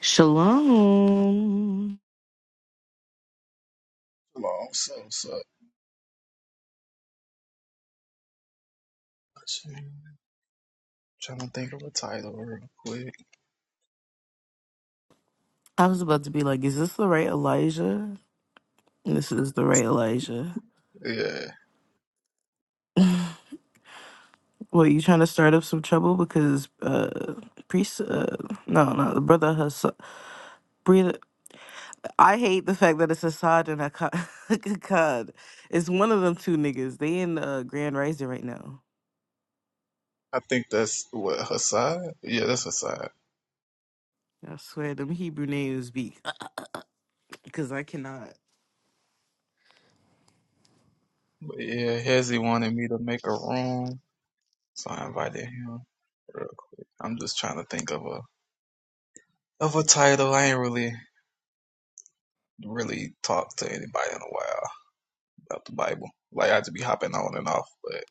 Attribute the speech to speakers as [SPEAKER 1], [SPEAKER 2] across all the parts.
[SPEAKER 1] Shalom.
[SPEAKER 2] Long so so. Trying to think of a title real quick.
[SPEAKER 1] I was about to be like, is this the right Elijah? This is the right Elijah.
[SPEAKER 2] Yeah,
[SPEAKER 1] What, you trying to start up some trouble because uh priest uh no no the brother Hassad breathe I hate the fact that it's Hassad and Akkad. It's one of them two niggas. They in uh Grand Rising right now.
[SPEAKER 2] I think that's what Hassad. Yeah, that's Hassad.
[SPEAKER 1] I swear them Hebrew names be because I cannot.
[SPEAKER 2] But yeah, Hezzy wanted me to make a room, so I invited him. real quick. I'm just trying to think of a of a title. I ain't really really talked to anybody in a while about the Bible. Like I just be hopping on and off, but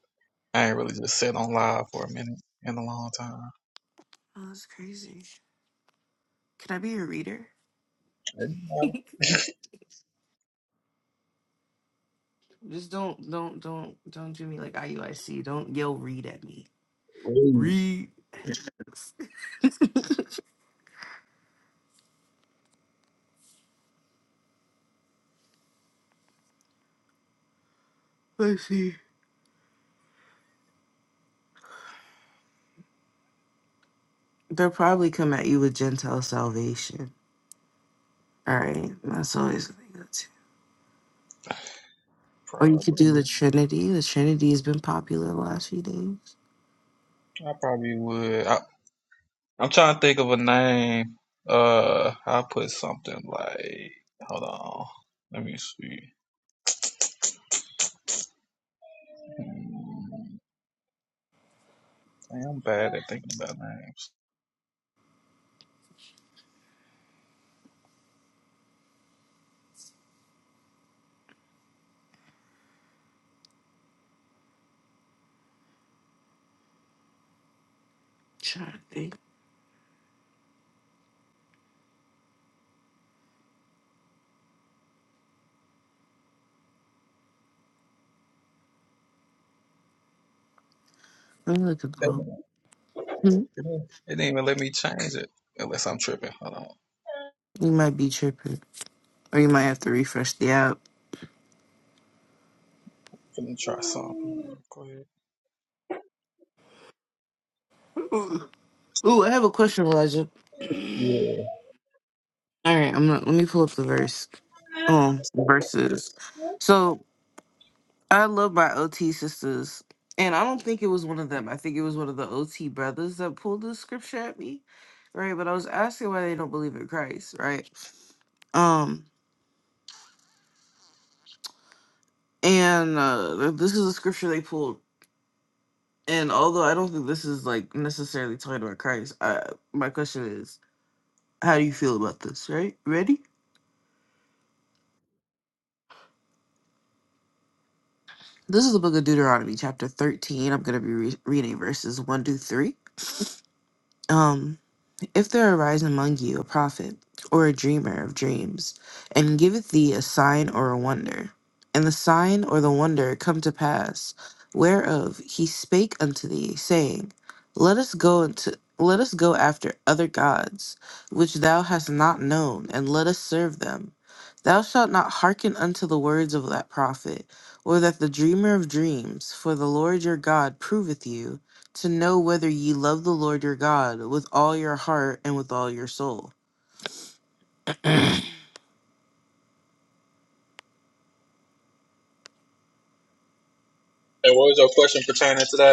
[SPEAKER 2] I ain't really just sat on live for a minute in a long time.
[SPEAKER 1] Oh, that's crazy. Can I be a reader?
[SPEAKER 2] I, I,
[SPEAKER 1] Just don't, don't, don't, don't do me like IUIC. Don't yell read at me. Read. Let's see. They'll probably come at you with Gentile salvation. All right, that's always what they go to. Or you could do the
[SPEAKER 2] probably,
[SPEAKER 1] Trinity. The Trinity has been popular the last few days.
[SPEAKER 2] I probably would. I, I'm trying to think of a name. Uh, I put something like, hold on, let me see. Hmm, Damn, I'm bad at thinking about names.
[SPEAKER 1] Trying to think. Let me look at the
[SPEAKER 2] They-
[SPEAKER 1] home.
[SPEAKER 2] It
[SPEAKER 1] You
[SPEAKER 2] didn't it didn't even let me change it unless I'm tripping. Hold on,
[SPEAKER 1] might be tripping, or you might have to refresh the app.
[SPEAKER 2] I'm gonna try something. Go ahead.
[SPEAKER 1] Ooh, ooh, I have a question, Elijah.
[SPEAKER 2] Yeah.
[SPEAKER 1] All right, I'm gonna, let me pull up the verse. Um, verses. So I love my OT sisters. And I don't think it was one of them. I think it was one of the OT brothers that pulled the scripture at me. Right. But I was asking why they don't believe in Christ. Right. Um, and uh, th- this is a scripture they pulled. And although I don't think this is like necessarily talking about Christ, I, my question is, how do you feel about this? Right. Ready? This is the book of Deuteronomy, chapter 13. I'm going to be re- reading verses 1 to 3. Um, If there arise among you a prophet, or a dreamer of dreams, and giveth thee a sign or a wonder, and the sign or the wonder come to pass, whereof he spake unto thee, saying, Let us go into let us go after other gods, which thou hast not known, and let us serve them. Thou shalt not hearken unto the words of that prophet, or that the dreamer of dreams, for the Lord your God proveth you, to know whether ye love the Lord your God with all your heart and with all your soul.
[SPEAKER 2] And what was your question pertaining to that?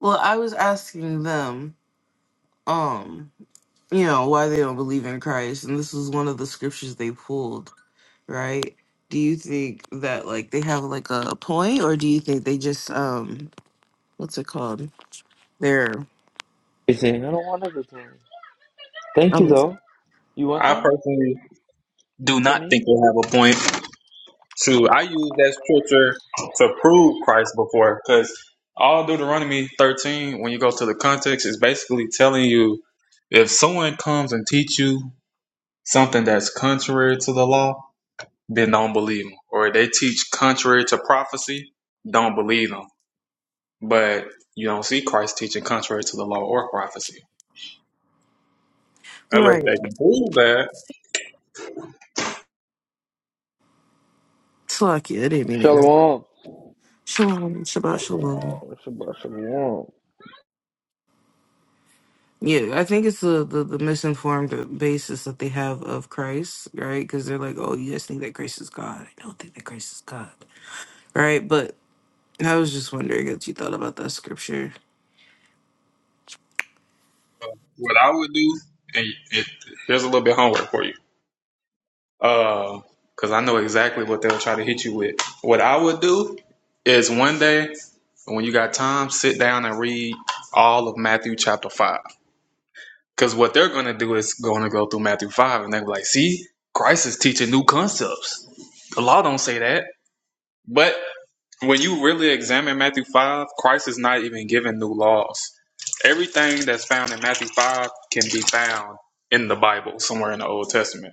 [SPEAKER 1] Well, I was asking them, um, you know, why they don't believe in Christ, and this was one of the scriptures they pulled, right? Do you think that like they have like a point, or do you think they just um, what's it called? They're
[SPEAKER 3] Everything. I don't want everything. Thank you
[SPEAKER 1] oh,
[SPEAKER 3] though. You want
[SPEAKER 2] I
[SPEAKER 3] that
[SPEAKER 2] personally do
[SPEAKER 3] for
[SPEAKER 2] not
[SPEAKER 3] me?
[SPEAKER 2] think they have a point. True, I use that scripture to prove Christ before, because all Deuteronomy 13, when you go to the context, is basically telling you if someone comes and teach you something that's contrary to the law, then don't believe them. Or if they teach contrary to prophecy, don't believe them. But you don't see Christ teaching contrary to the law or prophecy. Unless they
[SPEAKER 1] right.
[SPEAKER 2] can prove that,
[SPEAKER 1] Slack you. I didn't mean it.
[SPEAKER 3] Shalom.
[SPEAKER 1] Shalom, Shabbat Shalom.
[SPEAKER 3] Shabbat shalom.
[SPEAKER 1] Yeah, I think it's the, the, the misinformed basis that they have of Christ, right? Because they're like, oh, you guys think that Christ is God. I don't think that Christ is God, right? But I was just wondering what you thought about that scripture.
[SPEAKER 2] what I would do, and it, here's a little bit of homework for you Uh, because I know exactly what they'll try to hit you with. What I would do is one day, when you got time, sit down and read all of Matthew chapter 5. Because what they're going to do is going to go through Matthew 5 and they're like, see, Christ is teaching new concepts. The law don't say that. But when you really examine Matthew 5, Christ is not even giving new laws. Everything that's found in Matthew 5 can be found in the Bible, somewhere in the Old Testament.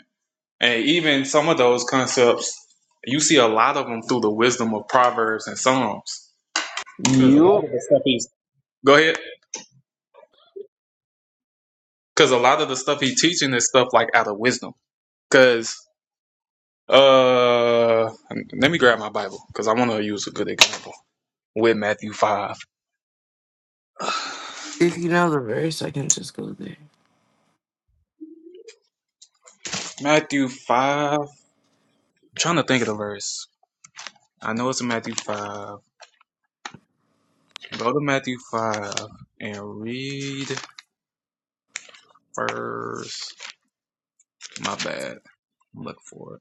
[SPEAKER 2] And even some of those concepts, you see a lot of them through the wisdom of Proverbs and Psalms. Because a
[SPEAKER 3] you.
[SPEAKER 2] lot of the stuff he's go ahead. Because a lot of the stuff he's teaching is stuff like out of wisdom. Because uh, let me grab my Bible because I want to use a good example with Matthew five.
[SPEAKER 1] If you know the verse, I can just go there.
[SPEAKER 2] Matthew five. I'm trying to think of the verse. I know it's in Matthew five. Go to Matthew five and read verse. My bad. Look for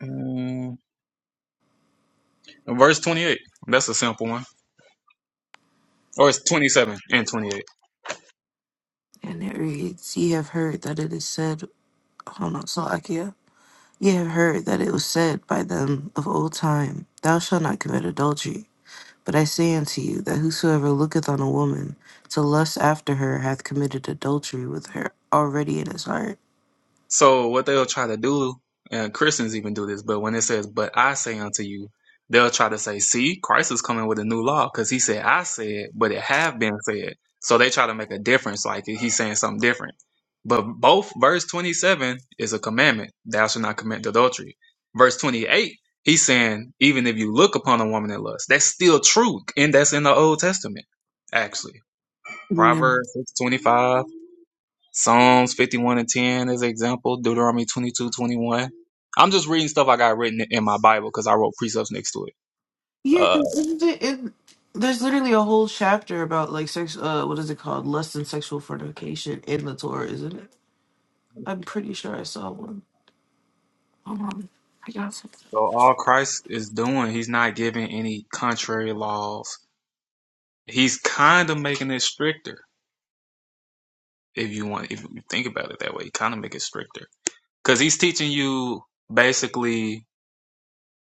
[SPEAKER 2] it. Mm. Verse 28. That's a simple one. Or it's 27 and 28.
[SPEAKER 1] And it reads, Ye have heard that it is said, hold on, Salakia. Ye have heard that it was said by them of old time, Thou shalt not commit adultery. But I say unto you that whosoever looketh on a woman to lust after her hath committed adultery with her already in his heart.
[SPEAKER 2] So what they'll try to do, and Christians even do this, but when it says, but I say unto you, they'll try to say, see, Christ is coming with a new law because he said, I said, but it have been said. So they try to make a difference, like he's saying something different. But both verse 27 is a commandment. Thou shalt not commit adultery. Verse 28, he's saying, even if you look upon a woman in lust, that's still true. And that's in the Old Testament, actually. Proverbs 625, Psalms 51 and 10 as an example, Deuteronomy twenty two twenty one. I'm just reading stuff I got written in my Bible because I wrote precepts next to it.
[SPEAKER 1] Yeah,
[SPEAKER 2] Uh,
[SPEAKER 1] because isn't it, it? There's literally a whole chapter about like sex. Uh, what is it called? Lust and sexual fornication in the Torah, isn't it? I'm pretty sure I saw one. Hold on, I got something.
[SPEAKER 2] so all Christ is doing, he's not giving any contrary laws. He's kind of making it stricter if you want, if you think about it that way, he kind of make it stricter because he's teaching you basically,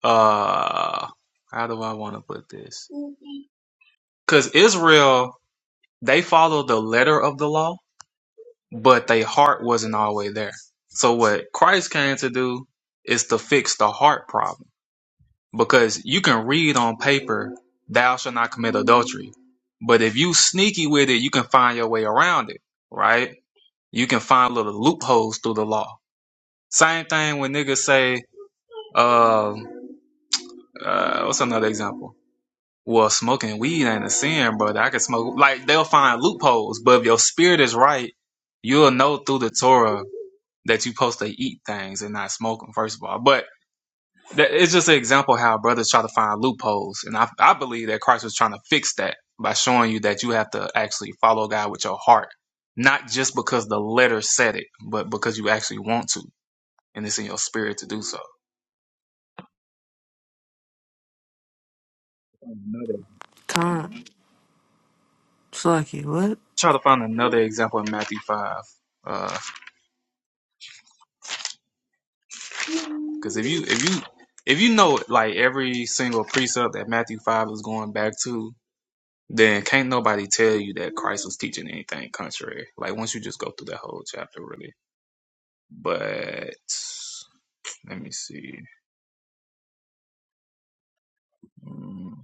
[SPEAKER 2] uh, how do I want to put this? Because Israel, they follow the letter of the law, but their heart wasn't always there. So what Christ came to do is to fix the heart problem. Because you can read on paper, thou shalt not commit adultery. But if you sneaky with it, you can find your way around it, right? You can find little loopholes through the law. Same thing when niggas say, um, uh, what's another example? Well, smoking weed ain't a sin, brother. I can smoke. Like, they'll find loopholes, but if your spirit is right, you'll know through the Torah that you supposed to eat things and not smoke them, first of all. But that, it's just an example how brothers try to find loopholes. And I, I believe that Christ was trying to fix that by showing you that you have to actually follow God with your heart, not just because the letter said it, but because you actually want to and it's in your spirit to do so. Another,
[SPEAKER 1] Con, Slucky, what?
[SPEAKER 2] try to find another example in Matthew 5. Because if you, if you, if you know like every single precept that Matthew 5 is going back to, then can't nobody tell you that Christ was teaching anything contrary. Like once you just go through that whole chapter, really. But let me see. Mm.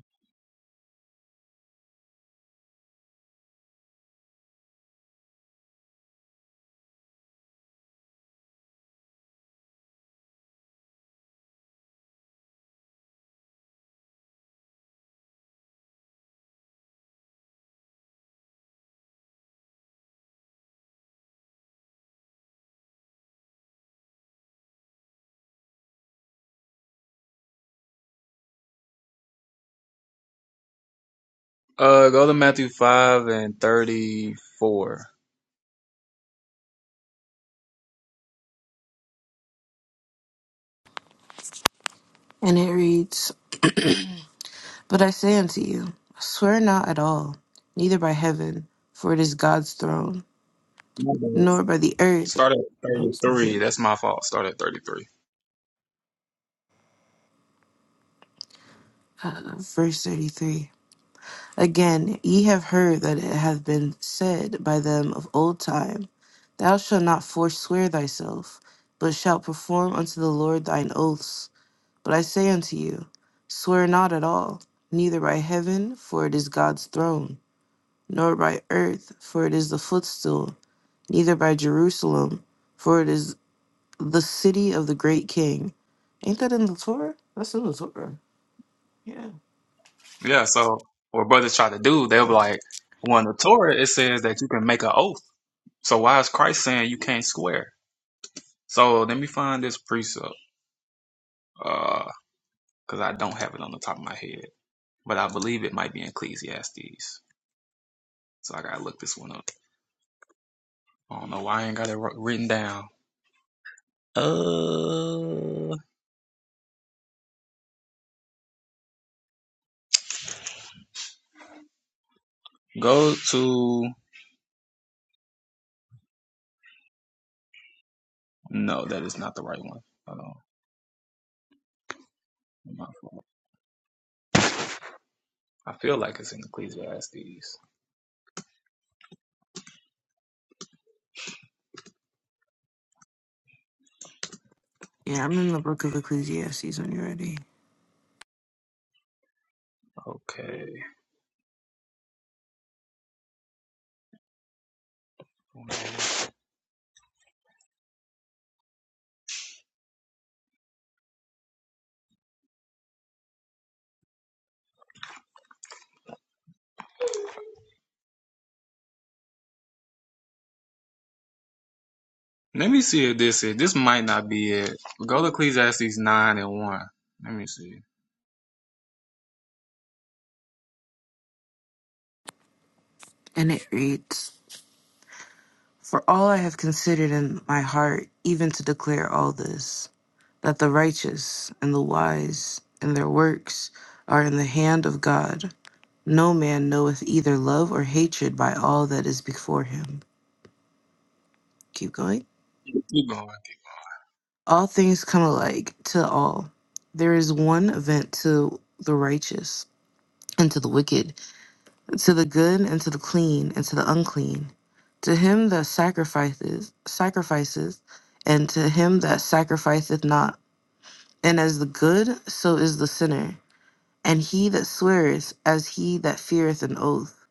[SPEAKER 2] Uh, go to Matthew five and thirty-four.
[SPEAKER 1] And it reads, But I say unto you, swear not at all, neither by heaven, for it is God's throne,
[SPEAKER 2] My
[SPEAKER 1] nor by the earth.
[SPEAKER 2] Start at
[SPEAKER 1] Verse
[SPEAKER 2] thirty-three. That's my fault. Start at thirty-three.
[SPEAKER 1] 33 Again, ye have heard that it hath been said by them of old time, Thou shalt not forswear thyself, but shalt perform unto the Lord thine oaths. But I say unto you, Swear not at all, neither by heaven, for it is God's throne, nor by earth, for it is the footstool, neither by Jerusalem, for it is the city of the great king. Ain't that in the Torah? That's in the Torah. Yeah.
[SPEAKER 2] Yeah. So what brothers try to do, they'll be like, well, in the Torah it says that you can make an oath. So why is Christ saying you can't swear? So let me find this precept. Uh, because I don't have it on the top of my head. but I believe it might be in Ecclesiastes. So I gotta look this one up. I don't know why I ain't got it written down. Uh, go to no, that is not the right one. Hold on. My fault. I feel like it's in Ecclesiastes.
[SPEAKER 1] Yeah, I'm in the book of Ecclesiastes when you're ready.
[SPEAKER 2] Okay. Let me see if this is. This might not be it. Go to Ecclesiastes 9 and 1. Let me see.
[SPEAKER 1] And it reads For all I have considered in my heart, even to declare all this, that the righteous and the wise and their works are in the hand of God. No man knoweth either love or hatred by all that is before him. Keep going.
[SPEAKER 2] Keep going.
[SPEAKER 1] All things come alike to all. There is one event to the righteous and to the wicked, to the good and to the clean and to the unclean. To him that sacrifices, sacrifices, and to him that sacrificeth not. And as the good, so is the sinner. And he that sweareth, as he that feareth an oath.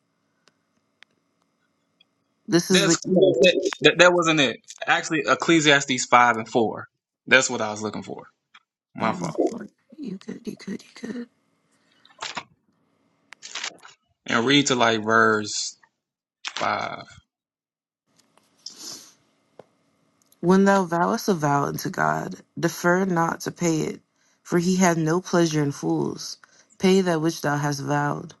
[SPEAKER 1] This is
[SPEAKER 2] That's
[SPEAKER 1] the.
[SPEAKER 2] close. that, that wasn't it. Actually, Ecclesiastes 5 and 4. That's what I was looking for. My fault.
[SPEAKER 1] You could, you could, you could.
[SPEAKER 2] and read to like verse 5
[SPEAKER 1] When thou vowest a vow unto God, defer not to pay it, for he hath no pleasure in fools. Pay that which thou hast vowed.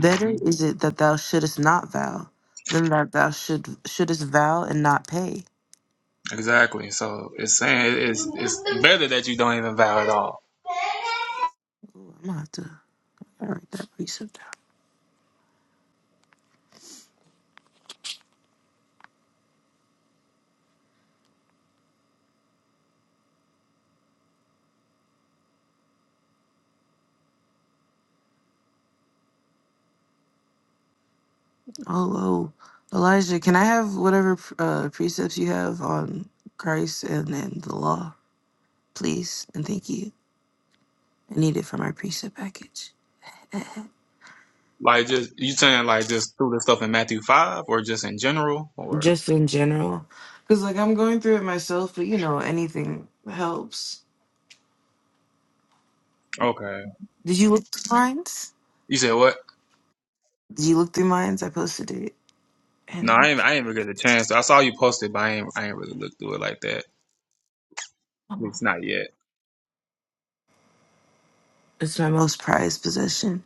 [SPEAKER 2] Mm-hmm.
[SPEAKER 1] is it that thou shouldest not vow, than that thou should shouldest vow and not pay.
[SPEAKER 2] Exactly. So it's saying it's it's better that you don't even vow at all.
[SPEAKER 1] Ooh, I'm gonna have to All right, that precept. Hello, Elijah. Can I have whatever uh, precepts you have on Christ and and the law, please? And thank you. I need it for my precept package.
[SPEAKER 2] Like just you saying like just through the stuff in Matthew five or just in general or
[SPEAKER 1] Just in general, because like I'm going through it myself, but you know anything helps.
[SPEAKER 2] okay.
[SPEAKER 1] Did you look through mines?
[SPEAKER 2] You said what?
[SPEAKER 1] Did you look through mines? I posted it,
[SPEAKER 2] No, I
[SPEAKER 1] and
[SPEAKER 2] ain't I ain't even get a chance. I saw you posted, but I ain't I ain't really looked through it like that. At least not yet.
[SPEAKER 1] it's my most prized possession.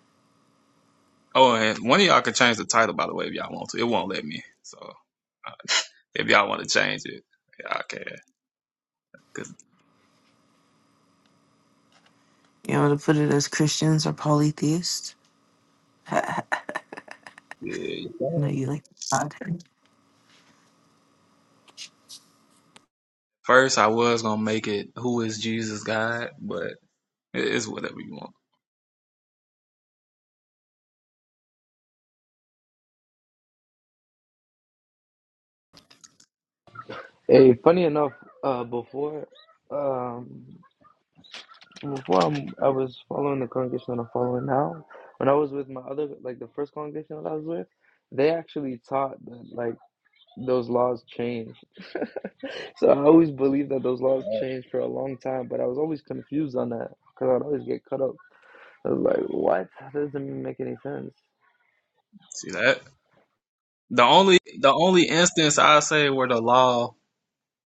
[SPEAKER 2] Oh, and one of y'all can change the title by the way if y'all want to. It won't let me. So uh, if y'all want to change it, y'all can. Cause
[SPEAKER 1] You want to put it as Christians or polytheists? I
[SPEAKER 2] yeah, you
[SPEAKER 1] know
[SPEAKER 2] can.
[SPEAKER 1] you like
[SPEAKER 2] First, I was gonna make it "Who is Jesus God," but it is whatever you want.
[SPEAKER 3] Hey, funny enough, uh, before, um, before I'm, I was following the congregation that I'm following now, when I was with my other, like the first congregation that I was with, they actually taught that like those laws change. So I always believed that those laws changed for a long time, but I was always confused on that because I'd always get cut up. I was like, what? That doesn't make any sense.
[SPEAKER 2] See that? The only the only instance I say where the law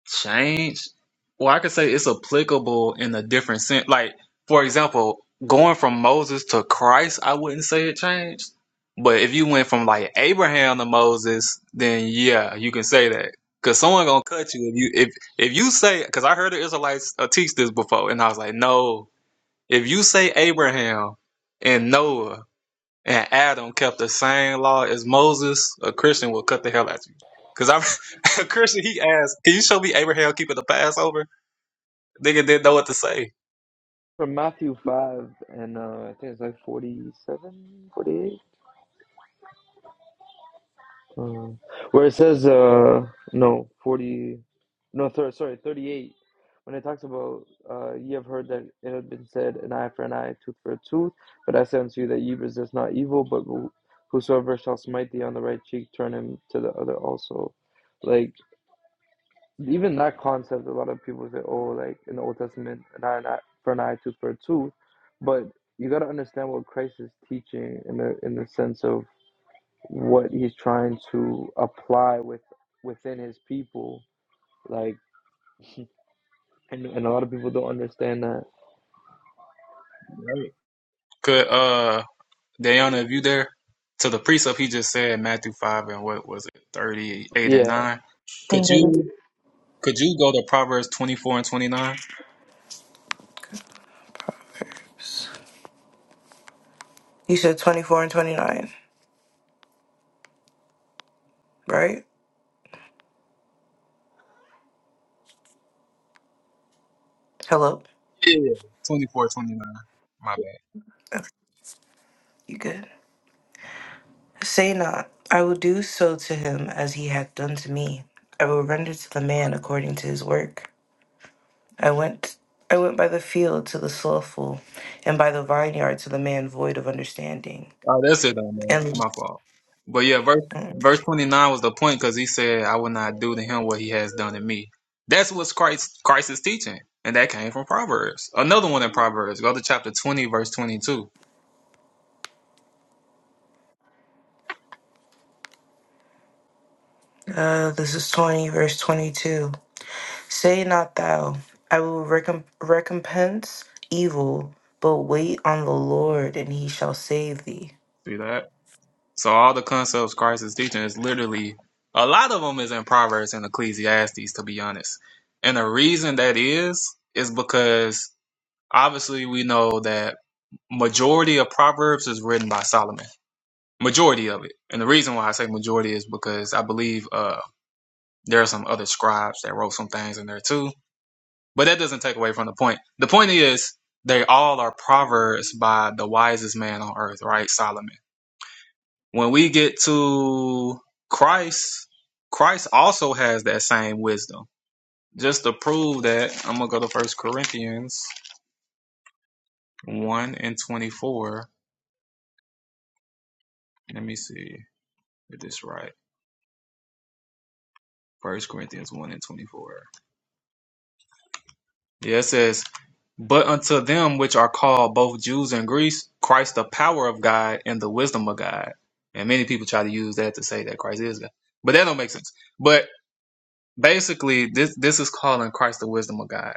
[SPEAKER 2] changed, well, I could say it's applicable in a different sense. Like, for example, going from Moses to Christ, I wouldn't say it changed. But if you went from like Abraham to Moses, then yeah, you can say that. Cause someone gonna cut you if you if if you say. Cause I heard the Israelites uh, teach this before, and I was like, no, If you say Abraham and Noah and Adam kept the same law as Moses, a Christian will cut the hell out of you. Cause I'm a Christian. He asked, "Can you show me Abraham keeping the Passover?" Nigga didn't know what to say.
[SPEAKER 3] From Matthew 5, and uh, I think it's like forty seven, forty eight, Um, where it says, uh, no, 40, no, thir- sorry, 38. When it talks about, uh, ye have heard that it had been said, an eye for an eye, tooth for a tooth. But I say unto you that ye resist not evil, but who- whosoever shall smite thee on the right cheek, turn him to the other also. Like, even that concept, a lot of people say, oh, like in the Old Testament, an eye, an eye for an eye, tooth for a tooth. But you got to understand what Christ is teaching in the in the sense of what he's trying to apply with within his people. Like, and, and a lot of people don't understand that.
[SPEAKER 2] Could uh, Diana, if you there, to the precept he just said Matthew five and what was it, thirty eight and
[SPEAKER 3] Yeah,
[SPEAKER 2] nine? Could
[SPEAKER 1] God.
[SPEAKER 2] you could you go to Proverbs twenty four and twenty nine?
[SPEAKER 1] You said 24 and 29, right? Hello?
[SPEAKER 2] Yeah, twenty four, twenty nine. 29.
[SPEAKER 1] You good? Say not, I will do so to him as he hath done to me. I will render to the man according to his work. I went I went by the field to the slothful, and by the vineyard to the man void of understanding.
[SPEAKER 2] Oh, that's it, though, man.
[SPEAKER 1] And
[SPEAKER 2] My fault. But yeah, verse verse twenty nine was the point because he said, "I will not do to him what he has done to me." That's what's Christ Christ is teaching, and that came from Proverbs. Another one in Proverbs. Go to chapter twenty, verse twenty two.
[SPEAKER 1] uh, this is 20, verse 22. Say not thou, I will recomp- recompense evil, but wait on the Lord, and he shall save thee.
[SPEAKER 2] See that? So all the concepts Christ is teaching is literally a lot of them is in Proverbs and Ecclesiastes, to be honest. And the reason that is is because obviously we know that majority of Proverbs is written by Solomon majority of it. And the reason why I say majority is because I believe uh, there are some other scribes that wrote some things in there too. But that doesn't take away from the point. The point is they all are proverbs by the wisest man on earth, right? Solomon. When we get to Christ, Christ also has that same wisdom. Just to prove that, I'm gonna go to First Corinthians one and twenty-four. Let me see if this is right. First Corinthians one and twenty-four. Yeah, it says, But unto them which are called both Jews and Greeks, Christ the power of God and the wisdom of God. And many people try to use that to say that Christ is God. But that don't make sense. But basically this this is calling Christ the wisdom of God.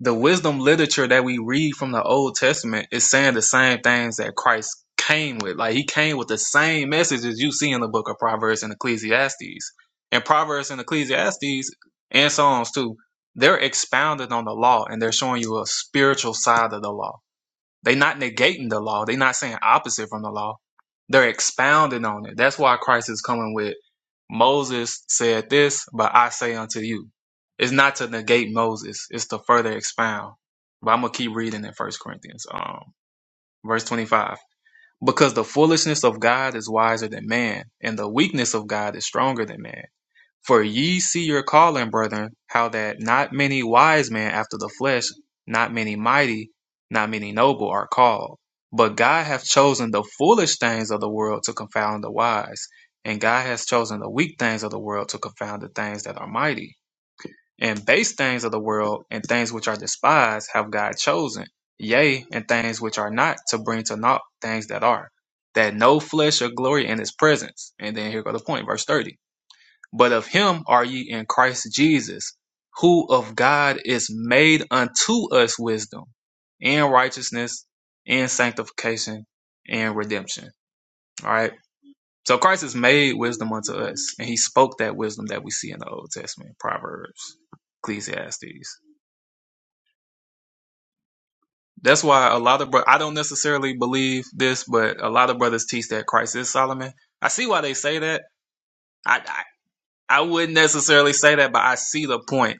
[SPEAKER 2] The wisdom literature that we read from the Old Testament is saying the same things that Christ came with. Like he came with the same messages you see in the book of Proverbs and Ecclesiastes. And Proverbs and Ecclesiastes and Psalms too, they're expounded on the law and they're showing you a spiritual side of the law they're not negating the law. They're not saying opposite from the law. They're expounding on it. That's why Christ is coming with Moses said this, but I say unto you. It's not to negate Moses, it's to further expound. But I'm gonna keep reading in First Corinthians, um, verse 25. Because the foolishness of God is wiser than man, and the weakness of God is stronger than man. For ye see your calling, brethren, how that not many wise men after the flesh, not many mighty, not many noble are called. But God hath chosen the foolish things of the world to confound the wise, and God has chosen the weak things of the world to confound the things that are mighty. And base things of the world and things which are despised have God chosen, yea, and things which are not to bring to naught things that are, that no flesh shall glory in his presence. And then here go the point, verse 30. But of him are ye in Christ Jesus, who of God is made unto us wisdom and righteousness and sanctification and redemption. All right. So Christ is made wisdom unto us, and he spoke that wisdom that we see in the Old Testament, Proverbs, Ecclesiastes. That's why a lot of bro- I don't necessarily believe this, but a lot of brothers teach that Christ is Solomon. I see why they say that. I I, I wouldn't necessarily say that, but I see the point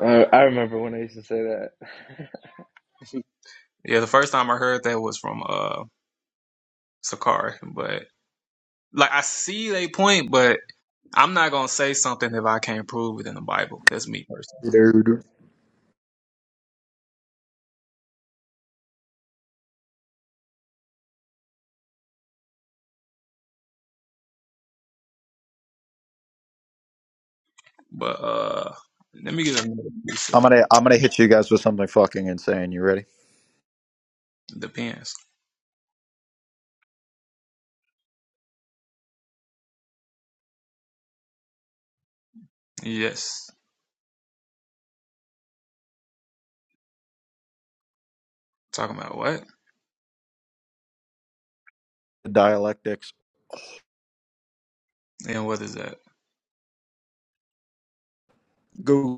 [SPEAKER 3] I, I remember when I used to say that
[SPEAKER 2] Yeah, the first time I heard that was from uh Sakari, but like I see they point, but I'm not gonna say something if I can't prove it in the Bible. That's me personally.
[SPEAKER 4] Dude.
[SPEAKER 2] But uh let me get another piece
[SPEAKER 4] I'm
[SPEAKER 2] of
[SPEAKER 4] gonna I'm gonna hit you guys with something fucking insane. You ready?
[SPEAKER 2] depends. Yes. Talking about what?
[SPEAKER 4] Dialectics.
[SPEAKER 2] And what is that?
[SPEAKER 4] Google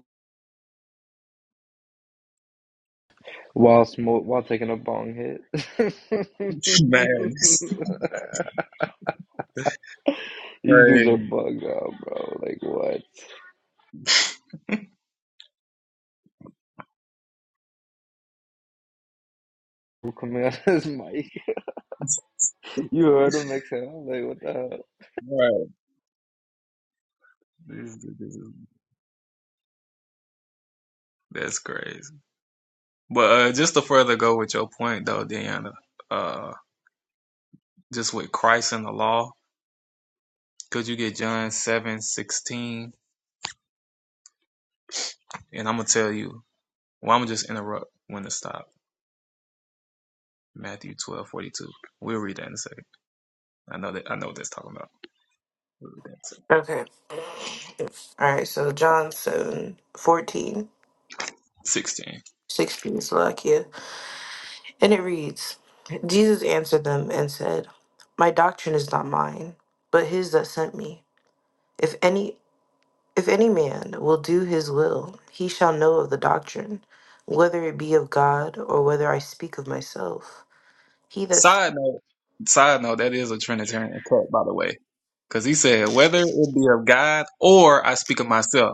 [SPEAKER 3] while smoke while taking a bong hit.
[SPEAKER 2] Man, this is
[SPEAKER 3] These dudes
[SPEAKER 2] crazy.
[SPEAKER 3] are bugged out, bro. Like what? Who coming out of this mic? You heard him make sense. I was like, what the hell?
[SPEAKER 2] Right. This- this is- That's crazy. But uh, just to further go with your point, though, Deanna, uh, just with Christ and the law, could you get John seven sixteen? And I'm going to tell you, well, I'm going to just interrupt when to stop. Matthew twelve we We'll read that in a second. I know that. I know what that's talking about. We'll read that in a second.
[SPEAKER 1] Okay. All right, so John 7 14,
[SPEAKER 2] 16.
[SPEAKER 1] sixteen, Slovakia. And it reads Jesus answered them and said, My doctrine is not mine, but his that sent me. If any if any man will do his will, he shall know of the doctrine, whether it be of God or whether I speak of myself. He that
[SPEAKER 2] Side note, side note, that is a Trinitarian cut, by the way. Because he said, whether it be of God or I speak of myself.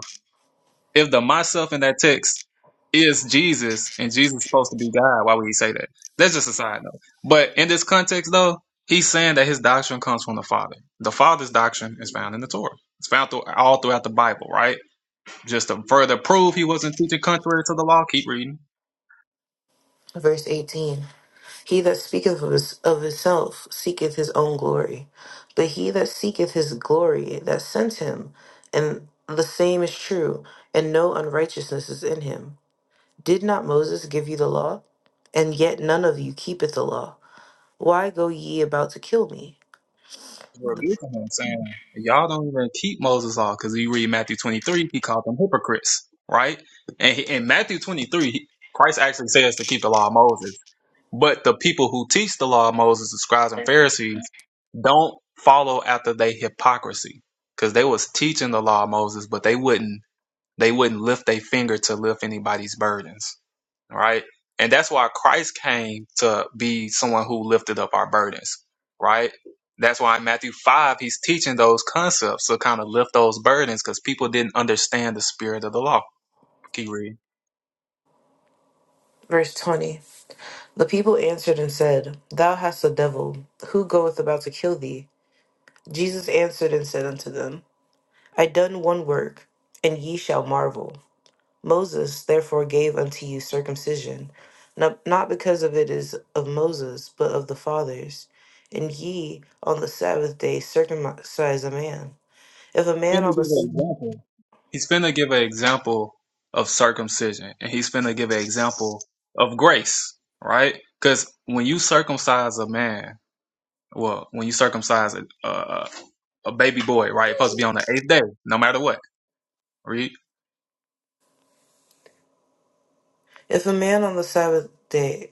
[SPEAKER 2] If the myself in that text is Jesus and Jesus is supposed to be God, why would he say that? That's just a side note. But in this context, though, he's saying that his doctrine comes from the Father. The Father's doctrine is found in the Torah. It's found through, all throughout the Bible, right? Just to further prove he wasn't teaching contrary to the law, keep reading.
[SPEAKER 1] verse 18. He that speaketh of, his, of himself seeketh his own glory, but he that seeketh his glory that sent him, and the same is true, and no unrighteousness is in him. Did not Moses give you the law? And yet none of you keepeth the law. Why go ye about to kill me?
[SPEAKER 2] We're
[SPEAKER 1] The-
[SPEAKER 2] abusing him, saying, Y'all don't even keep Moses' law because you read Matthew 23, he called them hypocrites, right? And he, in Matthew 23, he, Christ actually says to keep the law of Moses But the people who teach the law of Moses, the scribes and Pharisees, don't follow after they hypocrisy, because they was teaching the law of Moses, but they wouldn't they wouldn't lift a finger to lift anybody's burdens, right? And that's why Christ came to be someone who lifted up our burdens, right? That's why in Matthew five he's teaching those concepts to kind of lift those burdens, because people didn't understand the spirit of the law. Keep reading.
[SPEAKER 1] Verse 20 The people answered and said, Thou hast a devil. Who goeth about to kill thee? Jesus answered and said unto them, I done one work, and ye shall marvel. Moses therefore gave unto you circumcision, no- not because of it is of Moses, but of the fathers. And ye on the Sabbath day circumcise a man. If a man
[SPEAKER 2] Let me
[SPEAKER 1] on the
[SPEAKER 2] give
[SPEAKER 1] s-
[SPEAKER 2] an example. He's finna give an example of circumcision, and he's finna give an example of grace, right? Because when you circumcise a man, well, when you circumcise a, a, a baby boy, right, it's supposed to be on the eighth day, no matter what. Read.
[SPEAKER 1] if a man on the Sabbath day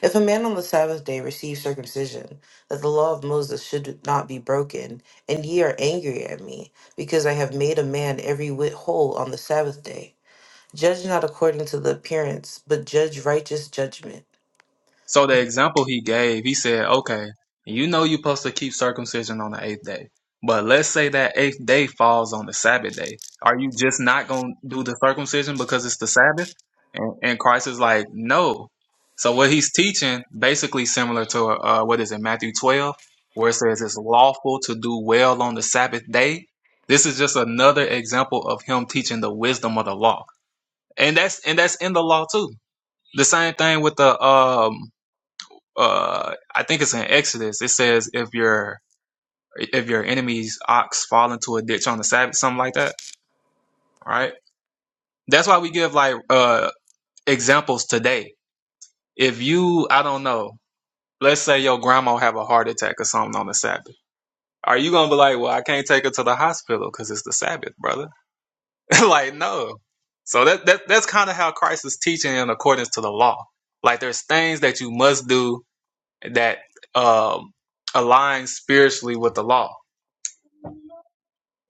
[SPEAKER 1] if a man on the Sabbath day receive circumcision, that the law of Moses should not be broken, and ye are angry at me, because I have made a man every whit whole on the Sabbath day. Judge not according to the appearance, but judge righteous judgment.
[SPEAKER 2] So the example he gave, he said, okay, you know you're supposed to keep circumcision on the eighth day, but let's say that eighth day falls on the Sabbath day. Are you just not going to do the circumcision because it's the Sabbath? And, and Christ is like, no. So what he's teaching, basically similar to uh, what is it, Matthew 12, where it says it's lawful to do well on the Sabbath day. This is just another example of him teaching the wisdom of the law, and that's and that's in the law too. The same thing with the um uh I think it's in Exodus. It says if your if your enemy's ox fall into a ditch on the Sabbath, something like that, right? That's why we give like uh examples today. If you, I don't know, let's say your grandma have a heart attack or something on the Sabbath. Are you gonna be like, well, I can't take her to the hospital because it's the Sabbath, brother? like, no. So that, that that's kind of how Christ is teaching in accordance to the law. Like, there's things that you must do that um, align spiritually with the law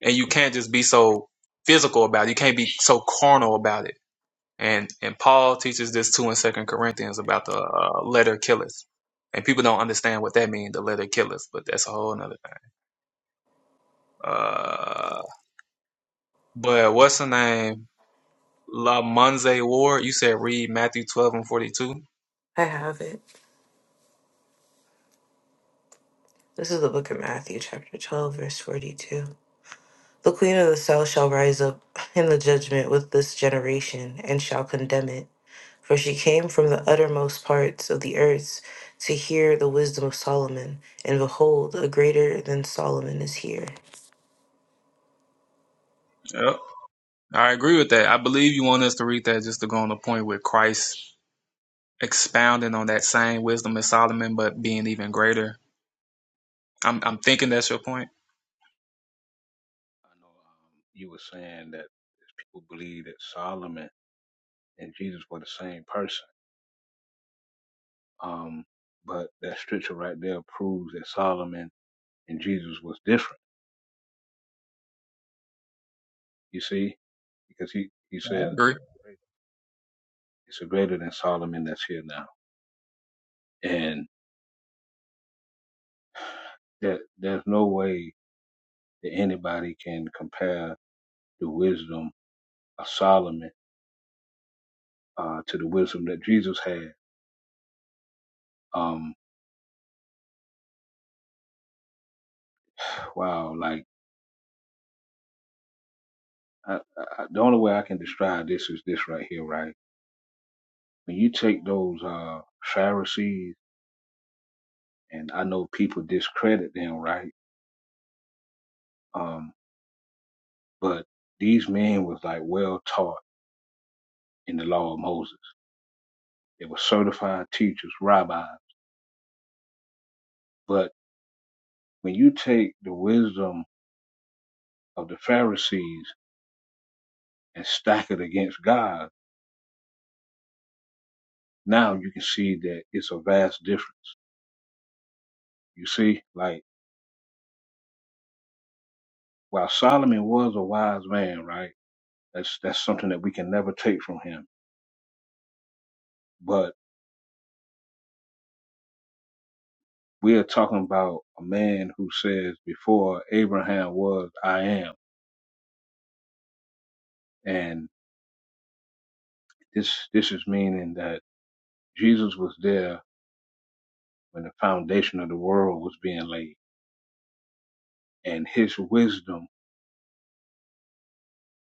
[SPEAKER 2] and you can't just be so physical about it. You can't be so carnal about it. And and Paul teaches this too in Second Corinthians about the uh, letter killeth, and people don't understand what that means. The letter killeth, but that's a whole another thing. Uh, but what's the name? La Monze Ward. You said read Matthew twelve and forty two.
[SPEAKER 1] I have it. This is the book of Matthew, chapter 12, verse 42. The queen of the south shall rise up in the judgment with this generation and shall condemn it. For she came from the uttermost parts of the earth to hear the wisdom of Solomon, and behold, a greater than Solomon is here.
[SPEAKER 2] Yep, I agree with that. I believe you want us to read that just to go on the point with Christ expounding on that same wisdom as Solomon, but being even greater. I'm I'm thinking that's your point.
[SPEAKER 5] I know um, you were saying that people believe that Solomon and Jesus were the same person. Um, but that scripture right there proves that Solomon and Jesus was different. You see, because he he
[SPEAKER 2] I
[SPEAKER 5] said
[SPEAKER 2] agree.
[SPEAKER 5] it's a greater than Solomon that's here now, and that there's no way that anybody can compare the wisdom of Solomon uh, to the wisdom that Jesus had. Um, wow, like I, I- the only way I can describe this is this right here, right? When you take those uh, Pharisees, and I know people discredit them, right? Um, but these men was like well taught in the law of Moses. They were certified teachers, rabbis. But when you take the wisdom of the Pharisees and stack it against God, now you can see that it's a vast difference. You see, like while Solomon was a wise man, right? That's that's something that we can never take from him. But we are talking about a man who says before Abraham was I am and this this is meaning that Jesus was there when the foundation of the world was being laid and his wisdom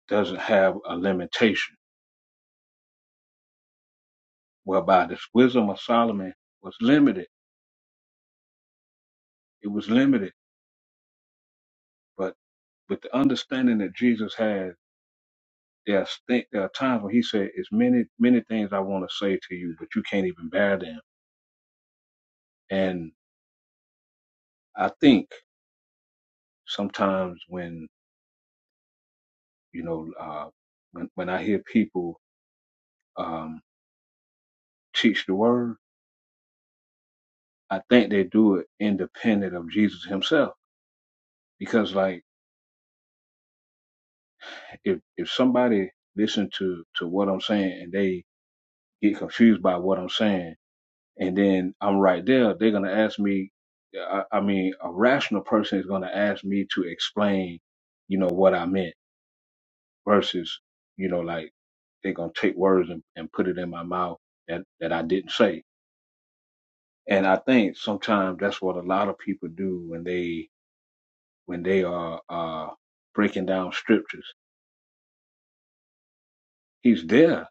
[SPEAKER 5] doesn't have a limitation whereby this wisdom of Solomon was limited it was limited but with the understanding that Jesus had there are, st- there are times when he said it's many many things I want to say to you but you can't even bear them and I think sometimes when You know, uh, when, when I hear people um, teach the word, I think they do it independent of Jesus himself. Because like if, if somebody listen to, to what I'm saying and they get confused by what I'm saying, and then I'm right there, they're going to ask me, I, I mean, a rational person is going to ask me to explain, you know, what I meant versus, you know, like they're going to take words and, and put it in my mouth that, that I didn't say And I think sometimes that's what a lot of people do when they when they are uh, breaking down scriptures. He's there,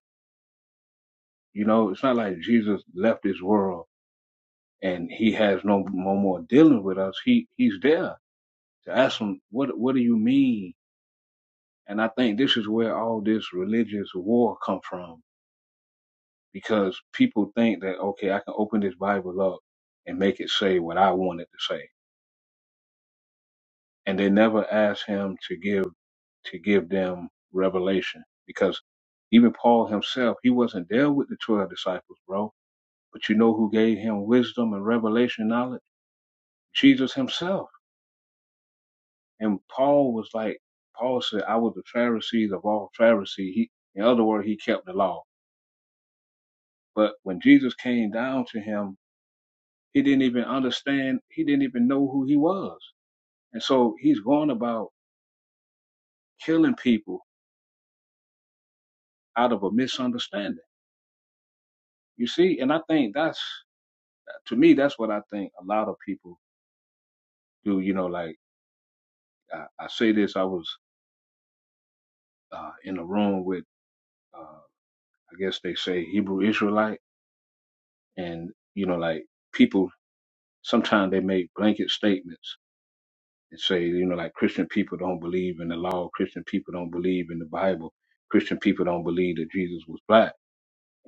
[SPEAKER 5] you know. It's not like Jesus left this world and he has no no more dealing with us. He he's there to ask him what what do you mean? And I think this is where all this religious war come from because people think that okay, I can open this Bible up and make it say what I want it to say and they never asked him to give to give them revelation because even Paul himself he wasn't there with the twelve disciples, bro. But you know who gave him wisdom and revelation knowledge? Jesus himself. And Paul was like Paul said, "I was the Pharisees of all Pharisees." He, in other words, he kept the law. But when Jesus came down to him, he didn't even understand. He didn't even know who he was. And so he's going about killing people out of a misunderstanding You see, and I think that's to me that's what I think a lot of people do. You know, like I, I say this, I was uh, in a room with uh, I guess they say Hebrew Israelite, and you know, like people sometimes they make blanket statements and say, you know, like Christian people don't believe in the law, Christian people don't believe in the Bible, Christian people don't believe that Jesus was black.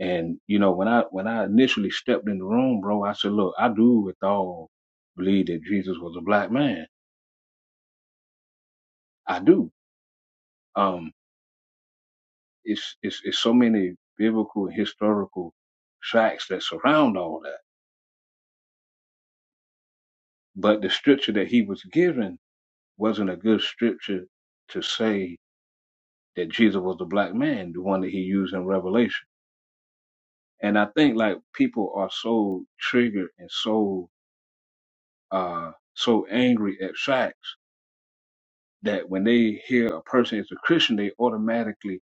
[SPEAKER 5] And you know, when I when I initially stepped in the room, bro, I said, look, I do with all believe that Jesus was a black man. I do Um, it's, it's, it's so many biblical historical facts that surround all that. But the scripture that he was given wasn't a good scripture to say that Jesus was a black man, the one that he used in Revelation. And I think like people are so triggered and so, uh, so angry at facts that when they hear a person is a Christian, they automatically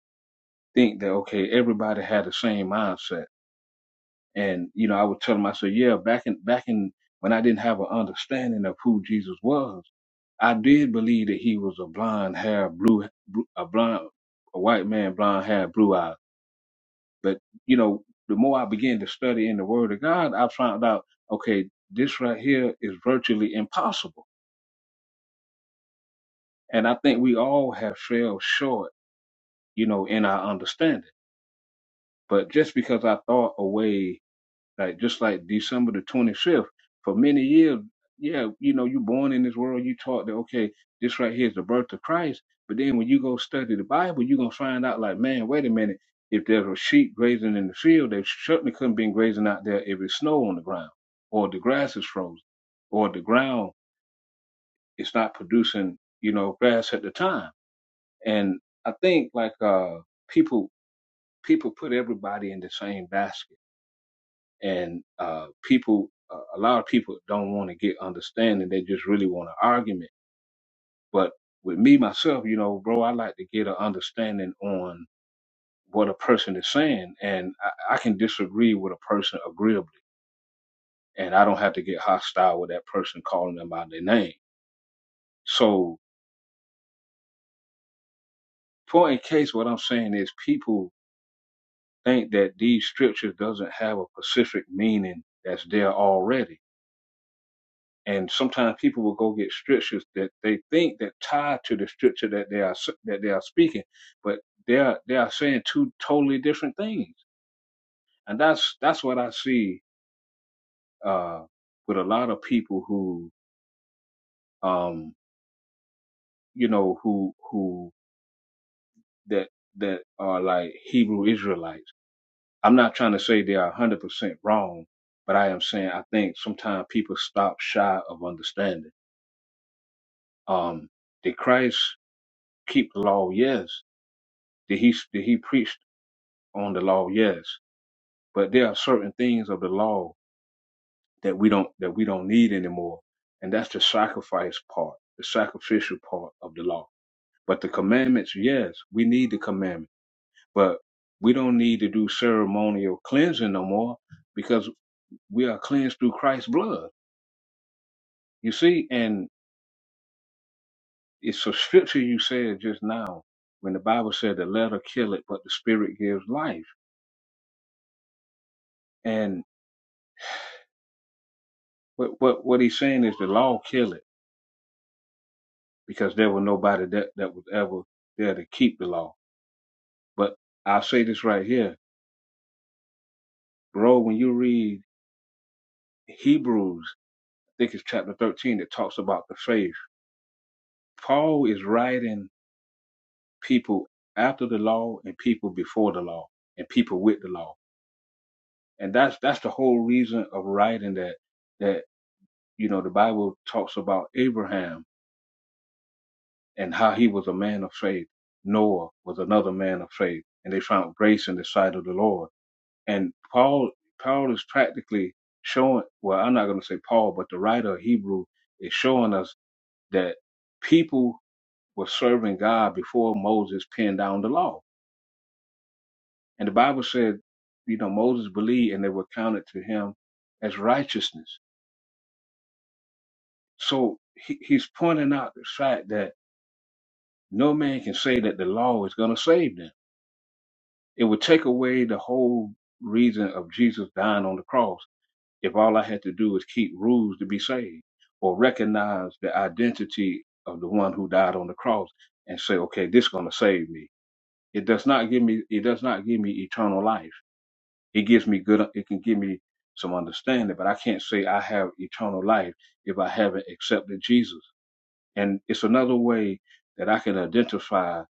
[SPEAKER 5] think that, okay, everybody had the same mindset And you know, I would tell them, I said, yeah, back in back in when I didn't have an understanding of who Jesus was, I did believe that he was a blonde hair, blue, blue a blonde, a white man, blonde hair, blue eyes. But you know, the more I began to study in the Word of God, I found out, okay, this right here is virtually impossible. And I think we all have fell short, you know, in our understanding. But just because I thought away Like just like December the 25th, for many years, yeah, you know, you born in this world, you taught that okay, this right here is the birth of Christ. But then when you go study the Bible, you're gonna find out like, man, wait a minute, if there's a sheep grazing in the field, they certainly couldn't been grazing out there if it's snow on the ground, or the grass is frozen, or the ground is not producing, you know, grass at the time. And I think like uh people people put everybody in the same basket and uh, people, uh, a lot of people don't want to get understanding. They just really want an argument. But with me myself, you know, bro, I like to get an understanding on what a person is saying, and I, I can disagree with a person agreeably, and I don't have to get hostile with that person calling them by their name. So, point in case, what I'm saying is people think that these scriptures doesn't have a specific meaning that's there already and sometimes people will go get scriptures that they think that tie to the scripture that they are that they are speaking, but they are they are saying two totally different things, and that's that's what I see uh, with a lot of people who um, you know who who that that are like Hebrew Israelites. I'm not trying to say they are 100 percent wrong, but I am saying I think sometimes people stop shy of understanding. Um, did Christ keep the law? Yes, that he that he preached on the law, yes, but there are certain things of the law that we don't that we don't need anymore, and that's the sacrifice part, the sacrificial part of the law. But the commandments, yes, we need the commandment, but we don't need to do ceremonial cleansing no more because we are cleansed through Christ's blood. You see, and it's a scripture you said just now when the Bible said the letter kill it, but the spirit gives life. And what what what he's saying is the law kill it because there was nobody that, that was ever there to keep the law. But I'll say this right here, bro, when you read Hebrews, I think it's chapter 13 that talks about the faith. Paul is writing people after the law and people before the law and people with the law. And that's that's the whole reason of writing that that you know the Bible talks about Abraham and how he was a man of faith. Noah was another man of faith and they found grace in the sight of the Lord And Paul, Paul is practically showing, well, I'm not going to say Paul, but the writer of Hebrew is showing us that people were serving God before Moses penned down the law. And the Bible said, you know, Moses believed and they were counted to him as righteousness. So he, he's pointing out the fact that no man can say that the law is going to save them. It would take away the whole reason of Jesus dying on the cross if all I had to do is keep rules to be saved or recognize the identity of the one who died on the cross and say, okay, this is going to save me. It does not give me, it does not give me eternal life. It gives me good, it can give me some understanding, but I can't say I have eternal life if I haven't accepted Jesus. And it's another way that I can identify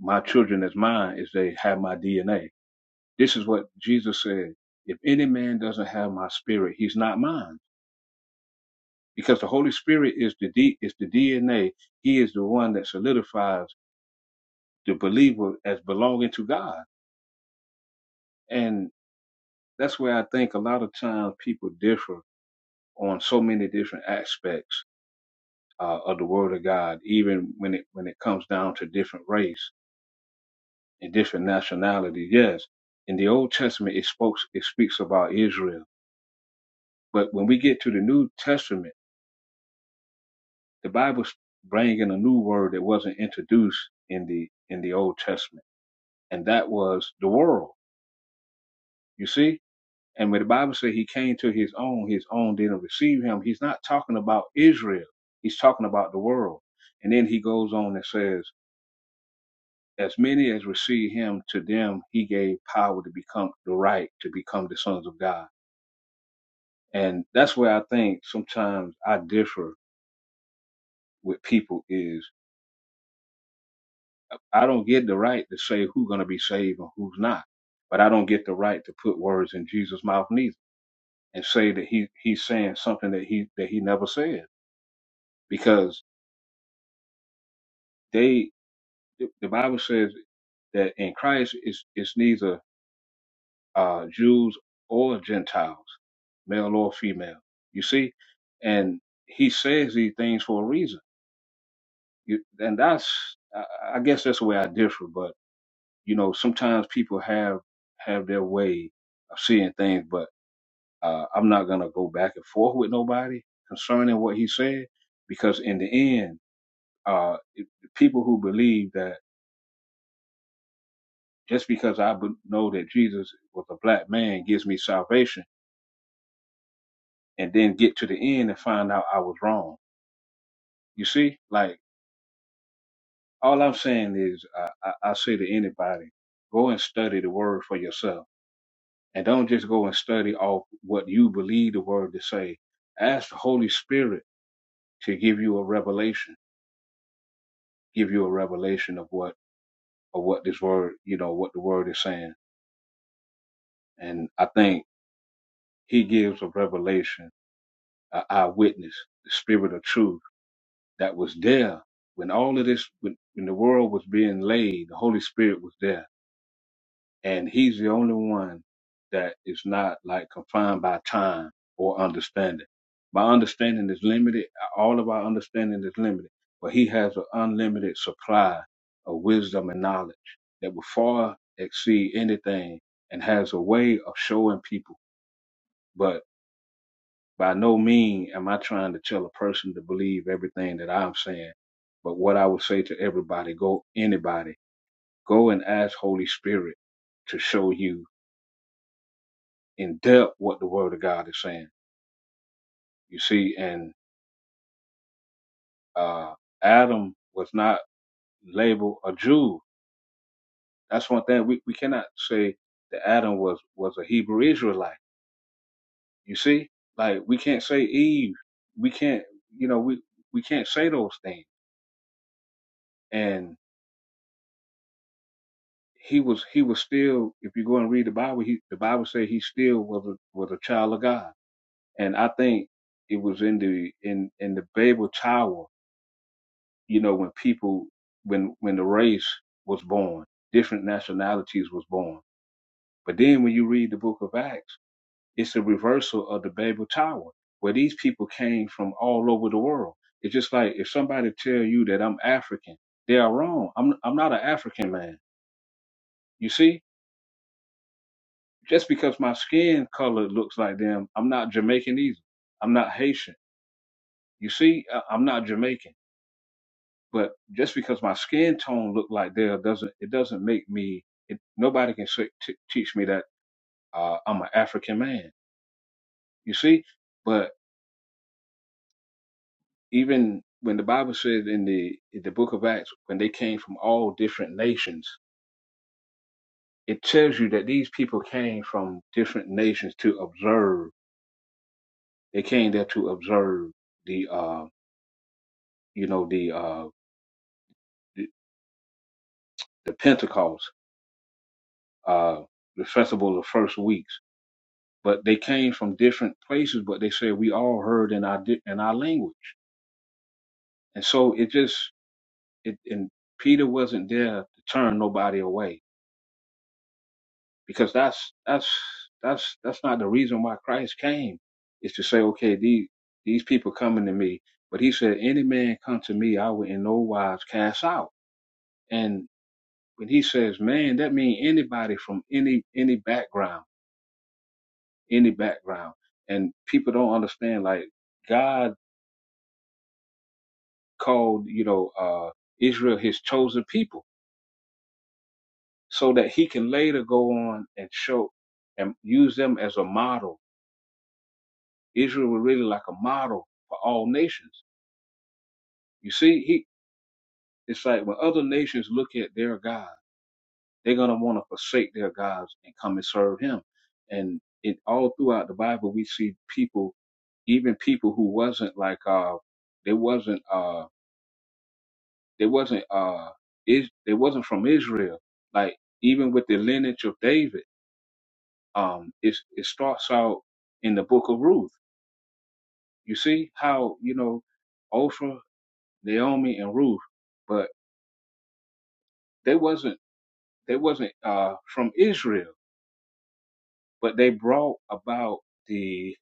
[SPEAKER 5] my children as mine is they have my DNA. This is what Jesus said. If any man doesn't have my spirit, he's not mine because the Holy Spirit is the D, is the DNA. He is the one that solidifies the believer as belonging to God, and that's where I think a lot of times people differ on so many different aspects uh, of the Word of God, even when it when it comes down to different race and different nationality. Yes, in the Old Testament it spoke it speaks about Israel, but when we get to the New Testament, the Bible's bringing a new word that wasn't introduced in the in the Old Testament and that was the world. You see? And when the Bible says he came to his own, his own didn't receive him, he's not talking about Israel. He's talking about the world. And then he goes on and says, As many as receive him, to them he gave power to become the right, to become the sons of God. And that's where I think sometimes I differ with people is I don't get the right to say who's gonna be saved and who's not. But I don't get the right to put words in Jesus' mouth neither and say that he he's saying something that he that he never said because they the the Bible says that in Christ is is neither uh, Jews or Gentiles, male or female. You see, and he says these things for a reason. You, and that's I, I guess that's the way I differ. But you know, sometimes people have have their way of seeing things, but uh, I'm not gonna go back and forth with nobody concerning what he said because in the end. Uh, it- people who believe that just because I be- know that Jesus was a black man gives me salvation, and then get to the end and find out I was wrong. You see, like all I'm saying is, I, I, I say to anybody, go and study the word for yourself, and don't just go and study off what you believe the word to say. Ask the Holy Spirit to give you a revelation, give you a revelation of what of what this word, you know, what the word is saying. And I think He gives a revelation an eyewitness, the spirit of truth that was there when all of this, when, when the world was being laid, the Holy Spirit was there. And he's the only one that is not like confined by time or understanding. My understanding is limited. All of our understanding is limited, but he has an unlimited supply of wisdom and knowledge that will far exceed anything and has a way of showing people. But by no means am I trying to tell a person to believe everything that I'm saying. But what I would say to everybody, go anybody, go and ask Holy Spirit to show you in depth what the Word of God is saying. You see, and uh, Adam was not labeled a Jew. That's one thing we, we cannot say that Adam was was a Hebrew Israelite. You see, like we can't say Eve. We can't, you know, we we can't say those things. And he was he was still if you go and read the bible he the bible says he still was a was a child of god and i think it was in the in in the babel tower you know when people when when the race was born different nationalities was born but then when you read the book of acts it's a reversal of the babel tower where these people came from all over the world it's just like if somebody tell you that i'm african they are wrong i'm i'm not an african man you see just because my skin color looks like them, I'm not Jamaican either. I'm not Haitian. You see, I- I'm not Jamaican. But just because my skin tone look like theirs doesn't it doesn't make me. It, nobody can say, t- teach me that uh, I'm an African man. You see, but even when the Bible says in the in the Book of Acts, when they came from all different nations, it tells you that these people came from different nations to observe. They came there to observe the uh, you know the uh, the, the Pentecost, uh, the festival of first weeks. But they came from different places, but they said we all heard in our di- in our language, and so it just it and Peter wasn't there to turn nobody away because that's that's that's that's not the reason why Christ came. Is to say, okay, these these people coming to me, but he said, any man come to me, I will in no wise cast out. And when he says man, that means anybody from any any background any background. And people don't understand, like, God called, you know, uh, Israel his chosen people so that he can later go on and show and use them as a model. Israel was really like a model for all nations. You see, he, it's like when other nations look at their God, they're going to want to forsake their gods and come and serve him. And it all throughout the Bible, we see people even people who wasn't like uh they wasn't uh, They wasn't uh is they wasn't from Israel. Like even with the lineage of David, um, it's, it starts out in the book of Ruth. You see how you know Oprah, Naomi, and Ruth, but they wasn't they wasn't uh from Israel, but they brought about the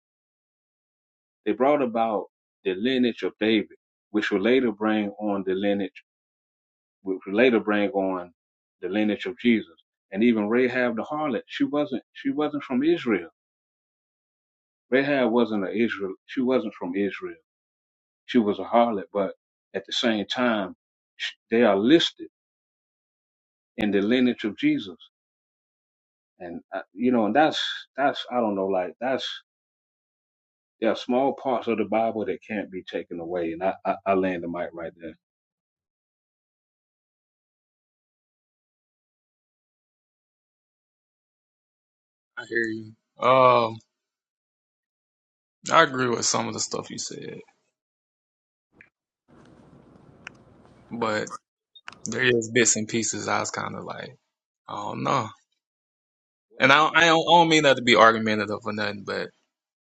[SPEAKER 5] they brought about the lineage of David, which will later bring on the lineage, which will later bring on the lineage of Jesus. And even Rahab the harlot, she wasn't she wasn't from Israel Rahab wasn't an Israel. She wasn't from Israel. She was a harlot, but at the same time, sh- they are listed in the lineage of Jesus. And uh, you know, and that's that's I don't know, like that's there are small parts of the Bible that can't be taken away. And I I, I land the mic right there.
[SPEAKER 2] I hear you. Um, I agree with some of the stuff you said, but there is bits and pieces I was kind of like, I don't know.
[SPEAKER 5] What
[SPEAKER 2] And I, I,
[SPEAKER 5] piece?
[SPEAKER 2] don't, I don't mean that to be argumentative or nothing, but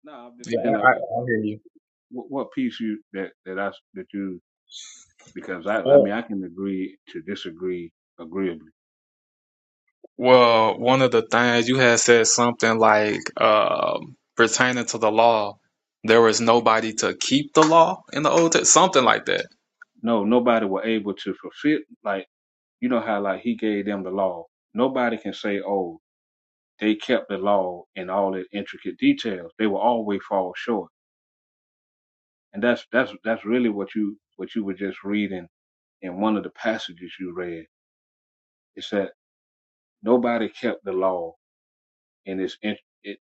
[SPEAKER 5] No, I'm just
[SPEAKER 2] yeah,
[SPEAKER 5] saying,
[SPEAKER 2] I,
[SPEAKER 5] like
[SPEAKER 2] I,
[SPEAKER 5] what
[SPEAKER 2] I
[SPEAKER 5] what
[SPEAKER 2] hear you.
[SPEAKER 5] what what piece you that that I s- that you because I I
[SPEAKER 2] Oh,
[SPEAKER 5] mean I can agree to disagree agreeably.
[SPEAKER 2] well, one of the things you had said something like um, pertaining to the law, there was nobody to keep the law in the old, Test- something like that.
[SPEAKER 5] No, nobody were able to fulfill like you know how like he gave them the law. Nobody can say, oh, they kept the law in all its intricate details. They will always fall short. And that's that's that's really what you what you were just reading in one of the passages you read. It's that nobody kept the law in its in, it-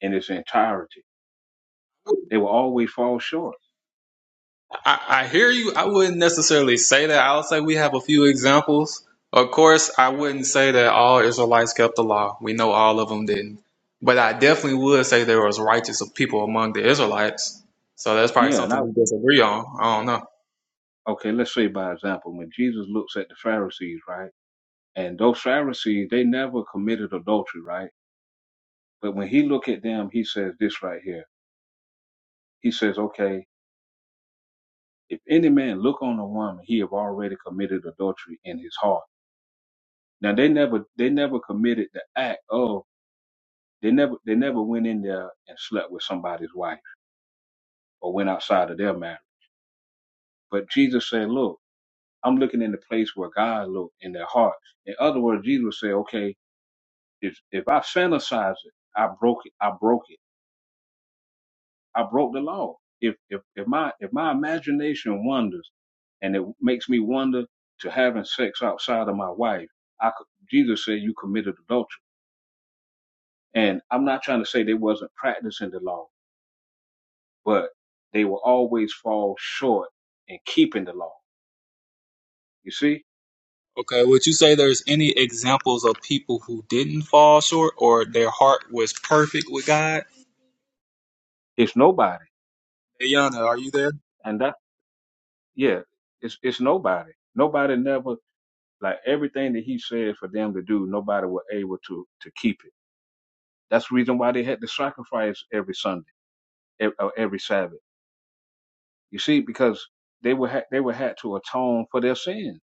[SPEAKER 5] in its entirety. They will always fall short.
[SPEAKER 2] I, I hear you. I wouldn't necessarily say that. I'll say we have a few examples. Of course, I wouldn't say that all Israelites kept the law. We know all of them didn't. But I definitely would say there was righteous people among the Israelites. So that's probably
[SPEAKER 5] Yeah, and I
[SPEAKER 2] something we disagree on. I don't know.
[SPEAKER 5] okay. Let's say by example, when Jesus looks at the Pharisees, right, and those Pharisees, they never committed adultery, right. But when he look at them, he says this right here. He says, okay, if any man look on a woman, he have already committed adultery in his heart. Now they never they never committed the act of they never they never went in there and slept with somebody's wife or went outside of their marriage. But Jesus said, look, I'm looking in the place where God looked in their heart. In other words, Jesus said, okay, if if I fantasize it, I broke it. I broke it. I broke the law. If if if my if my imagination wanders and it makes me wonder to having sex outside of my wife, I could, Jesus said you committed adultery. And I'm not trying to say they wasn't practicing the law, but they will always fall short in keeping the law. You see,
[SPEAKER 2] Okay, would you say there's any examples of people who didn't fall short or their heart was perfect with God?
[SPEAKER 5] it's nobody,
[SPEAKER 2] Ayana, are you there?
[SPEAKER 5] and that yeah, it's it's nobody. Nobody never like everything that he said for them to do. Nobody were able to to keep it. That's the reason why they had to sacrifice every Sunday ev- uh, every Sabbath. You see, because they would ha- they would have to atone for their sins,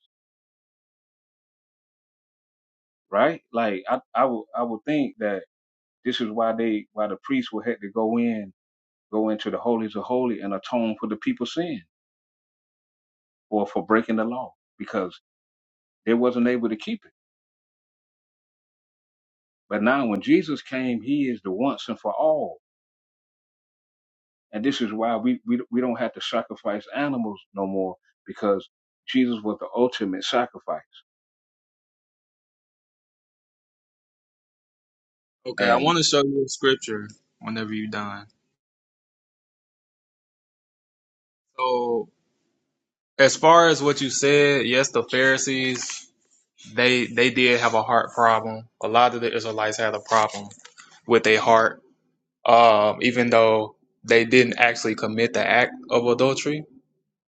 [SPEAKER 5] right? Like I I would I would think that this is why they why the priests would have to go in go into the holies of holy and atone for the people's sin or for breaking the law because they wasn't able to keep it. But now when Jesus came, He is the once and for all, and this is why we we we don't have to sacrifice animals no more because Jesus was the ultimate sacrifice
[SPEAKER 2] Okay, I
[SPEAKER 5] and.
[SPEAKER 2] want to show you a scripture whenever you're done. So, as far as what you said, yes, the Pharisees they they did have a heart problem. A lot of the Israelites had a problem with their heart, um, even though they didn't actually commit the act of adultery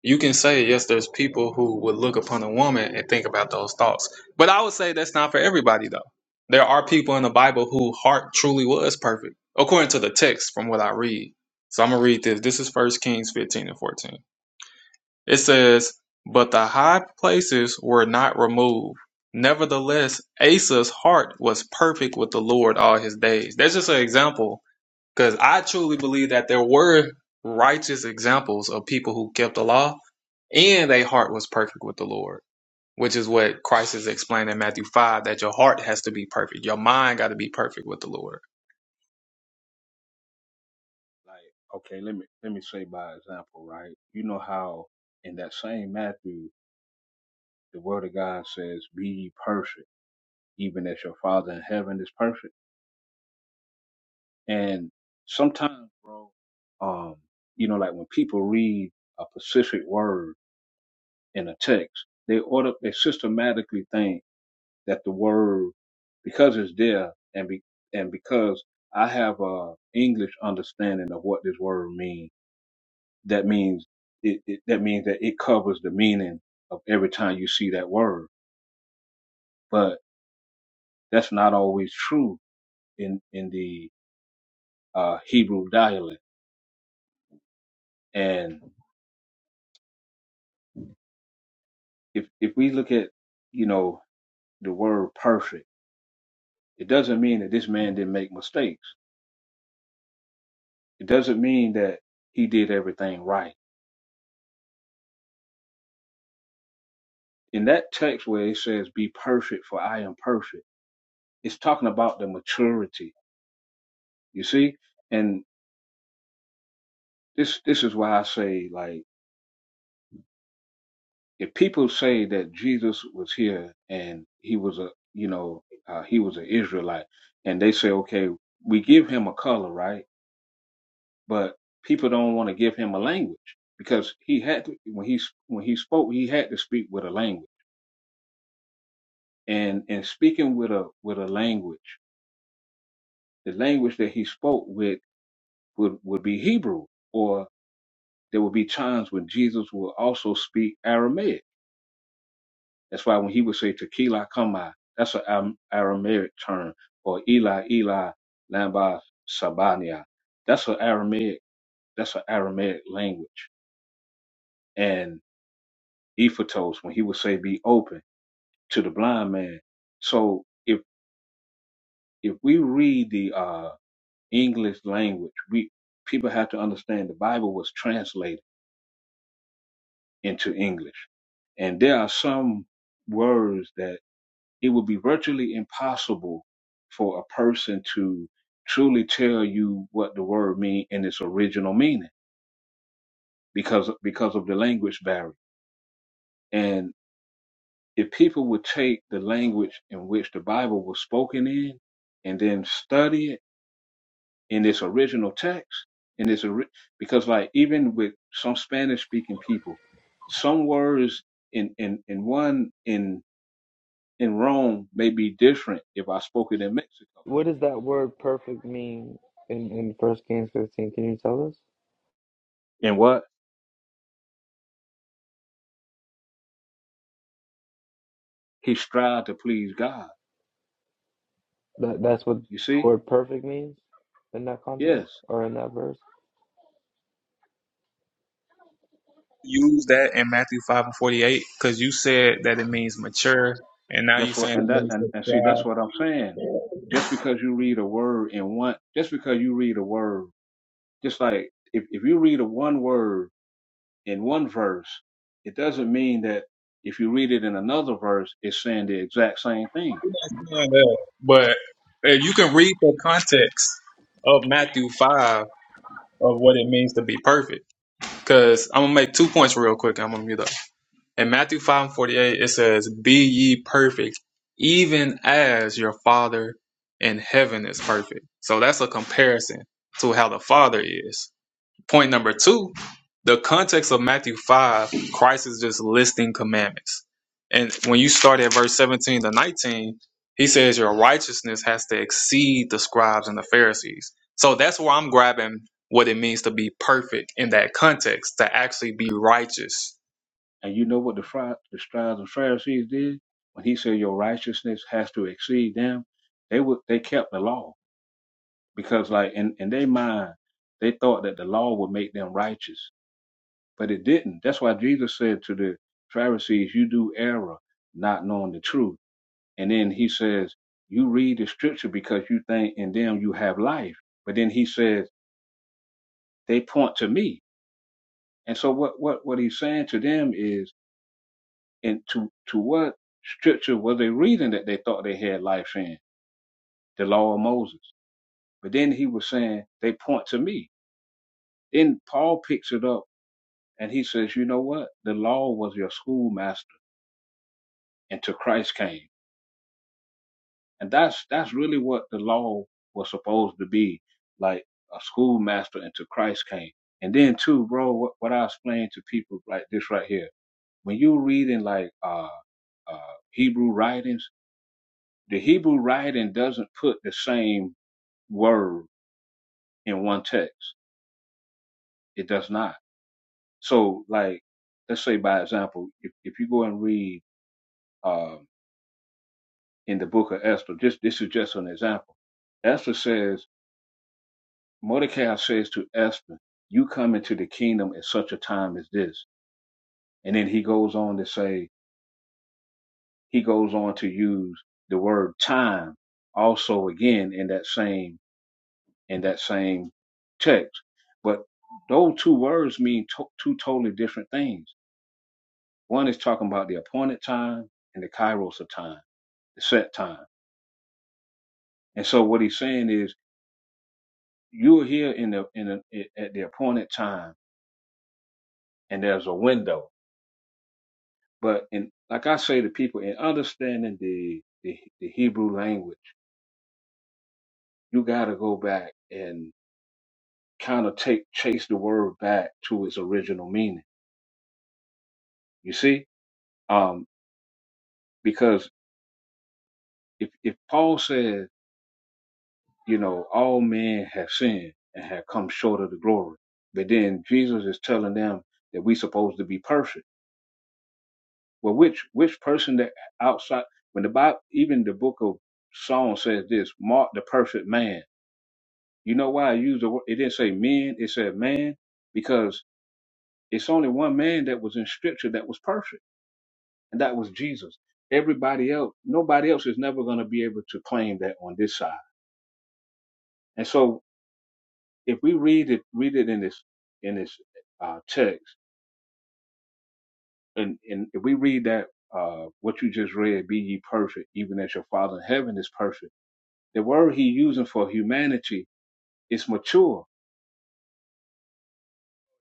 [SPEAKER 2] You can say, yes, there's people who would look upon a woman and think about those thoughts. But I would say that's not for everybody, though. There are people in the Bible whose heart truly was perfect, according to the text from what I read. So I'm going to read this. This is First Kings 15 and 14. It says, But the high places were not removed. Nevertheless, Asa's heart was perfect with the Lord all his days. That's just an example because I truly believe that there were righteous examples of people who kept the law and their heart was perfect with the Lord, which is what Christ is explaining in Matthew 5 that your heart has to be perfect. Your mind got to be perfect with the Lord.
[SPEAKER 5] Like, okay, let me let me say by example, right? You know how in that same Matthew, the word of God says, Be ye perfect, even as your father in heaven is perfect. And sometimes, bro, um, you know, like when people read a specific word in a text, they order they systematically think that the word because it's there and be and because I have a English understanding of what this word means that means it, it that means that it covers the meaning of every time you see that word but that's not always true in in the uh hebrew dialect and if if we look at you know the word perfect it doesn't mean that this man didn't make mistakes it doesn't mean that he did everything right in that text where it says be perfect for i am perfect it's talking about the maturity you see and this this is why i say like if people say that Jesus was here and he was a you know uh, he was an Israelite and they say okay we give him a color right but people don't want to give him a language because he had to, when he when he spoke he had to speak with a language and and speaking with a with a language the language that he spoke with would would be Hebrew or there would be times when Jesus would also speak Aramaic That's why when he would say tequila kamai, that's an Aramaic term for Eli, Eli, lamba sabania. That's an Aramaic, that's an Aramaic language. And Ephatos, when he would say be open to the blind man. So if, if we read the, uh, English language, we, people have to understand the Bible was translated into English. And there are some words that it would be virtually impossible for a person to truly tell you what the word mean in its original meaning because because of the language barrier. And if people would take the language in which the Bible was spoken in and then study it in its original text, in its ori- because like even with some Spanish speaking people, some words in, in, in one in in Rome may be different if I spoke it in Mexico.
[SPEAKER 3] What does that word perfect mean in, in First Kings 15? Can you tell us?
[SPEAKER 5] In what? He strived to please God.
[SPEAKER 3] That that's what the
[SPEAKER 5] You see?
[SPEAKER 3] word perfect means in that
[SPEAKER 5] Yes.
[SPEAKER 3] context or in that verse?
[SPEAKER 2] Use that in Matthew 5 and 48 because you said that it means mature, and now you're
[SPEAKER 5] That's what
[SPEAKER 2] saying
[SPEAKER 5] and
[SPEAKER 2] it
[SPEAKER 5] that
[SPEAKER 2] means
[SPEAKER 5] and, and see
[SPEAKER 2] mature.
[SPEAKER 5] that's what I'm saying. Just because you read a word in one just because you read a word, just like if, if you read a one word in one verse, it doesn't mean that if you read it in another verse, it's saying the exact same thing.
[SPEAKER 2] Yeah, yeah. But if you can read the context of Matthew 5 of what it means to be perfect. Because I'm going to make two points real quick. and I'm going to mute up. In Matthew 5 and 48, it says, Be ye perfect, even as your Father in heaven is perfect. So that's a comparison to how the Father is. Point number two, the context of Matthew 5, Christ is just listing commandments. And when you start at verse 17 to 19, he says your righteousness has to exceed the scribes and the Pharisees. So that's where I'm grabbing what it means to be perfect in that context, to actually be righteous.
[SPEAKER 5] And you know what the, Phri- the scribes and Pharisees did? When he said your righteousness has to exceed them, they would they kept the law because like in, in their mind they thought that the law would make them righteous but it didn't that's why jesus said to the pharisees you do error not knowing the truth and then he says you read the scripture because you think in them you have life but then he says they point to me and so what what what he's saying to them is and to to what scripture were they reading that they thought they had life in the law of moses but then he was saying they point to me then paul picks it up And he says, you know what? The law was your schoolmaster until Christ came. And that's that's really what the law was supposed to be, like a schoolmaster until Christ came. And then too, bro, what, what I explain to people like this right here, when you reading like uh uh Hebrew writings, the Hebrew writing doesn't put the same word in one text. It does not. So like let's say by example, if, if you go and read um in the book of Esther. Just this is just an example. Esther says, Mordecai says to Esther, You come into the kingdom at such a time as this. And then he goes on to say, he goes on to use the word time also again in that same in that same text. But those two words mean to- two totally different things. One is talking about the appointed time and the kairos of time, the set time. And so what he's saying is you're here in the in a, at the appointed time, and there's a window. But in like I say to people, in understanding the the, the Hebrew language, you got to go back and kind of take chase the word back to its original meaning. You see, um, because if if Paul says, you know, all men have sinned and have come short of the glory, but then Jesus is telling them that we supposed to be perfect Well, which which person that outside when the Bible, even the book of Psalm says this, mark the perfect man. You know why I use the word? It didn't say men, it said man, because it's only one man that was in Scripture that was perfect, and that was Jesus. Everybody else, nobody else is never going to be able to claim that on this side. And so, if we read it, read it in this in this uh, text, and and if we read that uh, what you just read, be ye perfect, even as your Father in heaven is perfect The word he using for humanity is mature.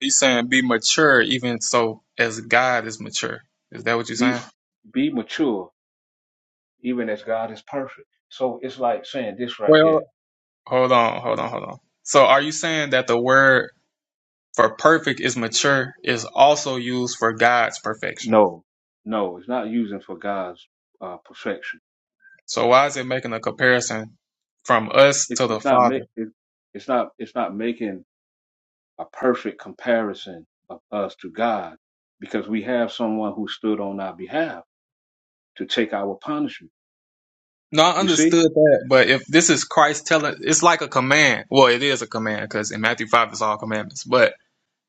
[SPEAKER 2] He's saying be mature even so as God is mature. Is that what you're
[SPEAKER 5] Be
[SPEAKER 2] saying?
[SPEAKER 5] be mature, even as God is perfect. So it's like saying this right here.
[SPEAKER 2] Well, hold on, hold on, hold on. So are you saying that the word For perfect is mature is also used for God's perfection.
[SPEAKER 5] No, no, it's not using for God's uh, perfection.
[SPEAKER 2] So why is it making a comparison from us
[SPEAKER 5] It's,
[SPEAKER 2] to the
[SPEAKER 5] it's not make
[SPEAKER 2] Father?
[SPEAKER 5] it, it's not it's not making a perfect comparison of us to God because we have someone who stood on our behalf to take our punishment.
[SPEAKER 2] No, I
[SPEAKER 5] You see,
[SPEAKER 2] understood that, but if this is Christ telling, it's like a command. Well, it is a command because in Matthew 5 it's all commandments. But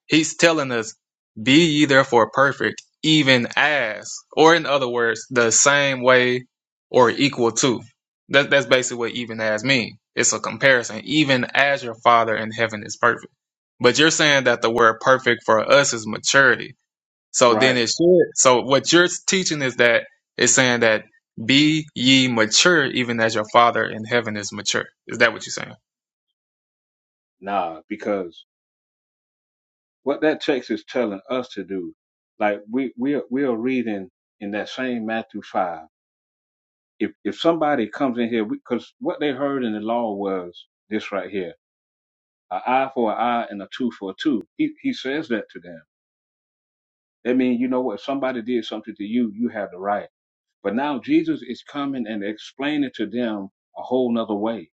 [SPEAKER 2] He's telling us, Be ye therefore perfect, even as, or in other words, the same way or equal to. That, that's basically what even as mean. It's a comparison. Even as your Father in heaven is perfect. But you're saying that the word perfect for us is maturity. So then
[SPEAKER 5] right?
[SPEAKER 2] it should. So what you're teaching is that it's saying that be ye mature even as your father in heaven is mature. Is that what you're saying?
[SPEAKER 5] Nah, because What that text is telling us to do, like we we are, we are reading in that same Matthew five. If if somebody comes in here, because what they heard in the law was this right here: an eye for an eye and a tooth for a tooth. He he says that to them. That means you know what? If Somebody did something to you, you have the right. But now Jesus is coming and explaining to them a whole nother way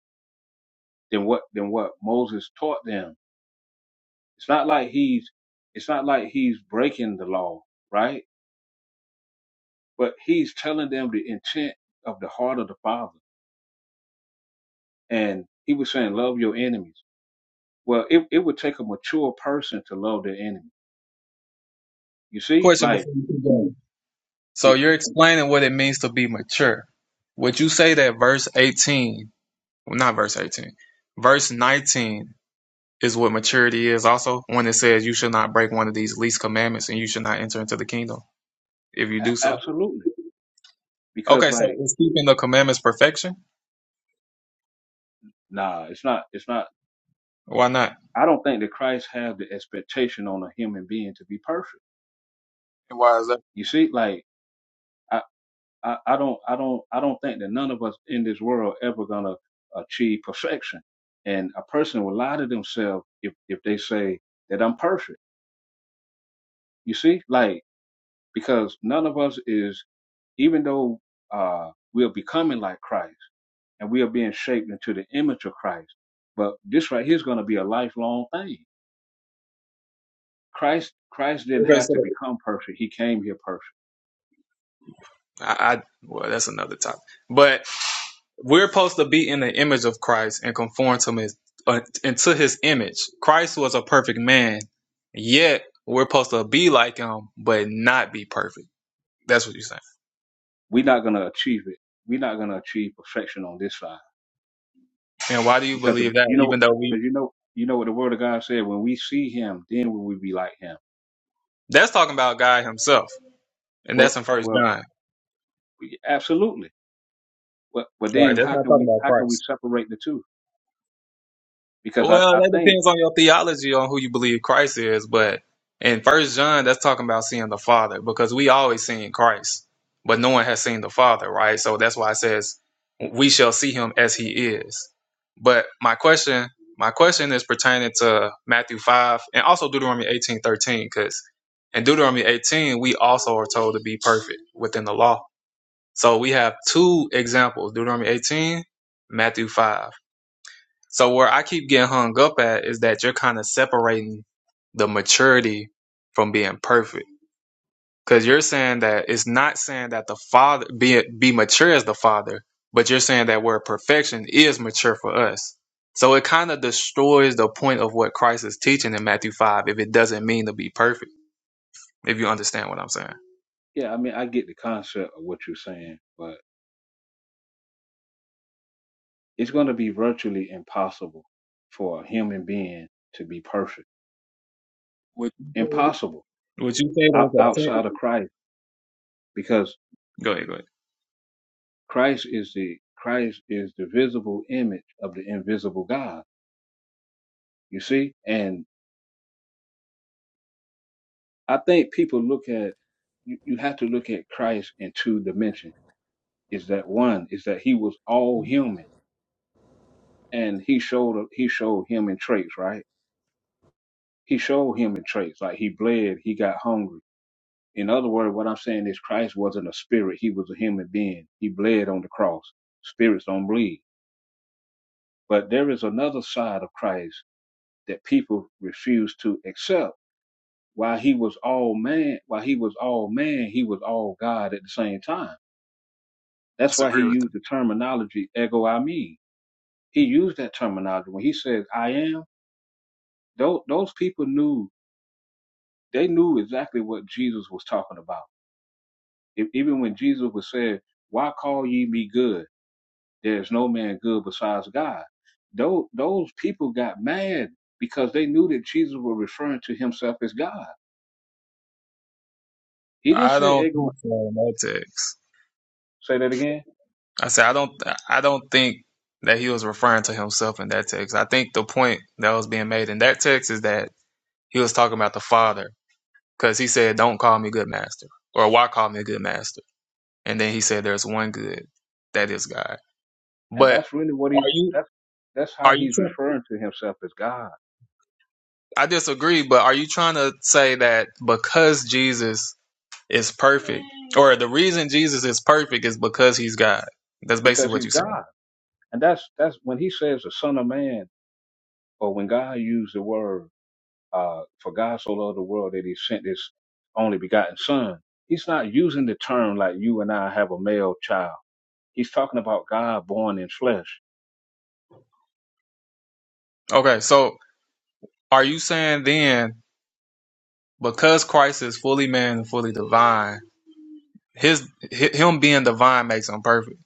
[SPEAKER 5] than what than what Moses taught them. It's not like he's it's not like he's breaking the law, right? but he's telling them the intent of the heart of the father and he was saying love your enemies well it, it would take a mature person to love their enemy you see
[SPEAKER 2] Question
[SPEAKER 5] like
[SPEAKER 2] before you keep going. So
[SPEAKER 5] it
[SPEAKER 2] you're explaining what it means to be mature. Would you say that verse 18, well, not verse 18, verse 19 is what maturity is also when it says you should not break one of these least commandments and you should not enter into the kingdom if you do
[SPEAKER 5] a-
[SPEAKER 2] so?
[SPEAKER 5] absolutely because
[SPEAKER 2] Okay, so
[SPEAKER 5] like
[SPEAKER 2] is keeping the commandments perfection?
[SPEAKER 5] nah it's not it's not
[SPEAKER 2] Why not?
[SPEAKER 5] i don't think that christ had the expectation on a human being to be perfect
[SPEAKER 2] And Why is that?
[SPEAKER 5] you see like i i, I don't i don't i don't think that none of us in this world ever gonna achieve perfection and a person will lie to themselves if if they say that i'm perfect you see like because none of us is, even though uh, we are becoming like Christ and we are being shaped into the image of Christ, but this right here is going to be a lifelong thing. Christ, Christ didn't
[SPEAKER 2] Okay,
[SPEAKER 5] have to
[SPEAKER 2] so
[SPEAKER 5] become perfect; He came here perfect.
[SPEAKER 2] I, I well, that's another topic. But we're supposed to be in the image of Christ and conform to his uh, into his image. Christ was a perfect man, yet we're supposed to be like him, but not be perfect. That's what you're saying.
[SPEAKER 5] We're not going to achieve it. We're not going to achieve perfection on this side
[SPEAKER 2] And why do you
[SPEAKER 5] because the,
[SPEAKER 2] believe that?
[SPEAKER 5] you know,
[SPEAKER 2] Even though we
[SPEAKER 5] because you know, you know what the Word of God said: when we see Him, then will we be like Him.
[SPEAKER 2] that's talking about God Himself, and
[SPEAKER 5] Well,
[SPEAKER 2] that's in First
[SPEAKER 5] well,
[SPEAKER 2] John,
[SPEAKER 5] yeah, absolutely. But but
[SPEAKER 2] right?
[SPEAKER 5] then
[SPEAKER 2] That's
[SPEAKER 5] how
[SPEAKER 2] not
[SPEAKER 5] can
[SPEAKER 2] talking
[SPEAKER 5] we
[SPEAKER 2] about
[SPEAKER 5] how can
[SPEAKER 2] Christ.
[SPEAKER 5] we separate the two? Because I,
[SPEAKER 2] Well,
[SPEAKER 5] I
[SPEAKER 2] that
[SPEAKER 5] think
[SPEAKER 2] depends on your theology on who you believe Christ is, but in First John, that's talking about seeing the Father because we always seen Christ, but no one has seen the Father, right? So that's why it says we shall see him as he is. But my question, my question is pertaining to Matthew five and also Deuteronomy eighteen thirteen, because in Deuteronomy eighteen we also are told to be perfect within the law. So we have two examples: Deuteronomy eighteen, Matthew five. So where I keep getting hung up at is that you're kind of separating the maturity from being perfect. Cause you're saying that it's not saying that the father be be mature as the father, but you're saying that where perfection is mature for us. So it kind of destroys the point of what Christ is teaching in Matthew five if it doesn't mean to be perfect. If you understand what I'm saying.
[SPEAKER 5] Yeah, I mean, I get the concept of what you're saying, but it's going to be virtually impossible for a human being to be perfect.
[SPEAKER 2] Would you say,
[SPEAKER 5] Impossible
[SPEAKER 2] would you say
[SPEAKER 5] out,
[SPEAKER 2] there's a
[SPEAKER 5] outside
[SPEAKER 2] ten-
[SPEAKER 5] of Christ, because
[SPEAKER 2] Go ahead, go ahead.
[SPEAKER 5] Christ is the Christ is the visible image of the invisible God. You see, and I think people look at you, you have to look at Christ in two dimensions. Is that one? Is that he was all human, and he showed he showed human traits, right? He showed human traits like he bled, he got hungry In other words, what I'm saying is Christ wasn't a spirit. He was a human being. He bled on the cross. Spirits don't bleed. But there is another side of Christ that people refuse to accept. While he was all man, while he was all man, he was all God at the same time. That's why he
[SPEAKER 2] Disagree with
[SPEAKER 5] used
[SPEAKER 2] them.
[SPEAKER 5] the terminology ego I mean. He used that terminology when he says I am. Those, those people knew, they knew exactly what Jesus was talking about. E- Even when Jesus was saying, why call ye me good? There's no man good besides God. Those, those people got mad because they knew that Jesus was referring to himself as God. He didn't
[SPEAKER 2] I
[SPEAKER 5] say
[SPEAKER 2] don't
[SPEAKER 5] ego.
[SPEAKER 2] think so in that text.
[SPEAKER 5] Say that again.
[SPEAKER 2] I said I don't I don't think that he was referring to himself in that text. I think the point that was being made in that text is that he was talking about the Father because he said, "Don't call me good master," or "Why call me a good master?" And then he said, "There's one good, that is God."
[SPEAKER 5] And
[SPEAKER 2] But
[SPEAKER 5] that's really what he
[SPEAKER 2] are you
[SPEAKER 5] that's that's how
[SPEAKER 2] are you?
[SPEAKER 5] he's
[SPEAKER 2] tr-
[SPEAKER 5] referring to himself as God
[SPEAKER 2] I disagree, but are you trying to say that because Jesus is perfect, or the reason Jesus is perfect is because he's God? That's basically
[SPEAKER 5] because
[SPEAKER 2] what
[SPEAKER 5] he's
[SPEAKER 2] you're saying.
[SPEAKER 5] God. And that's that's when he says the Son of Man or when God used the word uh, for God so loved the world that he sent his only begotten Son. He's not using the term like you and I have a male child. He's talking about God born in flesh
[SPEAKER 2] Okay, so are you saying then? Because Christ is fully man and fully divine, his hi- him being divine makes him perfect.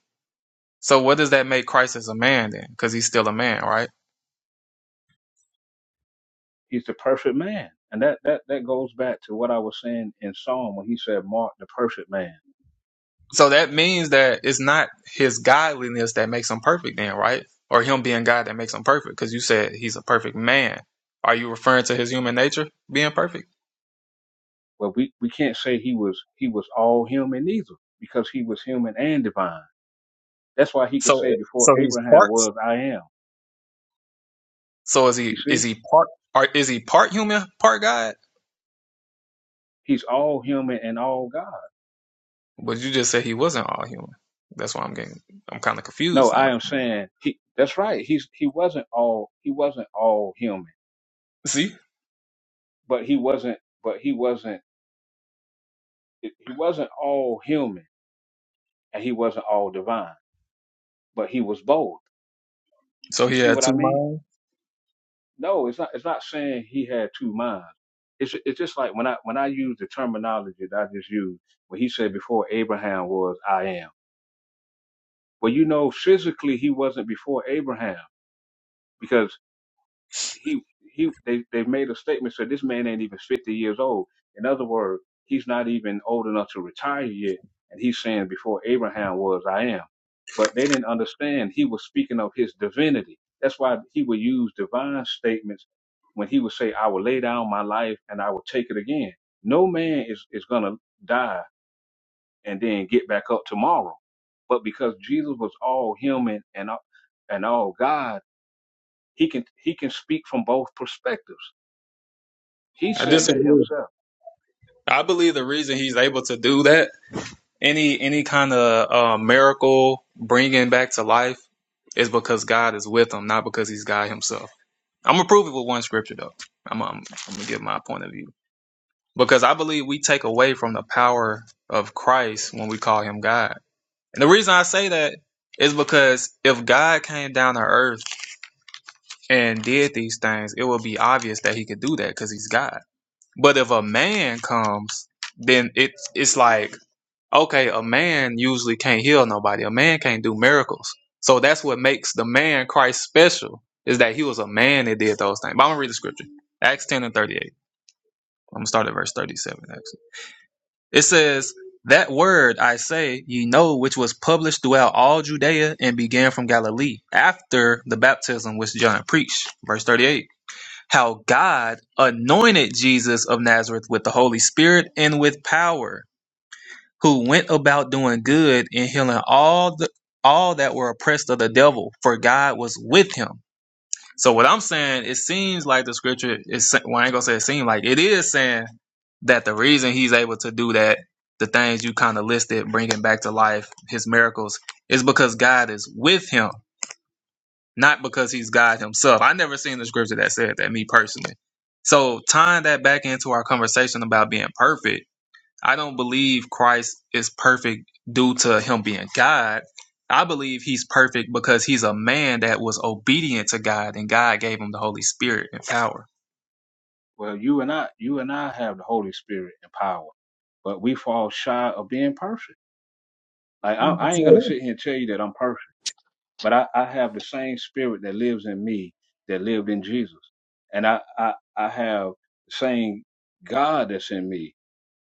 [SPEAKER 2] So what does that make Christ as a man then? Because he's still a man, right?
[SPEAKER 5] he's the perfect man. And that, that, that goes back to what I was saying in Psalm when he said, Mark the perfect man.
[SPEAKER 2] So that means that it's not his godliness that makes him perfect then, right? Or him being God that makes him perfect. Because you said he's a perfect man. Are you referring to his human nature being perfect?
[SPEAKER 5] Well, we, we can't say he was, he was all human either because he was human and divine. That's why he could
[SPEAKER 2] So
[SPEAKER 5] say before
[SPEAKER 2] so he's
[SPEAKER 5] Abraham
[SPEAKER 2] parts.
[SPEAKER 5] was, I am.
[SPEAKER 2] So is
[SPEAKER 5] You
[SPEAKER 2] he is
[SPEAKER 5] see,
[SPEAKER 2] he part or is he part human, part God?
[SPEAKER 5] he's all human and all God.
[SPEAKER 2] But you just said he wasn't all human. That's why I'm getting I'm kind of
[SPEAKER 5] No,
[SPEAKER 2] confused
[SPEAKER 5] I
[SPEAKER 2] now.
[SPEAKER 5] am saying he, that's right. He's, he wasn't all, he wasn't all human,
[SPEAKER 2] See?
[SPEAKER 5] but he wasn't, but he wasn't, he wasn't all human and he wasn't all divine, but he was both.
[SPEAKER 2] So
[SPEAKER 5] You
[SPEAKER 2] he
[SPEAKER 5] see
[SPEAKER 2] had
[SPEAKER 5] what I
[SPEAKER 2] two
[SPEAKER 5] mean?
[SPEAKER 2] minds.
[SPEAKER 5] no, it's not. It's not saying he had two minds. It's it's just like when I when I use the terminology that I just used when he said before Abraham was I am. Well, you know, physically he wasn't before Abraham because he he they, they made a statement said this man ain't even 50 years old in other words he's not even old enough to retire yet and he's saying before abraham was i am but they didn't understand he was speaking of his divinity that's why he would use divine statements when he would say i will lay down my life and i will take it again no man is, is going to die and then get back up tomorrow but because jesus was all human and all- and all god he can he can speak from both perspectives he
[SPEAKER 2] I
[SPEAKER 5] said that
[SPEAKER 2] disagree.
[SPEAKER 5] himself.
[SPEAKER 2] I believe the reason he's able to do that, any any kind of uh, miracle bringing back to life, is because God is with him, not because he's God himself. I'm gonna prove it with one scripture though. I'm I'm, I'm gonna give my point of view because I believe we take away from the power of Christ when we call him God. And the reason I say that is because if God came down to earth and did these things, it would be obvious that he could do that because he's God But if a man comes, then it it's like okay, a man usually can't heal nobody. A man can't do miracles. So that's what makes the man Christ special is that he was a man that did those things. But I'm gonna read the scripture, Acts ten and thirty eight. I'm gonna start at verse thirty seven. Actually, it says. That word I say, ye know, which was published throughout all Judea and began from Galilee after the baptism which John preached. Verse 38 how God anointed Jesus of Nazareth with the Holy Spirit and with power, who went about doing good and healing all the all that were oppressed of the devil, for God was with him. So what I'm saying, it seems like the scripture is well, I ain't gonna say it seemed like it is saying that the reason he's able to do that, the things you kind of listed, bringing back to life his miracles, is because God is with him not because he's God himself. I never seen the scripture that said that, me personally. So tying that back into our conversation about being perfect, I don't believe Christ is perfect due to him being God. I believe he's perfect because he's a man that was obedient to God and God gave him the Holy Spirit and power.
[SPEAKER 5] Well, you and I, you and I have the Holy Spirit and power, but we fall shy of being perfect. Like I, I ain't gonna sit here and tell you that I'm perfect, but I, I have the same spirit that lives in me that lived in Jesus, and I, I, I have the same God that's in me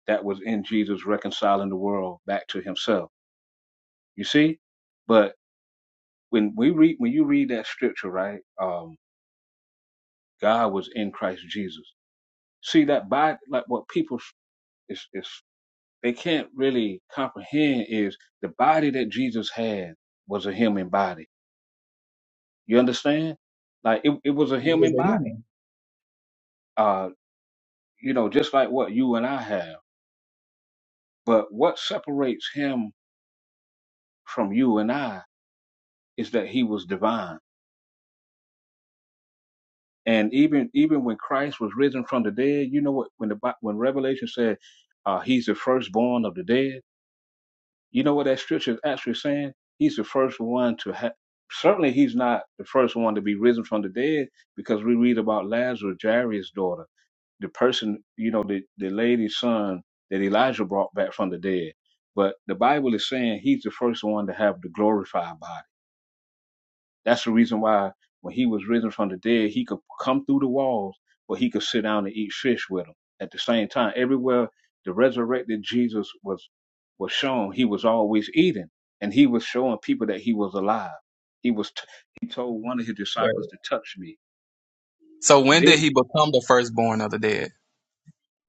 [SPEAKER 5] that was in Jesus reconciling the world back to Himself. You see, but when we read, when you read that scripture, right? Um, God was in Christ Jesus. See that by like what people is is they can't really comprehend is the body that Jesus had was a human body. You understand? Like it, it was a human body. Uh, you know, just like what you and I have. But what separates him from you and I is that he was divine. And even even when Christ was risen from the dead, you know what? When the Bi- when Revelation said uh, he's the firstborn of the dead, You know what that scripture is actually saying? He's the first one to have. Certainly, he's not the first one to be risen from the dead because we read about Lazarus, Jairus' daughter, the person, you know, the, the lady's son that Elijah brought back from the dead. But the Bible is saying he's the first one to have the glorified body. That's the reason why when he was risen from the dead, he could come through the walls, but he could sit down and eat fish with them at the same time. Everywhere the resurrected Jesus was was shown, he was always eating, and he was showing people that he was alive. He was t- he told one of his
[SPEAKER 2] Right.
[SPEAKER 5] disciples to touch me,
[SPEAKER 2] So
[SPEAKER 5] but
[SPEAKER 2] when did
[SPEAKER 5] then
[SPEAKER 2] he
[SPEAKER 5] he,
[SPEAKER 2] become the firstborn of the dead?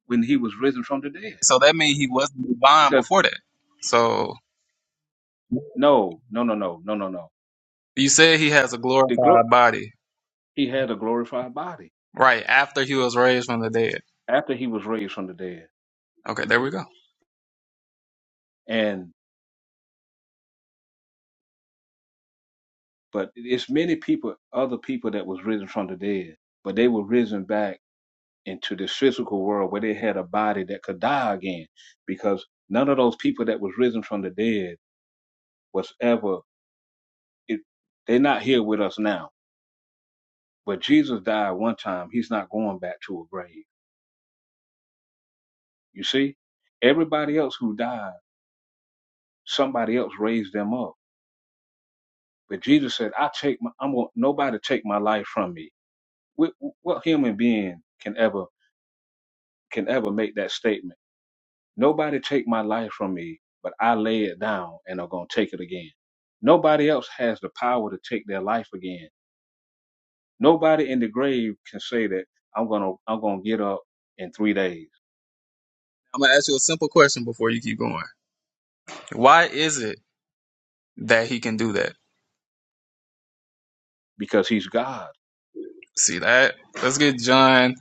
[SPEAKER 5] when he was risen from the dead,
[SPEAKER 2] So that means he wasn't divine
[SPEAKER 5] because
[SPEAKER 2] before that. So
[SPEAKER 5] no, no, no, no, no, no, no,
[SPEAKER 2] you said he has a
[SPEAKER 5] the glo-
[SPEAKER 2] glorified body,
[SPEAKER 5] he had a glorified body
[SPEAKER 2] right, after he was raised from the dead.
[SPEAKER 5] after he was raised from the dead,
[SPEAKER 2] Okay, there we go.
[SPEAKER 5] and But it's many people, other people that was risen from the dead, but they were risen back into this physical world where they had a body that could die again, because none of those people that was risen from the dead was ever. It, they're not here with us now. But Jesus died one time. He's not going back to a grave. You see, everybody else who died, somebody else raised them up. But Jesus said, "I take my. I'm gonna, nobody take my life from me." What, what human being can ever can ever make that statement? Nobody take my life from me, but I lay it down and are going to take it again. Nobody else has the power to take their life again. Nobody in the grave can say that I'm going to I'm going to get up in 3 days
[SPEAKER 2] I'm gonna ask you a simple question before you keep going. Why is it that he can do that?
[SPEAKER 5] because he's God.
[SPEAKER 2] See that? Let's get John.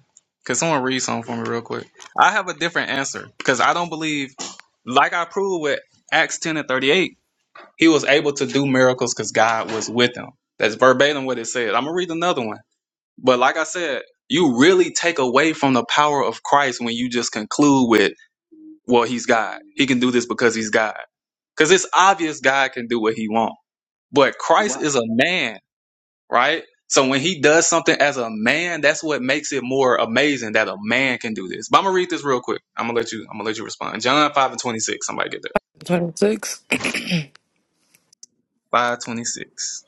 [SPEAKER 2] Could someone read something for me real quick? I have a different answer because I don't believe, like I proved with Acts 10 and 38, he was able to do miracles because God was with him. That's verbatim what it said. I'm gonna read another one. But like I said, you really take away from the power of Christ when you just conclude with, well, he's God. He can do this because he's God. Because it's obvious God can do what he wants. But Christ
[SPEAKER 5] Why
[SPEAKER 2] is a man, right? So when he does something as a man, that's what makes it more amazing that a man can do this. But I'm gonna read this real quick. I'm gonna let you. I'm gonna let you respond. John five and twenty six. Somebody get that.
[SPEAKER 1] 26.
[SPEAKER 2] Five twenty six.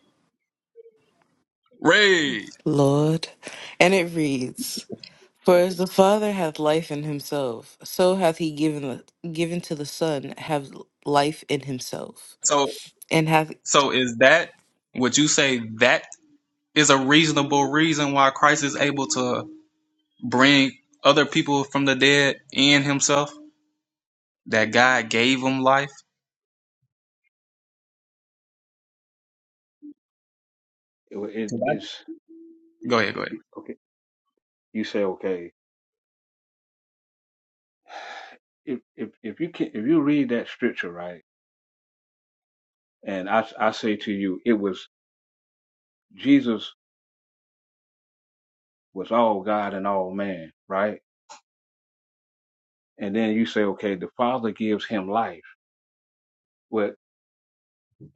[SPEAKER 2] Ray.
[SPEAKER 1] Lord. And it reads, For as the Father hath life in himself, so hath he given, given to the Son have life in himself,
[SPEAKER 2] So
[SPEAKER 1] and hath...
[SPEAKER 2] so is that? Would you say that is a reasonable reason why Christ is able to bring other people from the dead and Himself? That God gave him life.
[SPEAKER 5] it is
[SPEAKER 2] Go ahead. Go
[SPEAKER 5] if
[SPEAKER 2] ahead.
[SPEAKER 5] you, okay you say okay if if if you can if you read that scripture right and I I say to you it was Jesus was all God and all man, right? And then you say okay the Father gives him life. Well,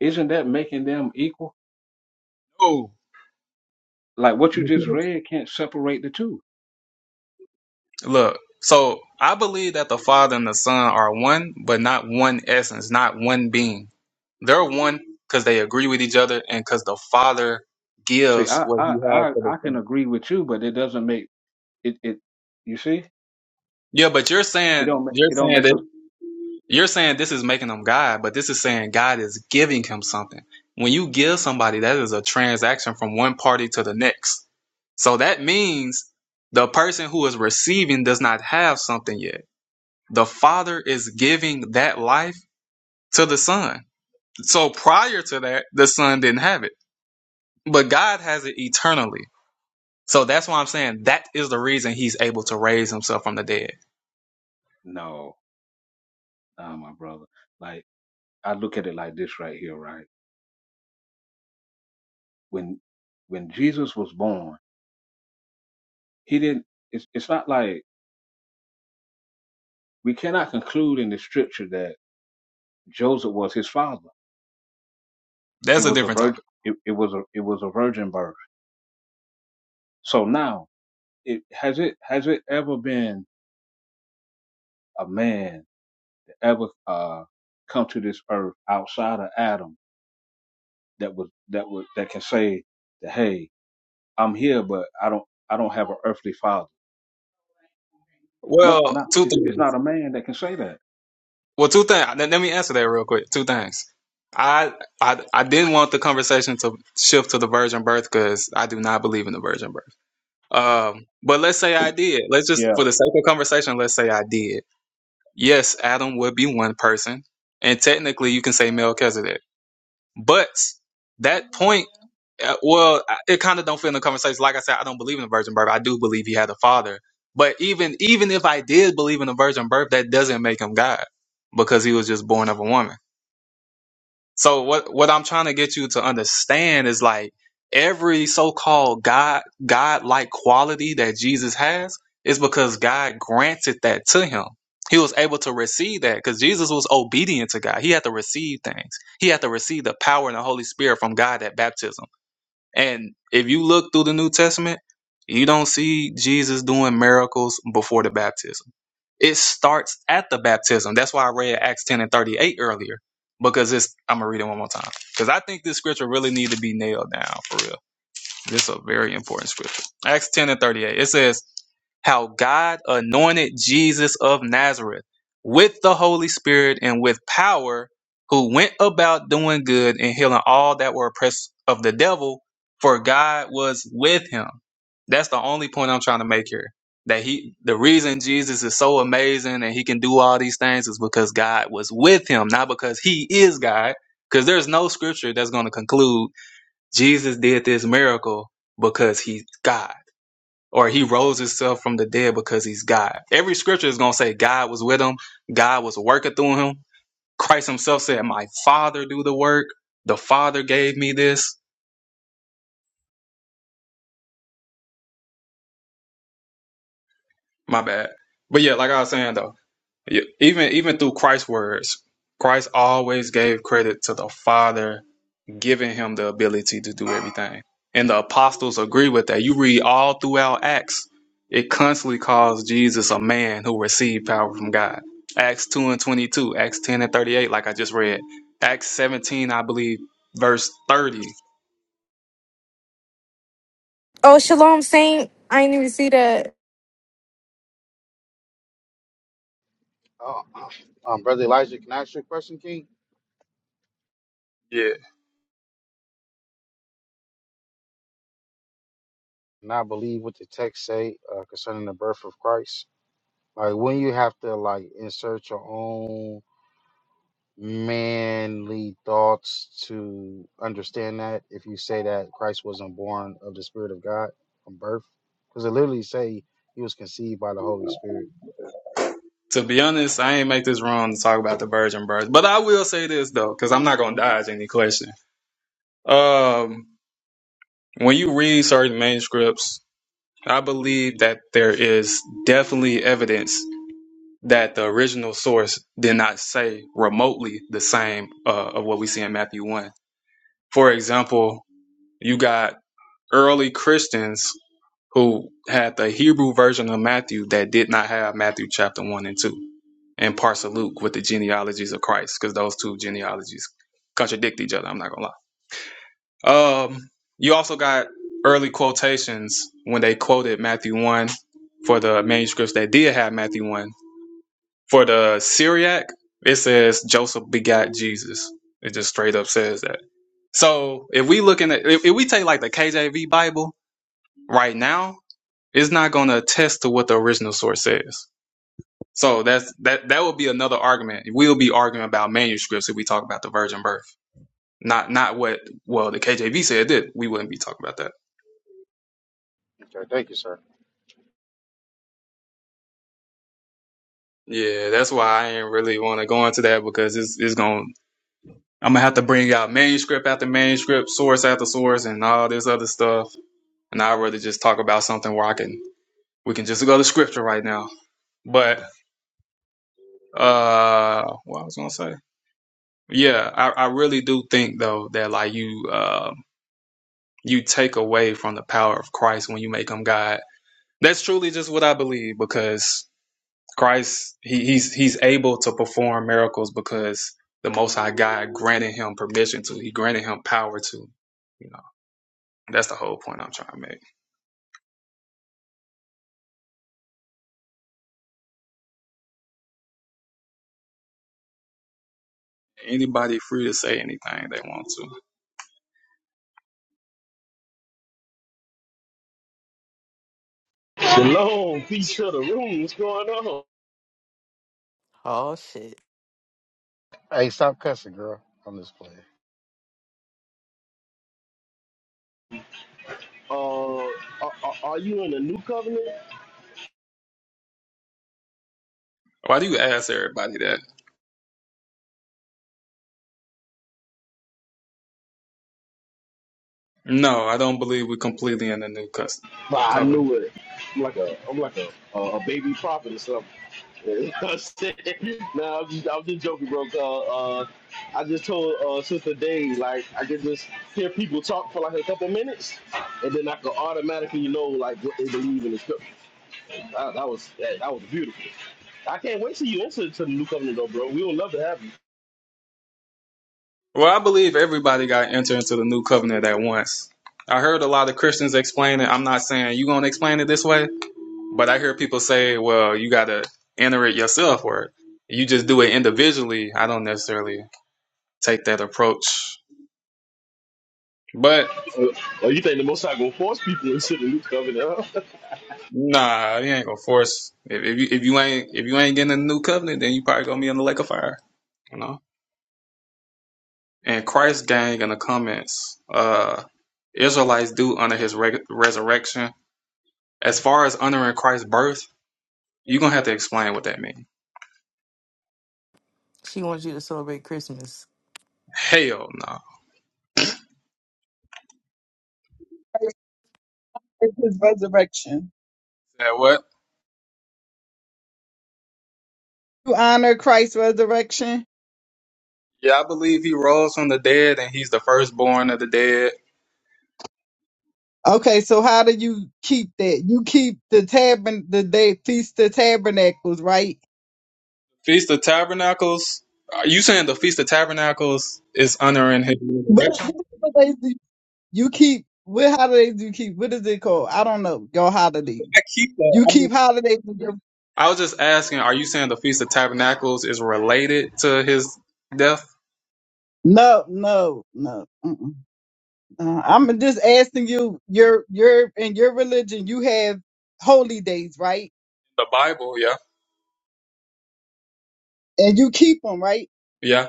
[SPEAKER 5] isn't that making them equal?
[SPEAKER 2] Oh.
[SPEAKER 5] Like what you just read can't separate the two.
[SPEAKER 2] Look, so I believe that the Father and the Son are one, but not one essence, not one being. They're one because they agree with each other and because the Father
[SPEAKER 5] See,
[SPEAKER 2] gives
[SPEAKER 5] I
[SPEAKER 2] what He
[SPEAKER 5] I
[SPEAKER 2] has
[SPEAKER 5] I,
[SPEAKER 2] for the
[SPEAKER 5] I can
[SPEAKER 2] Son.
[SPEAKER 5] agree with you, but it doesn't make it it. You see,
[SPEAKER 2] Yeah, but you're
[SPEAKER 5] it
[SPEAKER 2] saying
[SPEAKER 5] don't ma-
[SPEAKER 2] you're
[SPEAKER 5] it don't
[SPEAKER 2] saying
[SPEAKER 5] make us
[SPEAKER 2] that you're saying this is making them God, but this is saying God is giving him something. When you give somebody, that is a transaction from one party to the next. So that means the person who is receiving does not have something yet. The Father is giving that life to the Son. So prior to that, the Son didn't have it, but God has it eternally. So that's why I'm saying that is the reason He's able to raise Himself from the dead.
[SPEAKER 5] no, nah, my brother. Like I look at it like this right here, right? When when Jesus was born, he didn't. It's it's not like we cannot conclude in the scripture that Joseph was his father. It
[SPEAKER 2] That's a
[SPEAKER 5] was a
[SPEAKER 2] different
[SPEAKER 5] virgin.
[SPEAKER 2] topic.
[SPEAKER 5] It, it was a it was a virgin birth. So now, it has it has it ever been a man ever uh, come to this earth outside of Adam that was that would that can say that hey, I'm here, but I don't I don't have an earthly father. No,
[SPEAKER 2] Well,
[SPEAKER 5] not
[SPEAKER 2] two
[SPEAKER 5] it's
[SPEAKER 2] things.
[SPEAKER 5] it's not a man that can say that.
[SPEAKER 2] Well, two things. Let let me answer that real quick. Two things. I I I didn't want the conversation to shift to the virgin birth because I do not believe in the virgin birth. Um, but let's say I did. Let's just,
[SPEAKER 5] Yeah.
[SPEAKER 2] for the sake of conversation, let's say I did. Yes, Adam would be one person, and technically you can say Melchizedek. But that point, uh, well, I- it kind of don't fit in the conversation. Like I said, I don't believe in the virgin birth. I do believe he had a father. But even even if I did believe in the virgin birth, that doesn't make him God because he was just born of a woman. So what what I'm trying to get you to understand is like every so-called God God-like quality that Jesus has is because God granted that to him. He was able to receive that because Jesus was obedient to God. He had to receive things. He had to receive the power and the Holy Spirit from God at baptism. And if you look through the New Testament, you don't see Jesus doing miracles before the baptism it starts at the baptism. That's why I read Acts 10 and 38 earlier. Because it's I'm gonna read it one more time. Because I think this scripture really need to be nailed down for real. This is a very important scripture. Acts 10 and 38. It says, How God anointed Jesus of Nazareth with the Holy Spirit and with power, who went about doing good and healing all that were oppressed of the devil, for God was with him. That's the only point I'm trying to make here. That he, the reason Jesus is so amazing and he can do all these things is because God was with him, not because he is God. Because there's no scripture that's going to conclude Jesus did this miracle because he's God, or he rose himself from the dead because he's God. Every scripture is going to say God was with him, God was working through him. Christ himself said, My Father do the work. The Father gave me this. My bad. But yeah, like I was saying though, yeah, even even through Christ's words, Christ always gave credit to the Father giving him the ability to do everything. And the apostles agree with that. You read all throughout Acts, it constantly calls Jesus a man who received power from God. Acts 2 and 22, Acts 10 and 38, like I just read. Acts 17, I believe, verse 30.
[SPEAKER 6] Oh, Shalom Saint. I didn't even see that.
[SPEAKER 7] Oh, Uh, um, Brother Elijah, can I ask you a question, King?
[SPEAKER 2] Yeah.
[SPEAKER 7] And I believe what the text say uh, concerning the birth of Christ. Like when you have to like insert your own manly thoughts to understand that if you say that Christ wasn't born of the Spirit of God from birth, because it literally say he was conceived by the Holy Spirit.
[SPEAKER 2] To be honest, I ain't make this wrong to talk about the virgin birth. But I will say this, though, because I'm not going to dodge any question. Um, when you read certain manuscripts, I believe that there is definitely evidence that the original source did not say remotely the same uh, of what we see in Matthew 1. For example, you got early Christians who had the Hebrew version of Matthew that did not have Matthew chapter 1 and 2 and parts of Luke with the genealogies of Christ because those two genealogies contradict each other. I'm not going to lie. Um, you also got early quotations when they quoted Matthew 1 for the manuscripts that did have Matthew 1 For the Syriac, it says Joseph begot Jesus. It just straight up says that. So if we looking at if, if we take like the KJV Bible right now, it's not going to attest to what the original source says. So that's that that would be another argument. We'll be arguing about manuscripts if we talk about the virgin birth, not not what well the KJV said did. We wouldn't be talking about that.
[SPEAKER 7] Okay, thank you, sir.
[SPEAKER 2] Yeah, that's why I ain't really want to go into that because it's it's going I'm gonna have to bring out manuscript after manuscript, source after source, and all this other stuff and I'd rather just talk about something where I can we can just go to scripture right now. But uh what I was gonna say. Yeah, I, I really do think though that like you uh you take away from the power of Christ when you make him God. That's truly just what I believe because Christ he, he's he's able to perform miracles because the most high God granted him permission to, he granted him power to. You know, that's the whole point I'm trying to make. Anybody free to say anything they want to.
[SPEAKER 8] Shalom, peace to the room. What's going on?
[SPEAKER 1] Oh, shit.
[SPEAKER 7] Hey, stop cussing, girl. I'm just playing.
[SPEAKER 8] Uh, are, are are you in the new covenant?
[SPEAKER 2] Why do you ask everybody that? No, I don't believe we're completely in the new cus-
[SPEAKER 8] Bah, I
[SPEAKER 2] covenant.
[SPEAKER 8] knew it. I'm like a, I'm like a, a, a baby prophet or something. You know what I'm saying? Nah, I'm just, I'm just joking, bro. Uh, uh, I just told uh, Sister Day, like, I can just hear people talk for like a couple minutes, and then I can automatically know like what they believe in the scripture. That, that was that, that was beautiful. I can't wait till you enter to the new covenant, though, bro. We would love to have you.
[SPEAKER 2] Well, I believe everybody got to enter into the new covenant at once. I heard a lot of Christians explain it. I'm not saying you going to explain it this way, but I hear people say, well, you got to enter it yourself or you just do it individually. I don't necessarily take that approach. But
[SPEAKER 8] Uh, oh, you think the Most High gonna force people into the new covenant? Huh?
[SPEAKER 2] nah, you ain't going to force if, if you if you ain't if you ain't getting a new covenant, then you probably going to be in the lake of fire, you know? And Christ gang in the comments, uh, Israelites do honor his reg- resurrection. As far as honoring Christ's birth, you're going to have to explain what that means.
[SPEAKER 1] She wants you to celebrate Christmas.
[SPEAKER 2] Hell no.
[SPEAKER 9] It's his resurrection.
[SPEAKER 2] That what?
[SPEAKER 9] You honor Christ's resurrection.
[SPEAKER 2] Yeah, I believe he rose from the dead and he's the firstborn of the dead.
[SPEAKER 9] Okay, so how do you keep that? You keep the tabern the day feast of tabernacles, right?
[SPEAKER 2] Feast of Tabernacles, are you saying the Feast of Tabernacles is honoring his
[SPEAKER 9] But what
[SPEAKER 2] resurrection?
[SPEAKER 9] what do do? you keep what holidays do you keep? What is it called? I don't know. Your
[SPEAKER 2] I
[SPEAKER 9] holidays.
[SPEAKER 2] keep that.
[SPEAKER 9] You
[SPEAKER 2] I, mean,
[SPEAKER 9] keep holidays. with your-
[SPEAKER 2] I was just asking, are you saying the Feast of Tabernacles is related to his death?
[SPEAKER 9] No, no, no. Mm-mm. Uh, I'm just asking you. Your your in your religion, you have holy days, right?
[SPEAKER 2] The Bible, yeah.
[SPEAKER 9] And you keep them, right?
[SPEAKER 2] Yeah.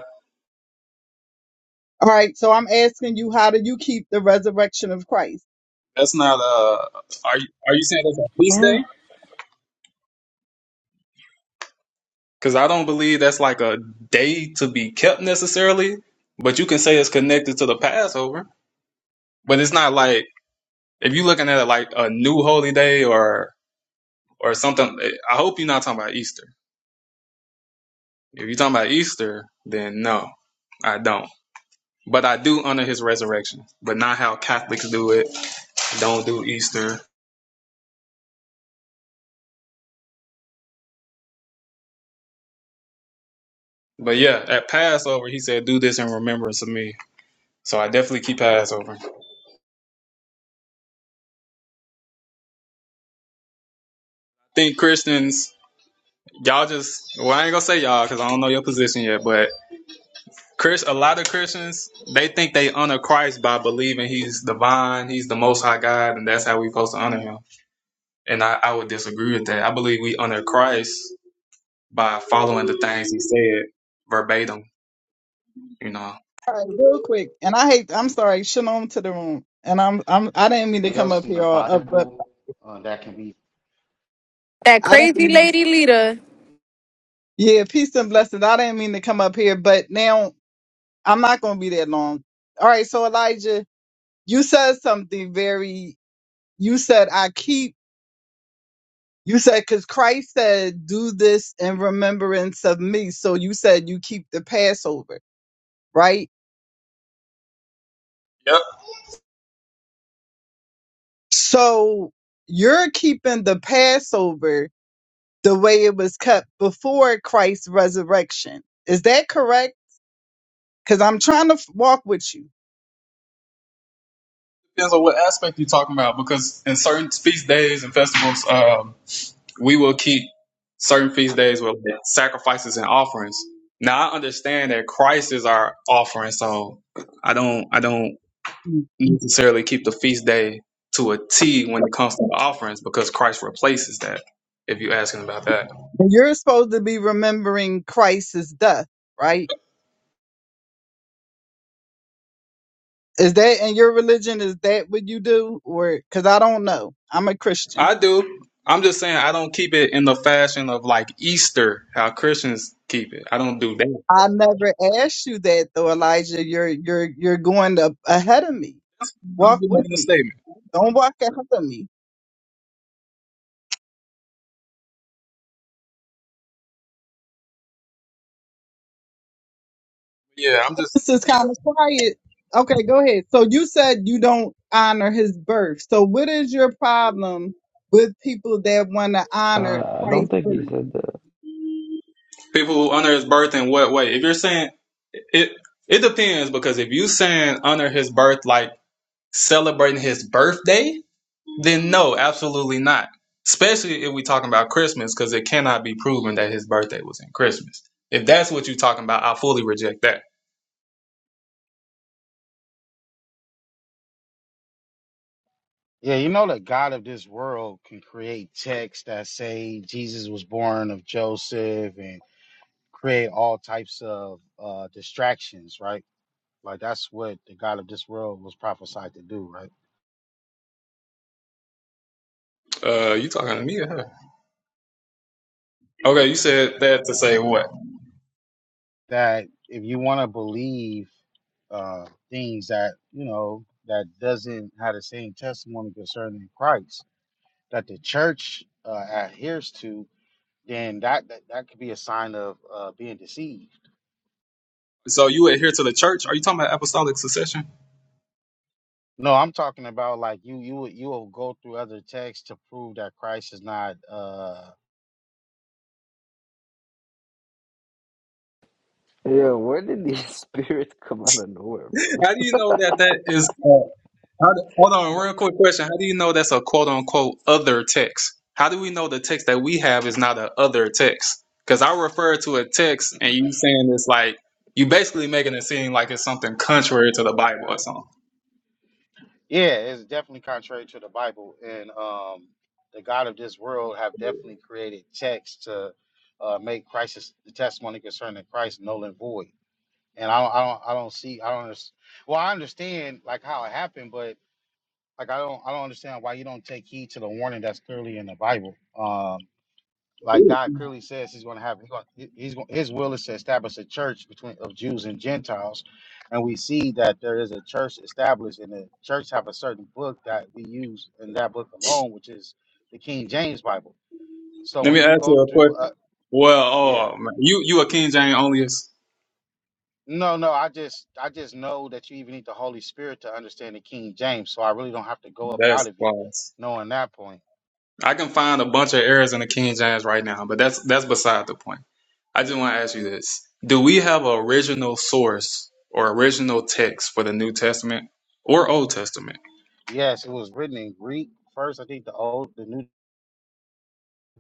[SPEAKER 9] All right, so I'm asking you, how do you keep the resurrection of Christ?
[SPEAKER 2] That's not a. are you are you saying that's a feast
[SPEAKER 3] Huh?
[SPEAKER 2] day? Because I don't believe that's like a day to be kept necessarily, but you can say it's connected to the Passover. But it's not like if you're looking at it like a new holy day or or something. eh, I hope you're not talking about Easter. If you're talking about Easter, then no, I don't. But I do honor his resurrection, but not how Catholics do it. Don't do Easter. But yeah, at Passover, he said, "Do this in remembrance of me." So I definitely keep Passover think Christians y'all just well, I ain't gonna say y'all because I don't know your position yet, but Chris, a lot of Christians they think they honor Christ by believing He's divine, He's the Most High God, and that's how we are supposed to honor Him. And I, I would disagree with that. I believe we honor Christ by following the things He said verbatim. You know.
[SPEAKER 9] All right, real quick, and I hate. I'm sorry. Shalom to the room, and I'm I'm I didn't mean to
[SPEAKER 7] Anything
[SPEAKER 9] come
[SPEAKER 7] else
[SPEAKER 9] up
[SPEAKER 7] in
[SPEAKER 9] here,
[SPEAKER 7] the
[SPEAKER 9] or up, but
[SPEAKER 7] Bible uh, that can be
[SPEAKER 6] That
[SPEAKER 9] I didn't.
[SPEAKER 6] crazy
[SPEAKER 9] Mean,
[SPEAKER 6] lady leader.
[SPEAKER 9] yeah, peace and blessings. I didn't mean to come up here, but now I'm not going to be that long. All right, so Elijah, you said something very. You said I keep. You said because Christ said, "Do this in remembrance of me." So you said you keep the Passover, right?
[SPEAKER 2] Yep.
[SPEAKER 9] So you're keeping the Passover the way it was kept before Christ's resurrection. Is that correct? Because I'm trying to f- walk with you.
[SPEAKER 2] Depends on what aspect you're talking about because in certain feast days and festivals, um, we will keep certain feast days with sacrifices and offerings. Now I understand that Christ is our offering, so I don't I don't
[SPEAKER 9] Mm.
[SPEAKER 2] necessarily keep the feast day to a T when it comes to the offerings because Christ replaces that. If you're asking about that,
[SPEAKER 9] And you're supposed to be remembering Christ's death, right? Is that in your religion? Is that what you do? Or because I don't know. I'm a Christian.
[SPEAKER 2] I do. I'm just saying I don't keep it in the fashion of like Easter, how Christians keep it. I don't do that.
[SPEAKER 9] I never asked you that though, Elijah. You're you're you're going up ahead of me.
[SPEAKER 2] I'm
[SPEAKER 9] Walk
[SPEAKER 2] just
[SPEAKER 9] with
[SPEAKER 2] making a
[SPEAKER 9] me.
[SPEAKER 2] statement.
[SPEAKER 9] Don't walk ahead of me.
[SPEAKER 2] Yeah, I'm just
[SPEAKER 9] This is kind of quiet. Okay, go ahead. So you said you don't honor his birth. So what is your problem with people that want to honor
[SPEAKER 3] Uh, I don't
[SPEAKER 9] Christ's
[SPEAKER 3] think he
[SPEAKER 9] birth?
[SPEAKER 3] said that.
[SPEAKER 2] People who honor his birth in what way? If you're saying it, it depends because if you saying honor his birth like celebrating his birthday, then no, absolutely not. Especially if we talking about Christmas because it cannot be proven that his birthday was in Christmas. If that's what you're talking about, I fully reject that.
[SPEAKER 7] Yeah, you know that God of this world can create texts that say Jesus was born of Joseph and create all types of uh, distractions, right? Like that's what the God of this world was prophesied to do, right?
[SPEAKER 2] Uh, you talking to me or her? Okay, you said that to say what?
[SPEAKER 7] That if you want to believe uh, things that you know that doesn't have the same testimony concerning Christ that the church uh, adheres to, then that that, that could be a sign of uh, being deceived
[SPEAKER 2] So you adhere to the church? Are you talking about apostolic succession?
[SPEAKER 7] No, I'm talking about like you you will- you will go through other texts to prove that Christ is not uh
[SPEAKER 3] Yeah, where did these spirits come out of nowhere from?
[SPEAKER 2] How do you know that that is? Uh, how do- hold on,
[SPEAKER 7] but
[SPEAKER 2] real quick question. How do you know that's a quote unquote other text? How do we know the text that we have is not a other text? Because I refer to a text and you saying it's like you basically making it seem like it's something contrary to the Bible or something.
[SPEAKER 7] yeah, it's definitely contrary to the Bible and um the God of this world have definitely created texts to uh make Christ's the testimony concerning Christ null and void. And I don't I don't I don't see I don't understand. Well, I understand like how it happened, but like I don't I don't understand why you don't take heed to the warning that's clearly in the Bible. Um Like God clearly says, He's going to have he's going, he's going, His will is to establish a church between of Jews and Gentiles, and we see that there is a church established, and the church have a certain book that we use in that book alone, which is the King James Bible. So
[SPEAKER 2] Let
[SPEAKER 7] when
[SPEAKER 2] me
[SPEAKER 7] you
[SPEAKER 2] ask
[SPEAKER 7] go
[SPEAKER 2] you a
[SPEAKER 7] through,
[SPEAKER 2] question.
[SPEAKER 7] uh,
[SPEAKER 2] Well,
[SPEAKER 7] yeah,
[SPEAKER 2] oh man, you you a King James onlyist?
[SPEAKER 7] no, no, I just I just know that you even need the Holy Spirit to understand the King James, so I really don't have to go up out
[SPEAKER 2] That's
[SPEAKER 7] of it,
[SPEAKER 2] false.
[SPEAKER 7] knowing that point.
[SPEAKER 2] I can find a bunch of errors in the King James right now, but that's that's beside the point. I just want to ask you this. Do we have an original source or original text for the New Testament or Old Testament?
[SPEAKER 7] Yes, it was written in Greek first. I think the old, the New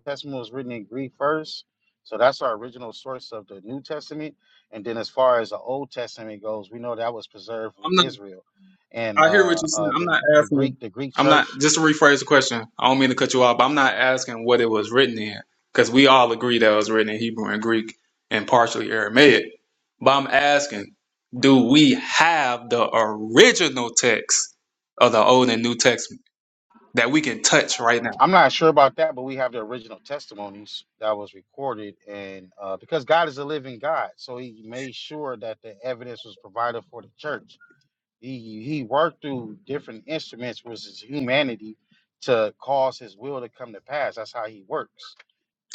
[SPEAKER 7] Testament was written in Greek first, so that's our original source of the New Testament. And then, as far as the Old Testament goes, we know that was preserved with
[SPEAKER 2] I'm not
[SPEAKER 7] Israel, and
[SPEAKER 2] I hear what
[SPEAKER 7] uh,
[SPEAKER 2] you're saying.
[SPEAKER 7] uh,
[SPEAKER 2] I'm
[SPEAKER 7] the
[SPEAKER 2] not
[SPEAKER 7] the
[SPEAKER 2] asking
[SPEAKER 7] Greek the Greek
[SPEAKER 2] I'm not
[SPEAKER 7] Church.
[SPEAKER 2] just to rephrase the question. I don't mean to cut you off, but I'm not asking what it was written in cuz we all agree that it was written in Hebrew and Greek and partially Aramaic. But I'm asking, do we have the original text of the Old and New Testament that we can touch right now?
[SPEAKER 7] I'm not sure about that, but we have the original testimonies that was recorded, and uh, because God is a living God, so He made sure that the evidence was provided for the church. He He worked through different instruments, which is humanity, to cause His will to come to pass. That's how He works.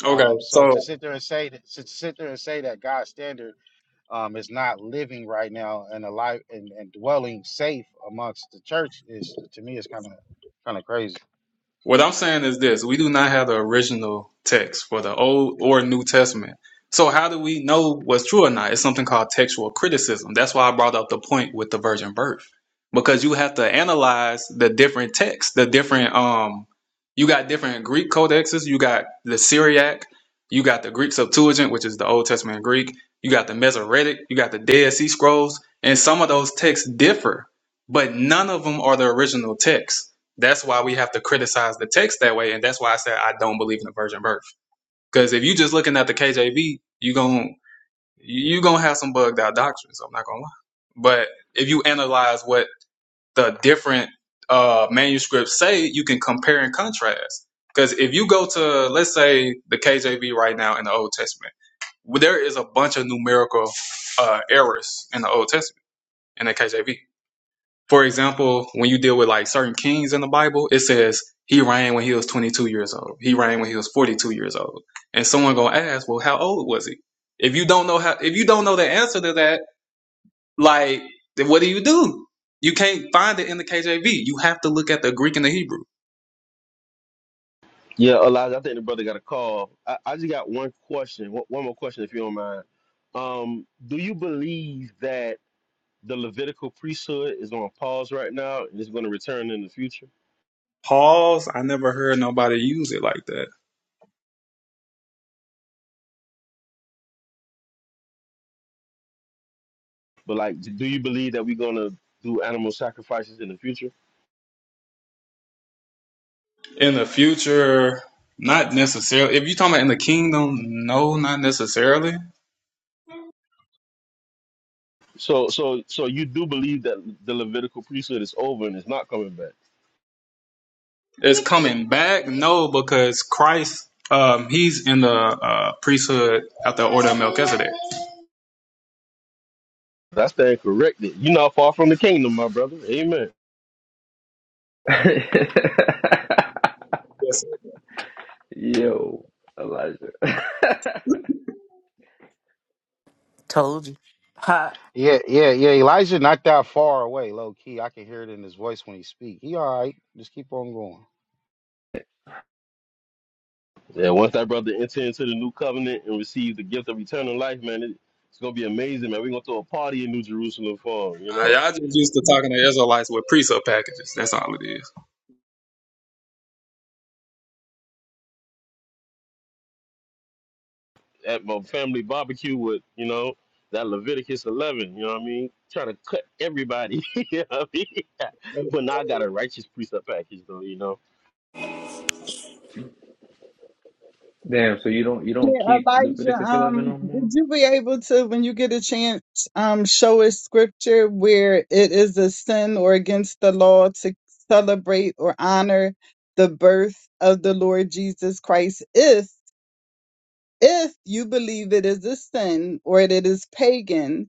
[SPEAKER 2] Okay.
[SPEAKER 7] Um, so
[SPEAKER 2] so.
[SPEAKER 7] to sit there and say that, to sit there and say that God's standard um, is not living right now and alive and, and dwelling safe amongst the church is to me is kind of kind of crazy.
[SPEAKER 2] What I'm saying is this we do not have the original text for the Old or New Testament. So, how do we know what's true or not? It's something called textual criticism. That's why I brought up the point with the virgin birth, because you have to analyze the different texts, the different, um, you got different Greek codexes, you got the Syriac, you got the Greek Septuagint, which is the Old Testament Greek, you got the Mesoretic, you got the Dead Sea Scrolls, and some of those texts differ, but none of them are the original text. That's why we have to criticize the text that way, and that's why I said I don't believe in the virgin birth. Because if you just looking at the KJV, you gon' you gonna have some bugged out doctrines. I'm not gonna lie. But if you analyze what the different uh, manuscripts say, you can compare and contrast. Because if you go to let's say the KJV right now in the Old Testament, there is a bunch of numerical uh, errors in the Old Testament in the KJV for example, when you deal with like certain kings in the Bible, it says he reigned when he was 22 years old. He reigned when he was 42 years old. And someone gonna ask, well, how old was he? If you don't know how, if you don't know the answer to that, like, then what do you do? You can't find it in the KJV. You have to look at the Greek and the Hebrew.
[SPEAKER 8] Yeah, Elijah, I think the brother got a call. I, I just got one question, one, one more question, if you don't mind. Um, do you believe that the Levitical priesthood is on pause right now and it's going to return in the future?
[SPEAKER 2] Pause. I never heard nobody use it like that.
[SPEAKER 8] But like, do you believe that we're going to do animal sacrifices in the future?
[SPEAKER 2] In the future, not necessarily. If you're talking about in the kingdom, no, not necessarily.
[SPEAKER 8] So, so, so you do believe that the Levitical priesthood is over and it's not coming back?
[SPEAKER 2] It's coming back, no, because Christ, um, he's in the uh, priesthood at the order of Melchizedek.
[SPEAKER 8] That's stand corrected. You're not far from the kingdom, my brother. Amen.
[SPEAKER 2] Yes, sir.
[SPEAKER 3] Yo, Elijah.
[SPEAKER 1] Told you. Hot.
[SPEAKER 7] Yeah, yeah, yeah. Elijah not that far away, low key. I can hear it in his voice when he speak. He all right. Just keep on going.
[SPEAKER 8] Yeah, once that brother enter into the new covenant and receive the gift of eternal life, man, it, it's gonna be amazing, man. We're gonna throw a party in New Jerusalem for him, you
[SPEAKER 2] Uh,
[SPEAKER 8] know,
[SPEAKER 2] y'all just used to talking to Israelites with priesthood packages. That's all it is.
[SPEAKER 8] at my family barbecue with, you know, that Leviticus 11. You know what I mean? Try to cut everybody. you know what I mean? but now I got a righteous precept package, though. You know.
[SPEAKER 3] Damn, so you don't you don't
[SPEAKER 9] Yeah,
[SPEAKER 3] keep
[SPEAKER 9] Elijah,
[SPEAKER 3] Leviticus eleven
[SPEAKER 9] um,
[SPEAKER 3] no
[SPEAKER 9] would
[SPEAKER 3] more?
[SPEAKER 9] you be able to, when you get a chance, um, show us scripture where it is a sin or against the law to celebrate or honor the birth of the Lord Jesus Christ if if you believe it is a sin or that it is pagan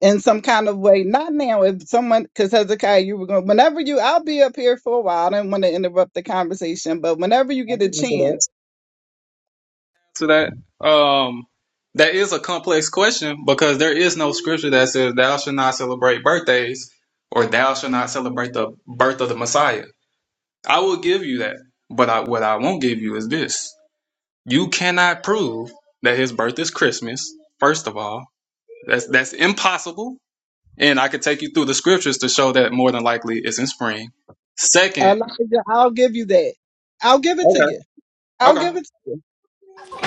[SPEAKER 9] in some kind of way. Not now. If someone, because Hezekiah, you were going, whenever you, I'll be up here for a while. I didn't want to interrupt the conversation, but whenever you get a chance,
[SPEAKER 2] To that, um, that is a complex question because there is no scripture that says thou shall not celebrate birthdays or thou shall not celebrate the birth of the Messiah. I will give you that. But I, what I won't give you is this. You cannot prove that his birth is Christmas, first of all. That's that's impossible. And I could take you through the scriptures to show that more than likely it's in spring. Second,
[SPEAKER 9] Elijah, I'll give you that. I'll give it to
[SPEAKER 2] okay,
[SPEAKER 9] you. I'll
[SPEAKER 2] okay.
[SPEAKER 9] give it to you.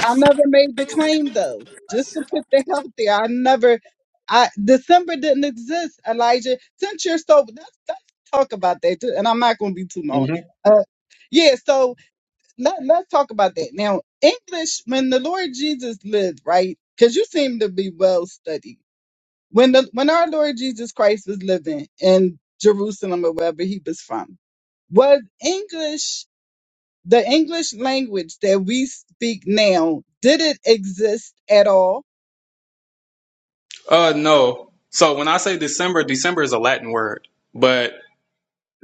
[SPEAKER 9] I never made the claim though. Just to put that out there, I never. I December didn't exist, Elijah. Since you're so, let's, let's talk about that too. And I'm not going to be too long.
[SPEAKER 2] hmm
[SPEAKER 9] Uh, yeah, so let, let's talk about that now. English, when the Lord Jesus lived, right? Because you seem to be well studied. When the when our Lord Jesus Christ was living in Jerusalem or wherever he was from, was English the English language that we speak now did it exist at all?
[SPEAKER 2] Uh, no. So when I say December, December is a Latin word, but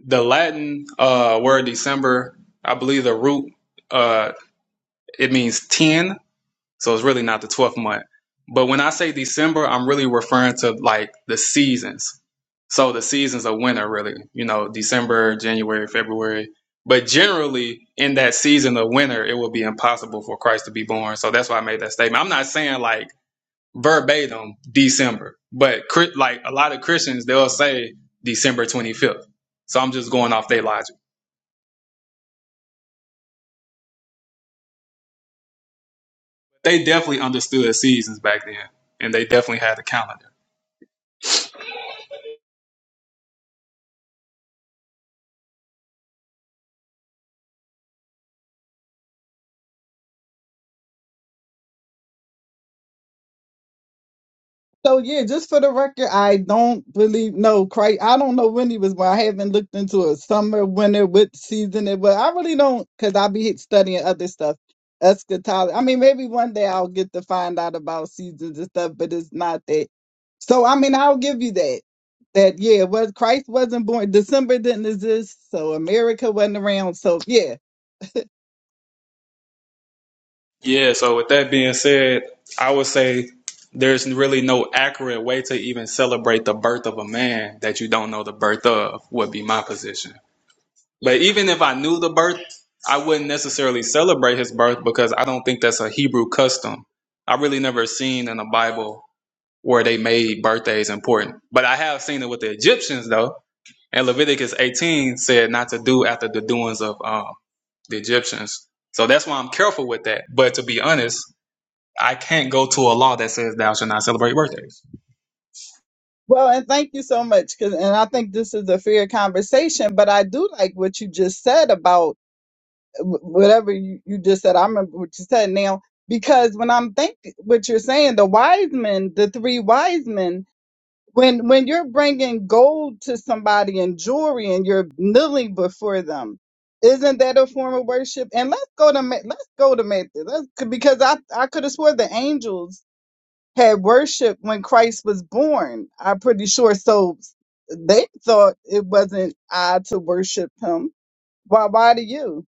[SPEAKER 2] the Latin uh, word December, I believe the root uh, it means ten, So it's really not the 12th month. But when I say December, I'm really referring to like the seasons. So the seasons of winter, really, you know, December, January, February. But generally, in that season of winter, it will be impossible for Christ to be born. So that's why I made that statement. I'm not saying like verbatim December, but Chri- like a lot of Christians, they'll say December 25th. So I'm just going off their logic. They definitely understood seasons back then, and they definitely had a calendar.
[SPEAKER 9] So yeah, just for the record, I don't believe no Christ. I don't know when he was born. I haven't looked into a summer, winter, what season it was. I really don't, cause I be studying other stuff, eschatology. I mean, maybe one day I'll get to find out about seasons and stuff, but it's not that. So I mean, I'll give you that. That yeah, was Christ wasn't born. December didn't exist, so America wasn't around. So yeah,
[SPEAKER 2] Yeah, so with that being said, I would say there's really no accurate way to even celebrate the birth of a man that you don't know the birth of, would be my position. But even if I knew the birth, I wouldn't necessarily celebrate his birth because I don't think that's a Hebrew custom. I really never seen in the Bible where they made birthdays important. But I have seen it with the Egyptians though. And Leviticus 18 said not to do after the doings of um, the Egyptians. So that's why I'm careful with that. But to be honest, I can't go to a law that says thou shalt not celebrate birthdays.
[SPEAKER 9] Well, and thank you so much. Cause, and I think this is a fair conversation, but I do like what you just said about wh- whatever you, you just said. I remember what you said now, because when I'm thinking what you're saying, the wise men, the three wise men, when, when you're bringing gold to somebody and jewelry and you're kneeling before them, isn't that a form of worship? And let's go to Ma- let's go to Matthew. Let's because I I could have swore the angels had worship when Christ was born. I'm pretty sure. So they thought it wasn't odd to worship him. Why? Why do you?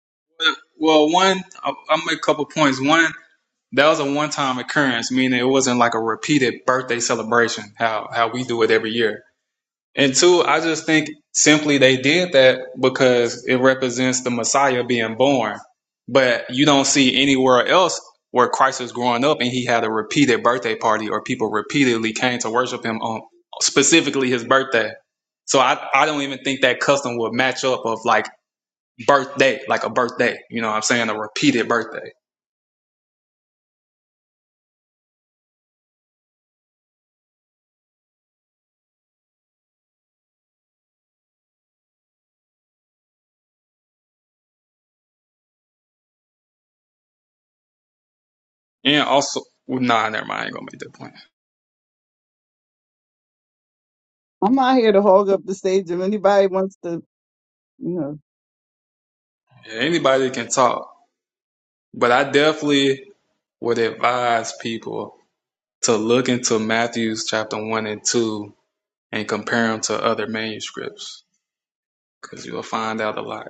[SPEAKER 2] Well, one, I'll, I'll make a couple points. One, that was a one-time occurrence, meaning it wasn't like a repeated birthday celebration, how how we do it every year. And two, I just think simply they did that because it represents the Messiah being born. But you don't see anywhere else where Christ was growing up and he had a repeated birthday party or people repeatedly came to worship him on specifically his birthday. So I, I don't even think that custom would match up of like birthday, like a birthday. You know what I'm saying? A repeated birthday. And also, well, nah, never mind. I ain't going to make that point.
[SPEAKER 9] I'm not here to hog up the stage. If anybody wants to, you know.
[SPEAKER 2] Yeah, anybody can talk. But I definitely would advise people to look into Matthew's chapter 1 and 2 and compare them to other manuscripts because you'll find out a lot.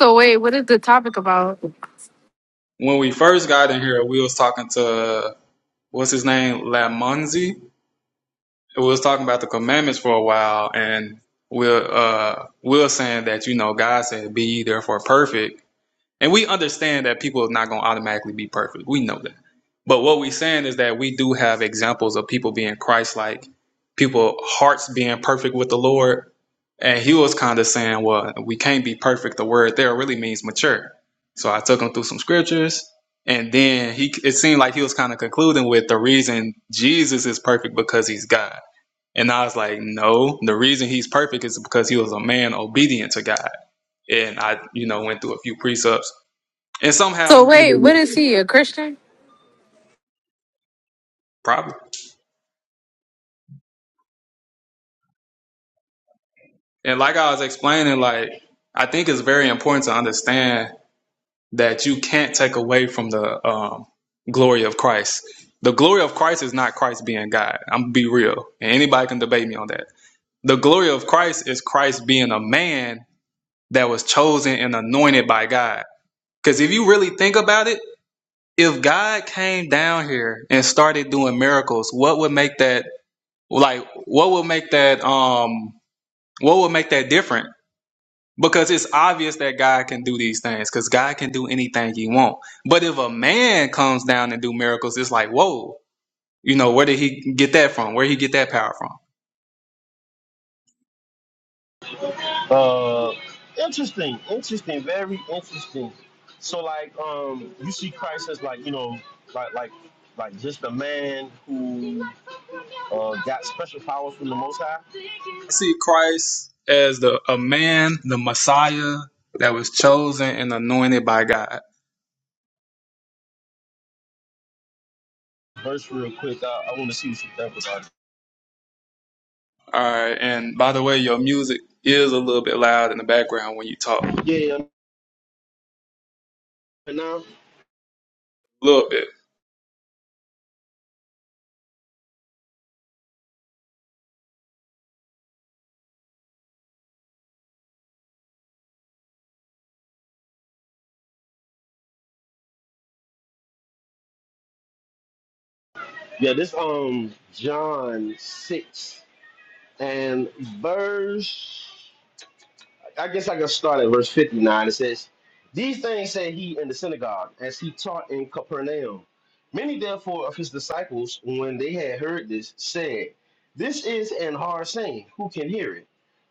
[SPEAKER 6] So wait, what is the topic about?
[SPEAKER 2] When we first got in here, we was talking to, what's his name, Lamonzi? We was talking about the commandments for a while and we're, uh, we're saying that, you know, God said, be ye therefore perfect. And we understand that people are not going to automatically be perfect. We know that. But what we're saying is that we do have examples of people being Christ-like, people hearts being perfect with the Lord And he was kind of saying, well, we can't be perfect. The word there really means mature. So I took him through some scriptures. And then he, it seemed like he was kind of concluding with the reason Jesus is perfect because he's God. And I was like, no, the reason he's perfect is because he was a man obedient to God. And I, you know, went through a few precepts and somehow
[SPEAKER 6] So wait, what is he? A Christian?
[SPEAKER 2] probably. And like I was explaining, like, I think it's very important to understand that you can't take away from the um, glory of Christ. The glory of Christ is not Christ being God. I'm gonna be real, and anybody can debate me on that. The glory of Christ is Christ being a man that was chosen and anointed by God. Because if you really think about it, if God came down here and started doing miracles, what would make that like? What would make that um? What would make that different? Because it's obvious that God can do these things, because God can do anything He want. But if a man comes down and do miracles, it's like, whoa, you know, where did he get that from? Where did he get that power from?
[SPEAKER 8] Uh, interesting, interesting, very interesting. So like, um, you see Christ as like, you know, like like like just a man who uh, got special powers from the Most High
[SPEAKER 2] I see Christ as the a man, the Messiah that was chosen and anointed by God.
[SPEAKER 8] verse real quick. I, I want to see what you think about
[SPEAKER 2] All right, and by the way, your music is a little bit loud in the background when you talk.
[SPEAKER 8] it. Yeah, yeah, right now.
[SPEAKER 2] a little bit.
[SPEAKER 8] Yeah, this um John six and verse. I guess I can start at verse 59. It says, These things said he in the synagogue, as he taught in Capernaum. Many therefore of his disciples, when they had heard this, said, 'This is an hard saying. Who can hear it?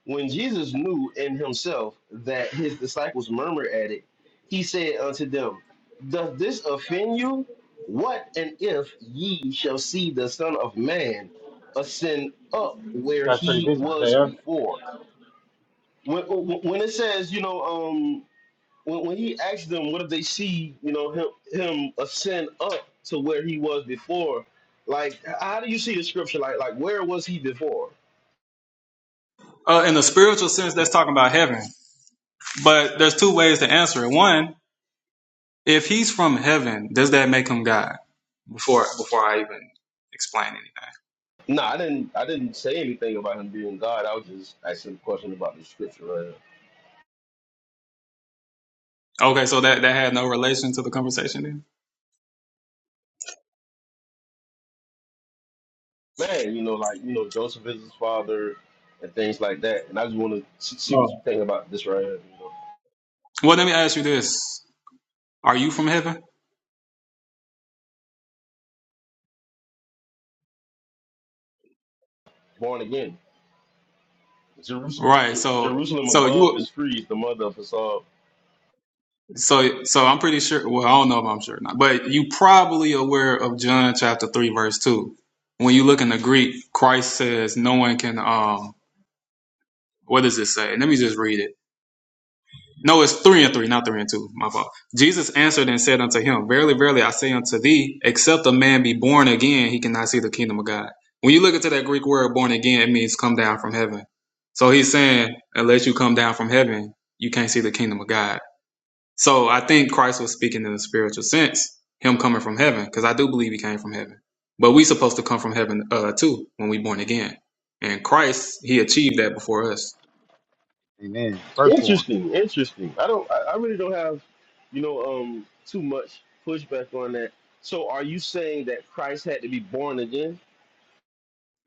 [SPEAKER 8] When Jesus knew in himself that his disciples murmured at it, he said unto them, 'Doth this offend you? What and if ye shall see the Son of Man ascend up where
[SPEAKER 7] That's pretty
[SPEAKER 8] he
[SPEAKER 7] busy today,
[SPEAKER 8] was
[SPEAKER 7] huh?
[SPEAKER 8] before? when, when it says, you know, um, when, when he asked them, what did they see, you know, him him ascend up to where he was before? Like, how do you see the scripture? Like, like where was he before?
[SPEAKER 2] Uh, in the spiritual sense, that's talking about heaven. But there's two ways to answer it. One, if he's from heaven, does that make him God? Before before I even explain anything.
[SPEAKER 8] No, I didn't. I didn't say anything about him being God. I was just asking a question about the scripture. Right
[SPEAKER 2] Okay, so that that had no relation to the conversation then.
[SPEAKER 8] Man, you know, like you know, Joseph is his father and things like that. And I just want to see
[SPEAKER 2] Oh.
[SPEAKER 8] what you think about this right here. You know,
[SPEAKER 2] Well, let me ask you this: Are you from heaven?
[SPEAKER 8] born again, Jerusalem,
[SPEAKER 2] Right.
[SPEAKER 8] Jer-
[SPEAKER 2] So
[SPEAKER 8] Jerusalem
[SPEAKER 2] so
[SPEAKER 8] above
[SPEAKER 2] you
[SPEAKER 8] is free, is the mother of us all.
[SPEAKER 2] so so I'm pretty sure. Well, I don't know if I'm sure or not, but you probably aware of John chapter three verse two. When you look in the Greek, Christ says, "No one can." Um, what does it say? Let me just read it No, it's three and three, not three and two. My fault. Jesus answered and said unto him, Verily, verily, I say unto thee, except a man be born again, he cannot see the kingdom of God. When you look into that Greek word born again, it means come down from heaven. So he's saying, unless you come down from heaven, you can't see the kingdom of God. So I think Christ was speaking in a spiritual sense, him coming from heaven, because I do believe he came from heaven. But we supposed to come from heaven uh, too when we born again. And Christ, he achieved that before us.
[SPEAKER 7] Amen. Firstborn.
[SPEAKER 8] Interesting, interesting. I don't. I, I really don't have, you know, um, too much pushback on that. So, are you saying that Christ had to be born again?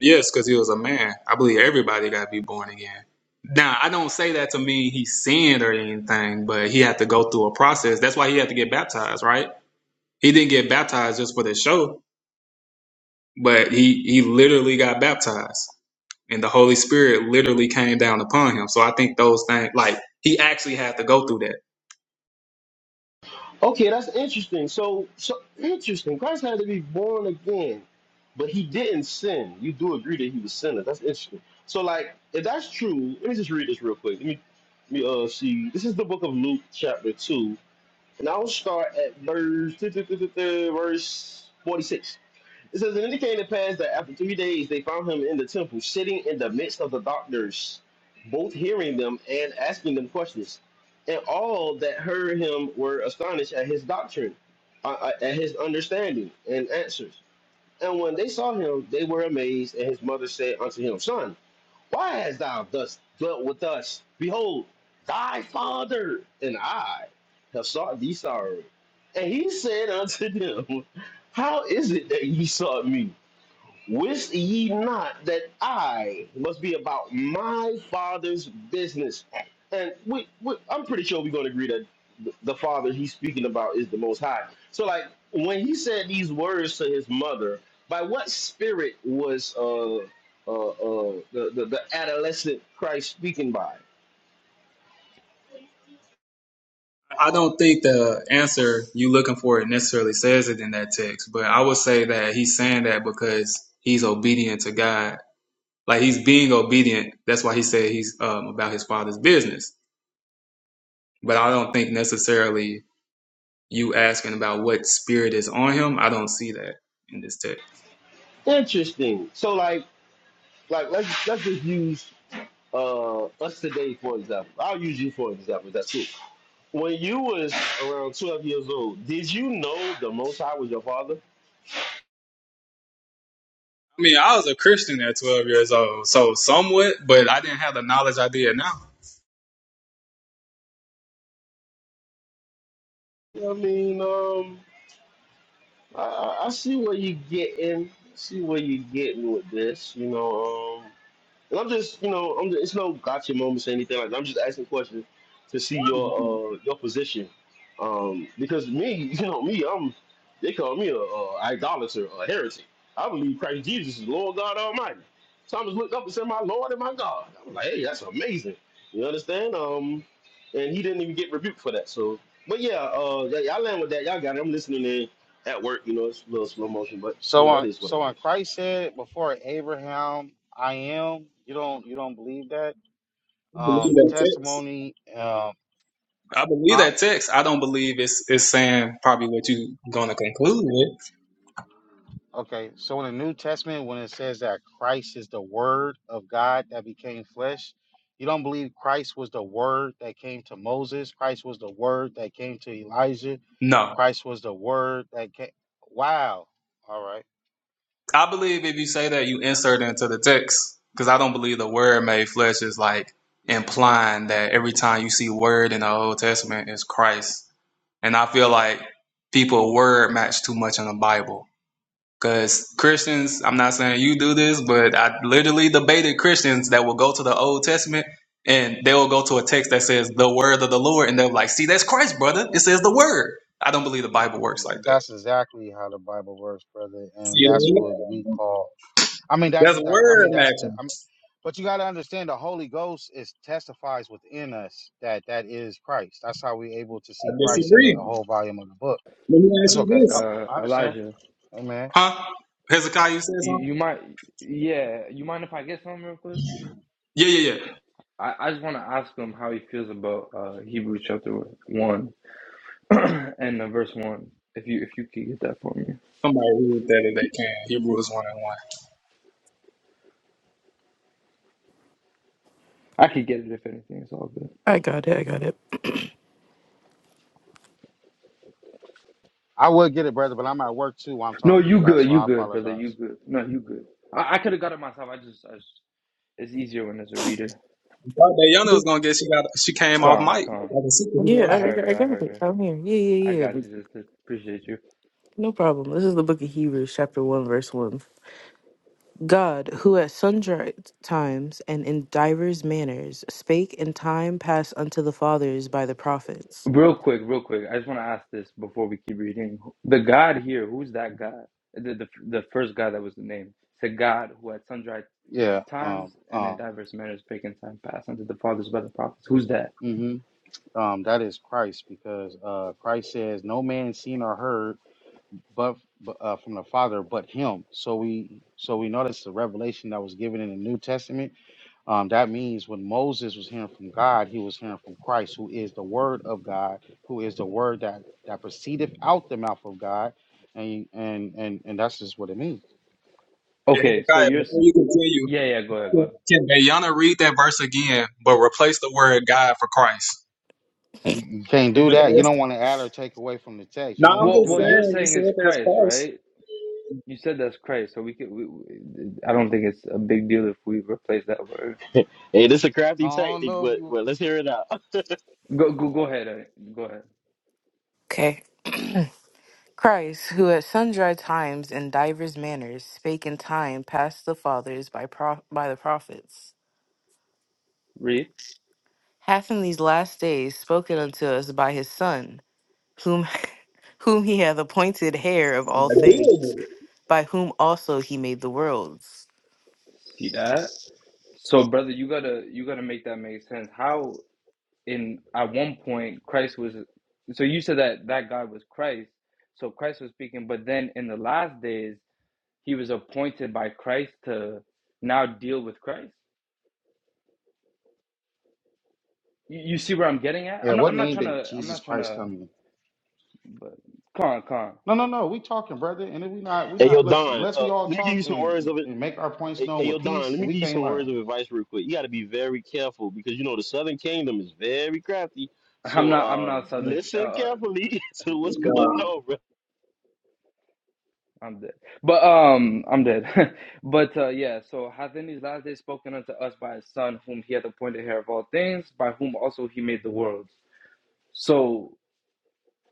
[SPEAKER 2] Yes, because he was a man. I believe everybody got to be born again. Now, I don't say that to mean he sinned or anything, but he had to go through a process. That's why he had to get baptized, right? He didn't get baptized just for the show, but he he literally got baptized, and the Holy Spirit literally came down upon him. So I think those things, like he actually had to go through that.
[SPEAKER 8] Okay, that's interesting. So, so interesting. Christ had to be born again, but he didn't sin. You do agree that he was sinless. That's interesting. So, like, if that's true, let me just read this real quick. Let me, let me uh, see. This is the book of Luke, chapter two, and I'll start at verse verse forty-six. It says, and it came to pass that after three days they found him in the temple, sitting in the midst of the doctors, both hearing them and asking them questions. And all that heard him were astonished at his doctrine, uh, uh, at his understanding and answers. And when they saw him, they were amazed. And his mother said unto him, Son, why hast thou thus dealt with us? Behold, thy father and I have sought thee sorrow. And he said unto them, How is it that ye sought me? Wist ye not that I must be about my father's business? And we, we I'm pretty sure we're going to agree that th- the father he's speaking about is the Most High. So, like when he said these words to his mother, by what spirit was uh, uh, uh, the, the the adolescent Christ speaking by?
[SPEAKER 2] I don't think the answer you looking for it necessarily says it in that text, but I would say that he's saying that because he's obedient to God Like he's being obedient. That's why he said he's um, about his father's business. But I don't think necessarily you asking about what spirit is on him. I don't see that in this text.
[SPEAKER 8] Interesting. So, like, like let's let's just use uh, us today for example. I'll use you for example. That's it when you was around 12 years old, did you know the Most High was your father?
[SPEAKER 2] I mean, I was a Christian at 12 years old, so somewhat, but I didn't have the knowledge I did now.
[SPEAKER 8] I mean, um, I, I I see where you getting, see where you getting with this, you know. Um, And I'm just, you know, I'm just, it's no gotcha moments or anything like that. I'm just asking questions to
[SPEAKER 2] I
[SPEAKER 8] see
[SPEAKER 2] mean,
[SPEAKER 8] your uh, your position. Um, because me, you know, me, I'm they call me a, a idolater, a heretic. I believe Christ Jesus is Lord God Almighty. Thomas looked up and said, "My Lord and my God." I was like, "Hey, that's amazing." You understand? Um, and he didn't even get rebuked for that. So, but yeah, uh, yeah, y'all land with that. Y'all got it. I'm listening in at work. You know, it's a little slow motion, but you
[SPEAKER 7] So
[SPEAKER 8] know, it
[SPEAKER 7] on
[SPEAKER 8] is what
[SPEAKER 7] so
[SPEAKER 8] it
[SPEAKER 7] on
[SPEAKER 8] is.
[SPEAKER 7] Christ said before Abraham, I am. You don't you don't believe that?
[SPEAKER 2] I believe
[SPEAKER 7] Um, the
[SPEAKER 2] that text.
[SPEAKER 7] testimony. Um,
[SPEAKER 2] I believe
[SPEAKER 7] huh?
[SPEAKER 2] that text. I don't believe it's it's saying probably what you're gonna conclude with.
[SPEAKER 7] Okay, so in the New Testament, when it says that Christ is the Word of God that became flesh, you don't believe Christ was the Word that came to Moses. Christ was the Word that came to Elijah.
[SPEAKER 2] No,
[SPEAKER 7] Christ was the Word that came. Wow. All right.
[SPEAKER 2] I believe if you say that, you insert it into the text because I don't believe the word made flesh is like implying that every time you see word in the Old Testament is Christ. And I feel like people word match too much in the Bible because Christians, I'm not saying you do this, but I literally debated Christians that will go to the Old Testament and they will go to a text that says the word of the Lord and they're like, see, that's Christ, brother. It says the word. I don't believe the Bible works like that.
[SPEAKER 7] That's exactly how the Bible works, brother, and
[SPEAKER 2] You
[SPEAKER 7] that's
[SPEAKER 2] know
[SPEAKER 7] what
[SPEAKER 2] what I
[SPEAKER 7] we
[SPEAKER 2] mean?
[SPEAKER 7] call. I mean, that's
[SPEAKER 2] That's
[SPEAKER 7] just that. I
[SPEAKER 2] word
[SPEAKER 7] mean, that's. The,
[SPEAKER 2] matching.
[SPEAKER 7] I mean, but you got to understand, the Holy Ghost is testifies within us that that is Christ. That's how we're able to see
[SPEAKER 2] I
[SPEAKER 7] Christ in the
[SPEAKER 2] disagree.
[SPEAKER 7] whole volume of the book
[SPEAKER 2] Let me ask
[SPEAKER 7] It's
[SPEAKER 2] you
[SPEAKER 7] okay.
[SPEAKER 2] this.
[SPEAKER 7] Oh,
[SPEAKER 3] Uh
[SPEAKER 7] I understand.
[SPEAKER 3] Elijah.
[SPEAKER 7] Amen.
[SPEAKER 2] Huh? Hezekiah, you said
[SPEAKER 3] You you
[SPEAKER 2] something?
[SPEAKER 3] might yeah, you mind if I get some real quick?
[SPEAKER 2] Yeah, yeah, yeah.
[SPEAKER 3] I, I just want to ask him how he feels about uh, Hebrews chapter one and uh, verse one. If you if you could get that for me,
[SPEAKER 2] Somebody read that if they can. Hebrews 1 and 1. I
[SPEAKER 3] I could get it if anything. It's all good.
[SPEAKER 7] I would get it, brother, but I'm at work too while I'm
[SPEAKER 3] No,
[SPEAKER 7] talking to you
[SPEAKER 3] you
[SPEAKER 7] guys,
[SPEAKER 3] good.
[SPEAKER 7] so
[SPEAKER 3] You
[SPEAKER 7] I
[SPEAKER 3] good, brother. You
[SPEAKER 7] apologize.
[SPEAKER 3] good. No, you good. I, I could have got it myself. I just, I just it's easier when there's a reader.
[SPEAKER 2] thought that Yana was going to get, she got, she came off
[SPEAKER 3] Con
[SPEAKER 2] mic
[SPEAKER 3] con.
[SPEAKER 2] like a
[SPEAKER 1] Yeah,
[SPEAKER 2] superhero.
[SPEAKER 1] I,
[SPEAKER 3] I
[SPEAKER 1] I
[SPEAKER 3] heard
[SPEAKER 1] I
[SPEAKER 3] her. I
[SPEAKER 1] got
[SPEAKER 3] heard
[SPEAKER 1] it.
[SPEAKER 3] her.
[SPEAKER 1] I'm here. Yeah,
[SPEAKER 3] I
[SPEAKER 1] yeah, yeah.
[SPEAKER 3] got
[SPEAKER 1] But
[SPEAKER 3] you, sister. Appreciate you.
[SPEAKER 1] no problem. This is the book of Hebrews, chapter 1, verse 1. God, who at sundry times and in divers manners spake in time past unto the fathers by the prophets.
[SPEAKER 3] Real quick, real quick. I just want to ask this before we keep reading. The God here, who's that God? The, the the first God that was the name. It's a God who at sundry
[SPEAKER 7] Yeah.
[SPEAKER 3] times
[SPEAKER 7] Um.
[SPEAKER 3] and in
[SPEAKER 7] Um.
[SPEAKER 3] diverse manners pagan time past unto the fathers by the prophets. Who's that?
[SPEAKER 7] hmm Um. That is Christ, because uh, Christ says, "No man seen or heard, but but, uh, from the Father, but Him." So we so we know that's the revelation that was given in the New Testament. Um. That means when Moses was hearing from God, he was hearing from Christ, who is the Word of God, who is the Word that that proceedeth out the mouth of God, and and and and that's just what it means.
[SPEAKER 2] Hey,
[SPEAKER 3] Okay, so
[SPEAKER 2] Hezekiah,
[SPEAKER 3] you're
[SPEAKER 2] before you continue,
[SPEAKER 3] yeah yeah go ahead go ahead.
[SPEAKER 2] can Yana read that verse again, but replace the word God for Christ?
[SPEAKER 7] You can't do
[SPEAKER 2] Let-
[SPEAKER 1] Okay.
[SPEAKER 7] that. You
[SPEAKER 2] let's-
[SPEAKER 7] don't want to add or take away from the text. You
[SPEAKER 2] No,
[SPEAKER 7] don't
[SPEAKER 2] I'm
[SPEAKER 7] want
[SPEAKER 3] Well,
[SPEAKER 7] to do
[SPEAKER 2] just
[SPEAKER 3] what
[SPEAKER 7] that.
[SPEAKER 3] you're
[SPEAKER 2] saying, you
[SPEAKER 3] saying
[SPEAKER 2] said
[SPEAKER 3] is
[SPEAKER 2] that's
[SPEAKER 3] Christ,
[SPEAKER 2] Christ.
[SPEAKER 3] right? You said that's Christ, so we could. We, we, I don't think it's a big deal if we replace that word.
[SPEAKER 8] Hey, this is a
[SPEAKER 7] I
[SPEAKER 8] crafty
[SPEAKER 7] don't
[SPEAKER 8] tactic,
[SPEAKER 7] know if
[SPEAKER 8] but
[SPEAKER 7] you.
[SPEAKER 8] well, let's hear it out.
[SPEAKER 3] Go go go ahead, uh, go ahead.
[SPEAKER 1] Okay. Christ, who at sundry times and divers manners spake in time past the fathers by, pro- by the prophets,
[SPEAKER 3] Read.
[SPEAKER 1] hath in these last days spoken unto us by his Son whom whom he hath appointed heir of
[SPEAKER 2] I
[SPEAKER 1] all
[SPEAKER 2] deal
[SPEAKER 1] things,
[SPEAKER 2] with it.
[SPEAKER 1] by whom also he made the worlds.
[SPEAKER 3] See that? So, brother, you gotta you gotta make that make sense. How in at one point Christ was. So you said that that God was Christ. So Christ was speaking, but then in the last days He was appointed by Christ to now deal with Christ. You, you see where I'm getting at?
[SPEAKER 7] Yeah,
[SPEAKER 3] I'm not.
[SPEAKER 7] what
[SPEAKER 3] I'm not
[SPEAKER 7] name
[SPEAKER 3] trying
[SPEAKER 7] did
[SPEAKER 3] to. I'm
[SPEAKER 7] Jesus
[SPEAKER 3] not trying
[SPEAKER 7] Christ
[SPEAKER 3] to.
[SPEAKER 7] come in?
[SPEAKER 3] But come on, come on.
[SPEAKER 7] No, no, no. We talking, brother. And if we not, we
[SPEAKER 8] Hey, yo,
[SPEAKER 7] not. Listen,
[SPEAKER 8] Don,
[SPEAKER 7] unless
[SPEAKER 8] uh,
[SPEAKER 7] we
[SPEAKER 8] let
[SPEAKER 7] all
[SPEAKER 8] me give
[SPEAKER 7] talk
[SPEAKER 8] you some words
[SPEAKER 7] and,
[SPEAKER 8] of it.
[SPEAKER 7] and make our points
[SPEAKER 8] Hey,
[SPEAKER 7] known
[SPEAKER 8] hey, yo,
[SPEAKER 7] with
[SPEAKER 8] Don,
[SPEAKER 7] peace,
[SPEAKER 8] let me
[SPEAKER 7] we
[SPEAKER 8] give you
[SPEAKER 7] can't
[SPEAKER 8] some
[SPEAKER 7] learn.
[SPEAKER 8] words of advice real quick. You got to be very careful because, you know, the Southern Kingdom is very crafty.
[SPEAKER 3] I'm
[SPEAKER 8] So
[SPEAKER 3] not. I'm
[SPEAKER 8] uh,
[SPEAKER 3] not southern. Uh,
[SPEAKER 8] listen
[SPEAKER 3] uh,
[SPEAKER 8] carefully to what's going
[SPEAKER 2] Um,
[SPEAKER 8] on, bro.
[SPEAKER 3] I'm dead. But um, I'm dead. but uh, yeah. So hath in these last days spoken unto us by his Son, whom he hath appointed heir of all things, by whom also he made the worlds. So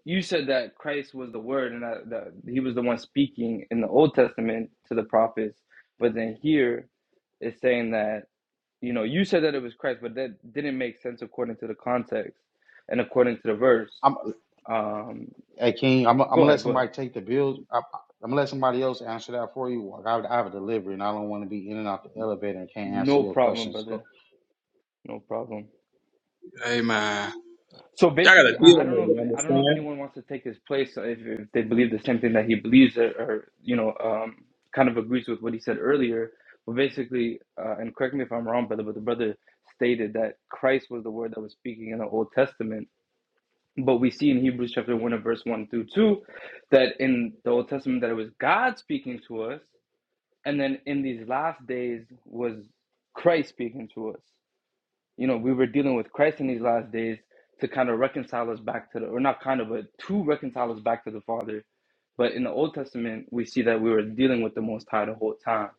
[SPEAKER 3] you said that Christ was the Word, and that, that he was the one speaking in the Old Testament to the prophets. But then here it's saying that you know, you said that it was Christ, but that didn't make sense according to the context and according to the verse.
[SPEAKER 7] I'm,
[SPEAKER 3] Um,
[SPEAKER 7] hey, King, I'm, I'm gonna
[SPEAKER 3] go
[SPEAKER 7] let
[SPEAKER 3] ahead, go
[SPEAKER 7] somebody
[SPEAKER 3] ahead.
[SPEAKER 7] take the bill. I'm, I'm gonna let somebody else answer that for you. Like, I, I have a delivery, and I don't want to be in and out the elevator and can't answer
[SPEAKER 3] No
[SPEAKER 7] your
[SPEAKER 3] problem,
[SPEAKER 7] questions. Go.
[SPEAKER 3] brother. No problem.
[SPEAKER 2] hey, man.
[SPEAKER 3] So
[SPEAKER 2] Y'all got to
[SPEAKER 3] basically,
[SPEAKER 2] deal
[SPEAKER 3] I, I don't know
[SPEAKER 2] with it, you
[SPEAKER 3] if I don't know if
[SPEAKER 2] understand?
[SPEAKER 3] anyone wants to take his place if, if they believe the same thing that he believes or, or you know, um, kind of agrees with what he said earlier. But basically, uh, and correct me if I'm wrong, brother, but the brother stated that Christ was the word that was speaking in the Old Testament But we see in Hebrews chapter 1 and verse 1 through 2 that in the Old Testament that it was God speaking to us, and then in these last days was Christ speaking to us. You know, we were dealing with Christ in these last days to kind of reconcile us back to the or not kind of but to reconcile us back to the Father. But in the Old Testament, we see that we were dealing with the Most High the whole time.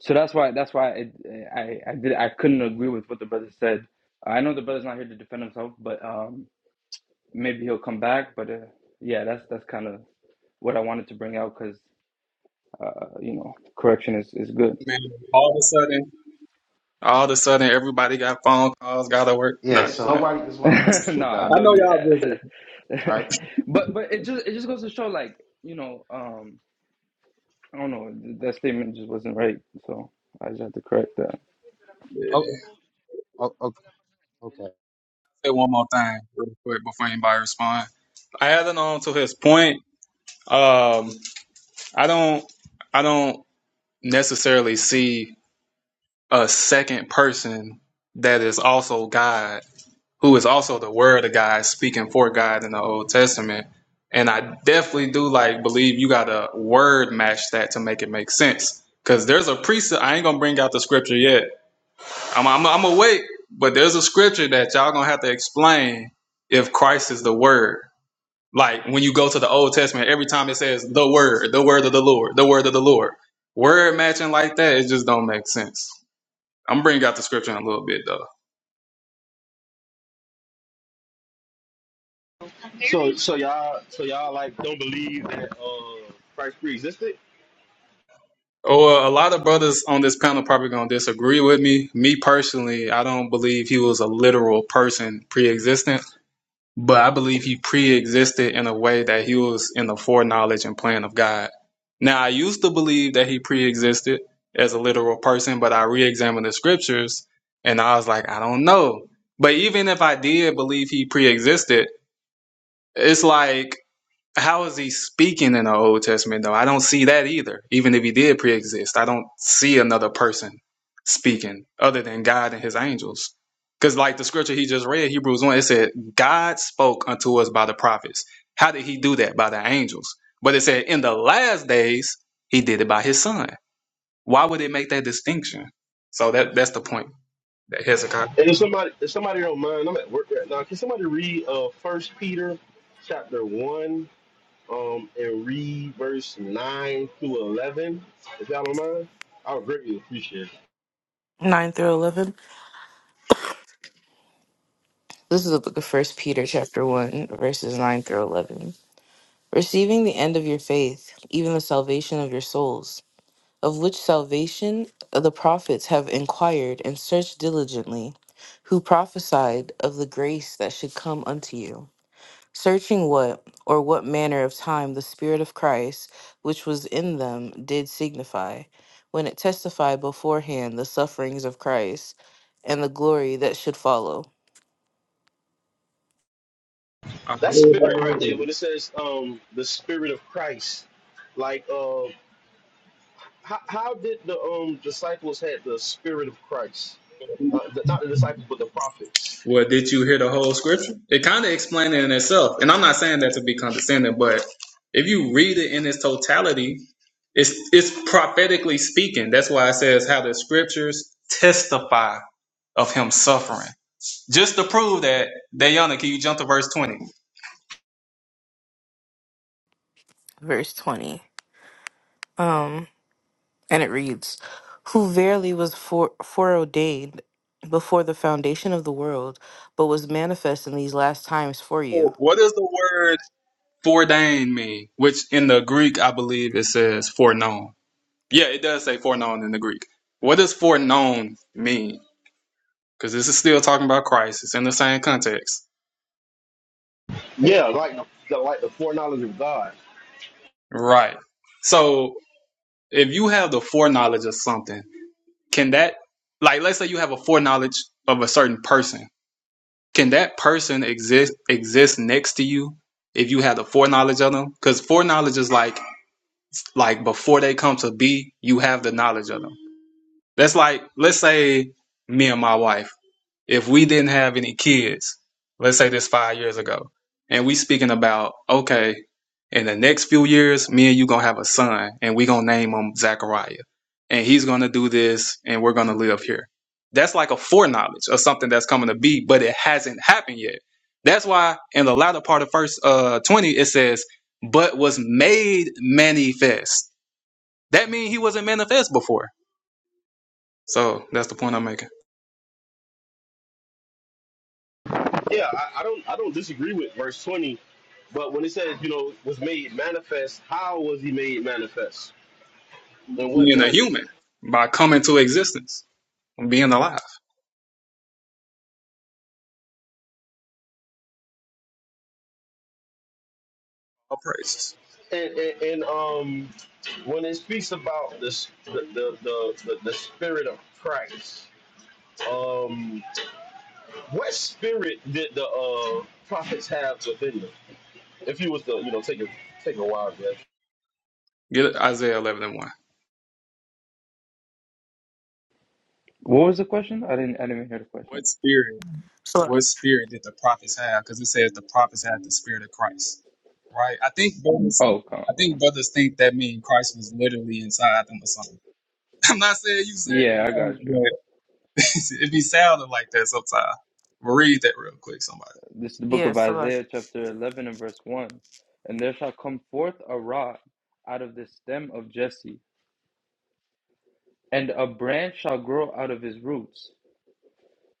[SPEAKER 3] So that's why that's why it, I I did I couldn't agree with what the brother said. I know the brother's not here to defend himself, but um maybe he'll come back. But uh, yeah, that's that's kind of what I wanted to bring out because uh, you know correction is is good.
[SPEAKER 2] Man, all of a sudden, All of a sudden, everybody got phone calls, gotta work.
[SPEAKER 7] Yeah.
[SPEAKER 2] Not just
[SPEAKER 7] So
[SPEAKER 2] playing.
[SPEAKER 7] nobody is want to make a sure,
[SPEAKER 3] no,
[SPEAKER 7] God.
[SPEAKER 3] I
[SPEAKER 2] I know
[SPEAKER 3] don't do
[SPEAKER 2] y'all busy.
[SPEAKER 3] that.
[SPEAKER 7] Right.
[SPEAKER 3] but but it just it just goes to show like you know um I don't know th- that statement just wasn't right. So I just had to correct that.
[SPEAKER 7] Oh,
[SPEAKER 2] Yeah.
[SPEAKER 7] oh, okay. okay.
[SPEAKER 2] Say one more
[SPEAKER 5] Okay.
[SPEAKER 2] thing real quick before anybody respond. Adding on to his point, um, I don't, I don't necessarily see a second person that is also God, who is also the Word of God, speaking for God in the Old Testament. And I definitely do like believe you gotta word match that to make it make sense. Cause there's a precept. I ain't gonna bring out the scripture yet I'm, I'm, I'm awake, but there's a scripture that y'all gonna have to explain if Christ is the Word. Like when you go to the Old Testament, every time it says the Word, the Word of the Lord, the Word of the Lord, word matching like that, it just don't make sense. I'm bringing out the scripture in a little bit though.
[SPEAKER 8] So, so y'all, so y'all like don't believe that uh, Christ pre-existed.
[SPEAKER 2] Or a lot of brothers on this panel probably gonna disagree with me. Me personally, I don't believe he was a literal person pre-existent. But I believe he pre-existed in a way that he was in the foreknowledge and plan of God. Now, I used to believe that he pre-existed as a literal person, but I re-examined the scriptures and I was like, I don't know. But even if I did believe he pre-existed, it's like how is he speaking in the Old Testament though? I don't see that either. Even if he did pre-exist, I don't see another person speaking other than God and his angels. Because like the scripture he just read, Hebrews 1, it said, God spoke unto us by the prophets. How did he do that? By the angels. But it said in the last days, he did it by his son. Why would it make that distinction? So that that's the point that Hezekiah.
[SPEAKER 8] And if somebody, if somebody don't mind, I'm at work right now. Can somebody read uh First Peter, chapter one, um, and read verse nine through eleven, if y'all don't mind? I would greatly appreciate it.
[SPEAKER 1] Nine through eleven. This is the book of First Peter, chapter one, verses nine through eleven. Receiving the end of your faith, even the salvation of your souls, of which salvation the prophets have inquired and searched diligently, who prophesied of the grace that should come unto you Searching what or what manner of time the Spirit of Christ, which was in them, did signify, when it testified beforehand the sufferings of Christ and the glory that should follow.
[SPEAKER 8] That spirit right there, when it says um the spirit of Christ, like uh how, how did the um disciples had the spirit of Christ? Uh, the, not the disciples, but the prophets.
[SPEAKER 2] Well, did you hear the whole scripture? It kind of explained it in itself. And I'm not saying that to be condescending, but if you read it in its totality, it's it's prophetically speaking. That's why it says how the scriptures testify of him suffering. Just to prove that, Dayana, can you jump to verse 20?
[SPEAKER 1] Verse 20. Um, and it reads, Who verily was fore- foreordained before the foundation of the world, but was manifest in these last times for you.
[SPEAKER 2] So What does the word foreordained mean? Which in the Greek, I believe it says foreknown. Yeah, it does say foreknown in the Greek. What does foreknown mean? because this is still talking about Christ. It's in the same context.
[SPEAKER 8] Yeah, like the, the like the foreknowledge of God.
[SPEAKER 2] Right. So if you have the foreknowledge of something, can that, like, let's say you have a foreknowledge of a certain person, can that person exist exist next to you if you have the foreknowledge of them? Because foreknowledge is like, like before they come to be, you have the knowledge of them. That's like, let's say me and my wife. if we didn't have any kids, let's say this five years ago, and we speaking about, okay, in the next few years, me and you gonna have a son and we gonna name him Zachariah. And he's gonna do this and we're gonna live here. That's like a foreknowledge of something that's coming to be, but it hasn't happened yet. That's why in the latter part of verse uh, 20, it says, but was made manifest. That means he wasn't manifest before. So that's the point I'm making.
[SPEAKER 8] Yeah, I, I don't I don't disagree with verse twenty, but when it says you know was made manifest, how was he made manifest? In what
[SPEAKER 2] Being a
[SPEAKER 8] manner?
[SPEAKER 2] human by coming to existence. being alive. All praises.
[SPEAKER 8] And and, and um when it speaks about this the the the, the, the spirit of Christ. Um, What spirit did the uh, prophets have within them? If you was to, you know, take a take a wild guess.
[SPEAKER 2] Get Isaiah 11 and 1.
[SPEAKER 3] What was the question? I didn't I didn't even hear the question.
[SPEAKER 2] What spirit?
[SPEAKER 1] So,
[SPEAKER 2] What spirit did the prophets have? Because it says the prophets had the spirit of Christ, right? I think brothers,
[SPEAKER 3] Oh, come
[SPEAKER 2] I think
[SPEAKER 3] on.
[SPEAKER 2] brothers think that mean Christ was literally inside them or something. I'm not saying you said,
[SPEAKER 3] yeah, I got you.
[SPEAKER 2] but it be sounding like that sometimes. Read that real quick, somebody.
[SPEAKER 3] This is the book
[SPEAKER 1] yeah,
[SPEAKER 3] of
[SPEAKER 1] so like,
[SPEAKER 3] Isaiah, chapter eleven and verse one. And there shall come forth a rod out of the stem of Jesse, And a branch shall grow out of his roots,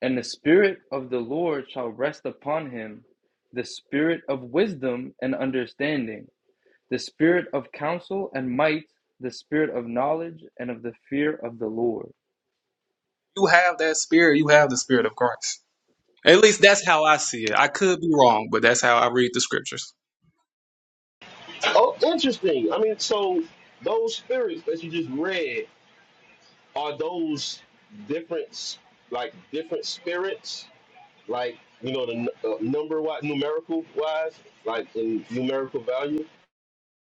[SPEAKER 3] and the Spirit of the Lord shall rest upon him the Spirit of wisdom and understanding, the Spirit of counsel and might, the Spirit of knowledge and of the fear of the Lord.
[SPEAKER 2] You have that spirit. You have the spirit of Christ. At least that's how I see it. I could be wrong, but that's how I read the scriptures.
[SPEAKER 8] Oh, interesting. I mean, so those spirits that you just read are those different, s- like different spirits, like you know, the n- uh, number wise, numerical wise, like in numerical value,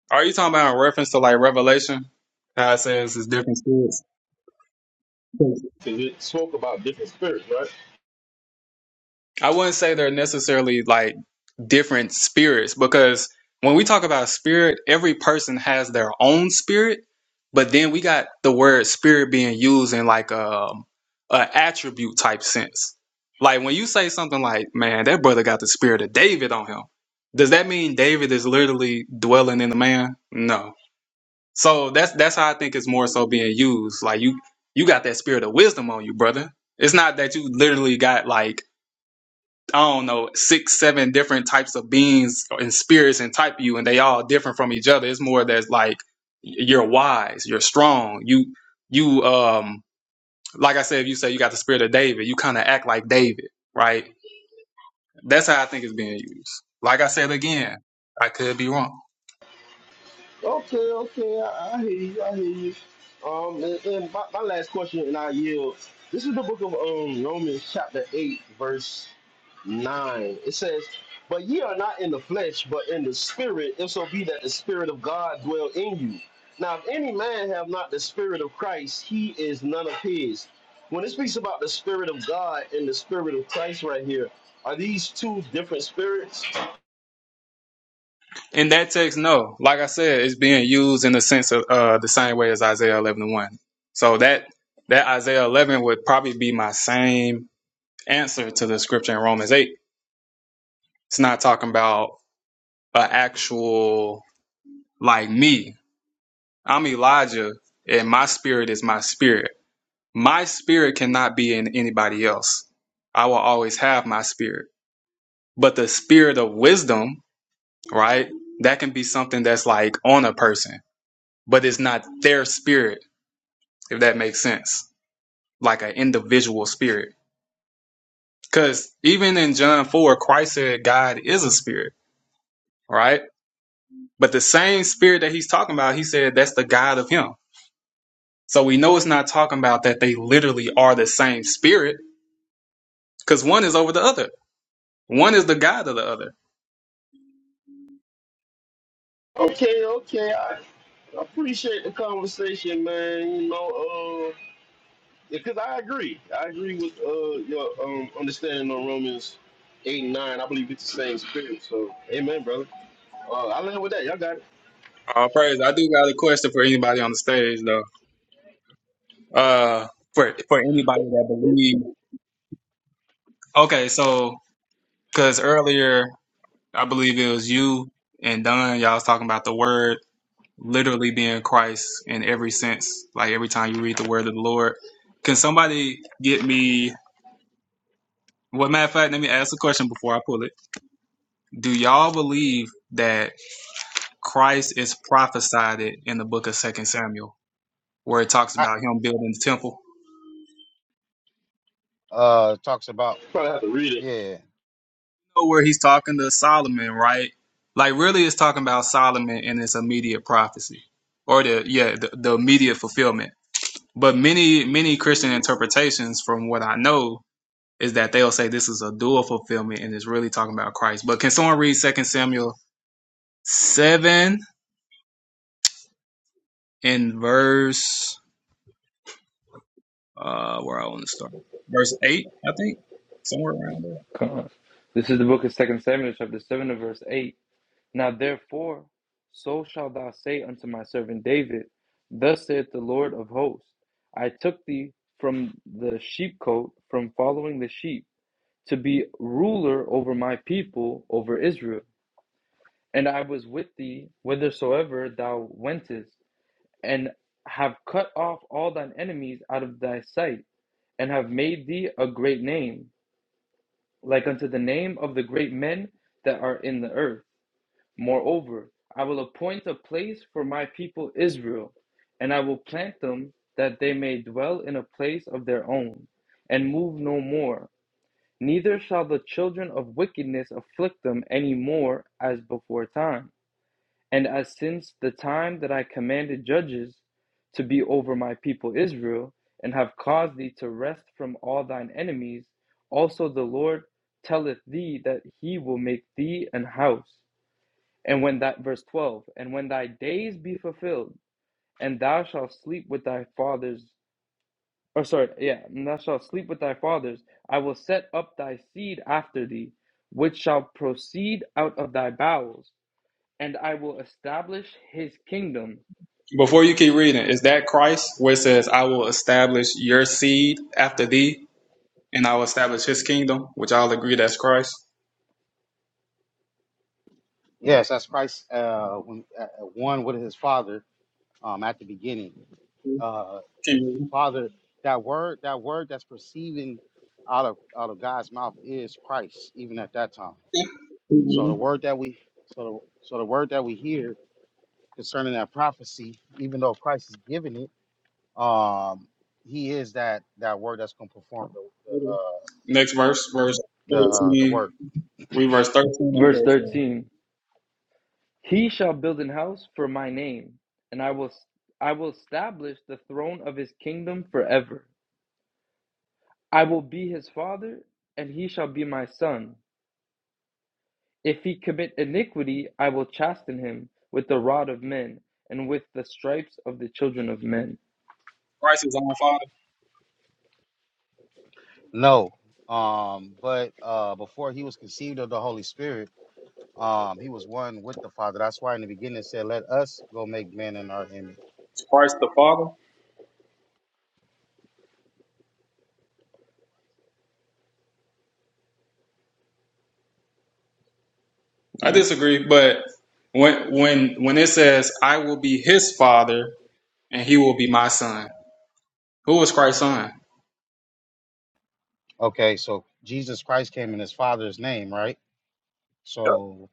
[SPEAKER 2] Are you talking about in reference to like Revelation? How it says it's different spirits.
[SPEAKER 8] because it spoke about different spirits, right?
[SPEAKER 2] I wouldn't say they're necessarily like different spirits because when we talk about spirit, every person has their own spirit, but then we got the word spirit being used in like um a attribute type sense. Like when you say something like, "Man, that brother got the spirit of David on him," does that mean David is literally dwelling in the man? No. So that's that's how I think it's more so being used. Like you you got that spirit of wisdom on you, brother. It's not that you literally got like I don't know six seven different types of beings and spirits and type you, and they all different from each other. It's more that's like you're wise, you're strong. You you um like I said, if you say you got the spirit of David, you kind of act like David, right? That's how I think it's being used. Like I said again, I could be wrong.
[SPEAKER 8] Okay, okay, I, I hear you, I hear you. Um, and, and my, my last question, and I yield. This is the book of um Romans, chapter eight, verse nine. It says, "But ye are not in the flesh, but in the spirit, if so be that the spirit of God dwell in you. Now, if any man have not the spirit of Christ, he is none of his." When it speaks about the spirit of God and the spirit of Christ, right here, are these two different spirits?
[SPEAKER 2] In that text, no. Like I said, it's being used in the sense of uh, the same way as Isaiah 11 and 1. So that that Isaiah 11 would probably be my same answer to the scripture in Romans 8. It's not talking about an actual like me. I'm Elijah and my spirit is my spirit. My spirit cannot be in anybody else. I will always have my spirit. But the spirit of wisdom, right? That can be something that's like on a person, but it's not their spirit if that makes sense, like an individual spirit. Because even in John 4, Christ said God is a spirit, right? But the same spirit that he's talking about, he said that's the God of him. So we know it's not talking about that they literally are the same spirit because one is over the other. One is the God of the other.
[SPEAKER 8] Okay, okay, I. I appreciate the conversation, man. You know, uh, because I agree. I agree with uh your um understanding on Romans eight and nine. I believe it's the same spirit. So, amen, brother. Uh, I land with that. Y'all got it.
[SPEAKER 2] All praise. I do got a question for anybody on the stage though. Uh, for, for anybody that believes. Okay, so because earlier I believe it was you and Don, y'all was talking about the word literally being Christ in every sense, like every time you read the word of the Lord. Can somebody get me? Well, matter of fact, let me ask a question before I pull it. Do y'all believe that Christ is prophesied in the book of Second Samuel, where it talks
[SPEAKER 7] I,
[SPEAKER 2] about him building the temple?
[SPEAKER 7] uh, talks about
[SPEAKER 8] Probably have to read it.
[SPEAKER 7] yeah.
[SPEAKER 2] Know Where he's talking to Solomon, right? Like, really, it's talking about Solomon and his immediate prophecy, or the yeah, the, the immediate fulfillment. But many many Christian interpretations, from what I know, is that they'll say this is a dual fulfillment and it's really talking about Christ. But can someone read Second Samuel seven in verse uh where I want to start? Verse eight, I think. Somewhere around there.
[SPEAKER 3] Come on. This is the book of Second Samuel, chapter 7, and verse 8. Now therefore, so shalt thou say unto my servant David, Thus saith the Lord of hosts, I took thee from the sheepcote, from following the sheep to be ruler over my people, over Israel. And I was with thee whithersoever thou wentest, and have cut off all thine enemies out of thy sight, and have made thee a great name, like unto the name of the great men that are in the earth. Moreover, I will appoint a place for my people Israel, and I will plant them that they may dwell in a place of their own, and move no more Neither shall the children of wickedness afflict them any more as before time, and as since the time that I commanded judges to be over my people Israel, and have caused thee to rest from all thine enemies, also the Lord telleth thee that he will make thee an house. And when that verse 12, and when thy days be fulfilled, and thou shalt sleep with thy fathers or sorry. Yeah, and thou shalt sleep with thy fathers. I will set up thy seed after thee, which shall proceed out of thy bowels, and I will establish his kingdom.
[SPEAKER 2] Before you keep reading, is that Christ where it says, I will establish your seed after thee and I will establish his kingdom, which I'll agree that's Christ.
[SPEAKER 7] Yes, that's Christ. Uh, when, uh, one with his father. Um, at the beginning.
[SPEAKER 2] Keep
[SPEAKER 7] Uh,
[SPEAKER 2] reading.
[SPEAKER 7] father, that word, that word that's proceeding out of out of God's mouth is Christ, even at that time.
[SPEAKER 2] Okay. Keep
[SPEAKER 7] So the
[SPEAKER 2] reading.
[SPEAKER 7] word that we, so the, so the word that we hear concerning that prophecy, even though Christ is giving it, um, he is that that word that's going to perform the the
[SPEAKER 2] Next verse, verse
[SPEAKER 7] uh, the, uh, the
[SPEAKER 2] 13.
[SPEAKER 7] work.
[SPEAKER 2] We verse 13 and
[SPEAKER 3] Verse
[SPEAKER 2] 14.
[SPEAKER 3] 13. He shall build an house for my name, and I will I will establish the throne of his kingdom forever. I will be his father, and he shall be my son. If he commit iniquity, I will chasten him with the rod of men and with the stripes of the children of men.
[SPEAKER 2] Christ is our Father.
[SPEAKER 7] No, um, but uh, before he was conceived of the Holy Spirit. Um, he was one with the Father. That's why in the beginning it said, Let us go make man in our image.
[SPEAKER 2] Is Christ the Father? I disagree, but when when when it says I will be his father and he will be my son, who was Christ's son?
[SPEAKER 7] Okay, so Jesus Christ came in his father's name, right?
[SPEAKER 2] Yep.
[SPEAKER 7] So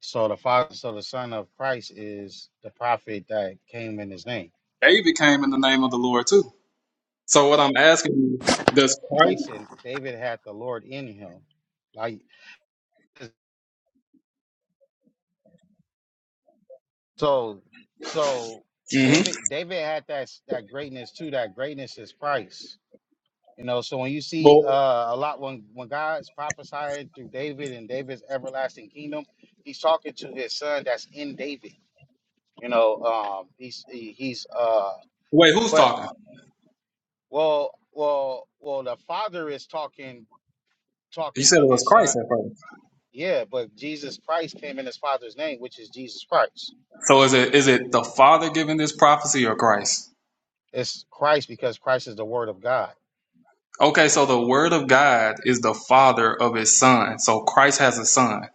[SPEAKER 7] so the father, so the son of Christ is the prophet that came in his name.
[SPEAKER 2] David came in the name of the Lord too. So what I'm asking you, does
[SPEAKER 7] I
[SPEAKER 2] Christ?
[SPEAKER 7] said, David had the Lord in him. Like so so
[SPEAKER 2] hmm
[SPEAKER 7] David David had that that greatness too. That greatness is Christ. You know, so when you see
[SPEAKER 2] Well,
[SPEAKER 7] uh, a lot when when God's prophesying through David and David's everlasting kingdom, he's talking to his son that's in David. You know, um, he's he, he's uh,
[SPEAKER 2] wait, who's
[SPEAKER 7] but
[SPEAKER 2] talking?
[SPEAKER 7] well, well, well, the father is talking
[SPEAKER 2] You
[SPEAKER 7] talking
[SPEAKER 2] said
[SPEAKER 7] to
[SPEAKER 2] it was
[SPEAKER 7] his
[SPEAKER 2] Christ
[SPEAKER 7] son.
[SPEAKER 2] at first.
[SPEAKER 7] Yeah, but Jesus Christ came in his father's name, which is Jesus Christ.
[SPEAKER 2] So is it is it the Father giving this prophecy or Christ?
[SPEAKER 7] It's Christ because Christ is the Word of God.
[SPEAKER 2] Okay, so the Word of God is the Father of His Son. So Christ has a son.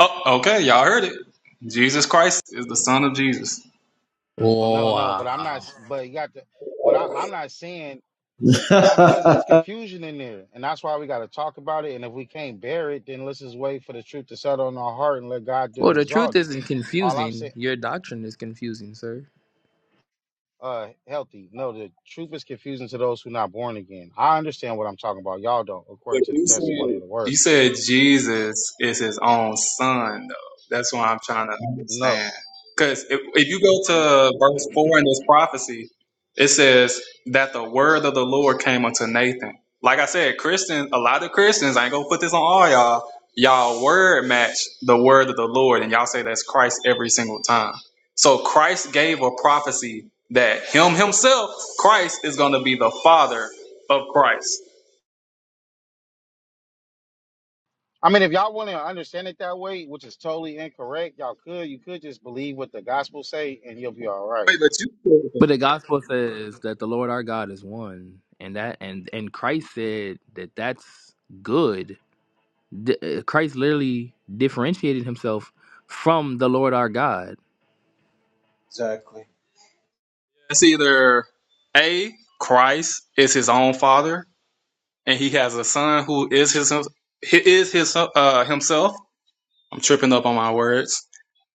[SPEAKER 2] Oh, okay, y'all heard it. Jesus Christ is the Son of Jesus.
[SPEAKER 7] Oh, no, no, but I'm
[SPEAKER 10] Wow.
[SPEAKER 7] not. But you got the. What I, I'm not saying.
[SPEAKER 11] exactly.
[SPEAKER 7] Nah, because it's
[SPEAKER 11] I
[SPEAKER 7] confusion in there, and that's why we got to talk about it. And if we can't bear it, then let's just wait for the truth to settle in our heart and let God do the
[SPEAKER 10] Well, the truth
[SPEAKER 7] exalting.
[SPEAKER 10] isn't
[SPEAKER 7] All I'm
[SPEAKER 10] confusing.
[SPEAKER 7] saying,
[SPEAKER 10] Your doctrine is confusing, sir.
[SPEAKER 7] uh, healthy. No, the truth is confusing to those who not born again. I understand what I'm talking about. Y'all don't,
[SPEAKER 2] But
[SPEAKER 7] according to the
[SPEAKER 2] you said
[SPEAKER 7] testimony of the
[SPEAKER 2] you
[SPEAKER 7] word.
[SPEAKER 2] said Jesus is his own son, though. That's what I'm trying to
[SPEAKER 7] No,
[SPEAKER 2] understand. Because if, if you go to verse four in this prophecy, it says that the word of the Lord came unto Nathan. Like I said, Christians, a lot of Christians, I ain't gonna put this on all y'all. Y'all word match the word of the Lord, and y'all say that's Christ every single time. So Christ gave a prophecy that Him Himself, Christ, is gonna be the Father of Christ.
[SPEAKER 7] I mean, if y'all want to understand it that way, which is totally incorrect, y'all could. You could just believe what the gospel say, and you'll be all right.
[SPEAKER 2] Wait, but you
[SPEAKER 10] But the gospel says that the Lord our God is one, and that and and Christ said that that's good. D- uh, Christ literally differentiated himself from the Lord our God.
[SPEAKER 2] That's either A, Christ is his own father, and he has a son who is his he is his uh, himself. I'm tripping up on my words.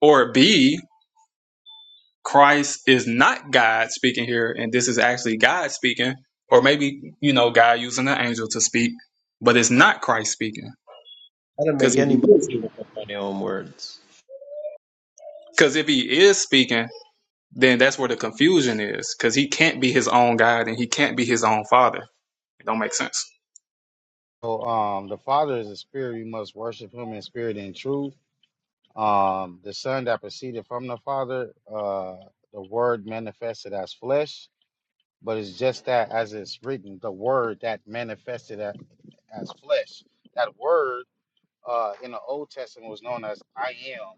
[SPEAKER 2] Or B, Christ is not God speaking here, and this is actually God speaking, or maybe you know God using an angel to speak, but it's not Christ speaking.
[SPEAKER 11] do not
[SPEAKER 2] Because
[SPEAKER 11] make
[SPEAKER 2] if, he
[SPEAKER 11] anybody
[SPEAKER 2] is-
[SPEAKER 11] make up my own words.
[SPEAKER 2] 'cause if he is speaking, then that's where the confusion is. Because he can't be his own God and he can't be his own father. It don't make sense.
[SPEAKER 7] So, um, the Father is a spirit. You must worship Him in spirit and truth Um, the Son that proceeded from the Father, uh, the Word manifested as flesh, but it's just that, as it's written, the Word that manifested as, as flesh. That Word uh, in the Old Testament was known as I am,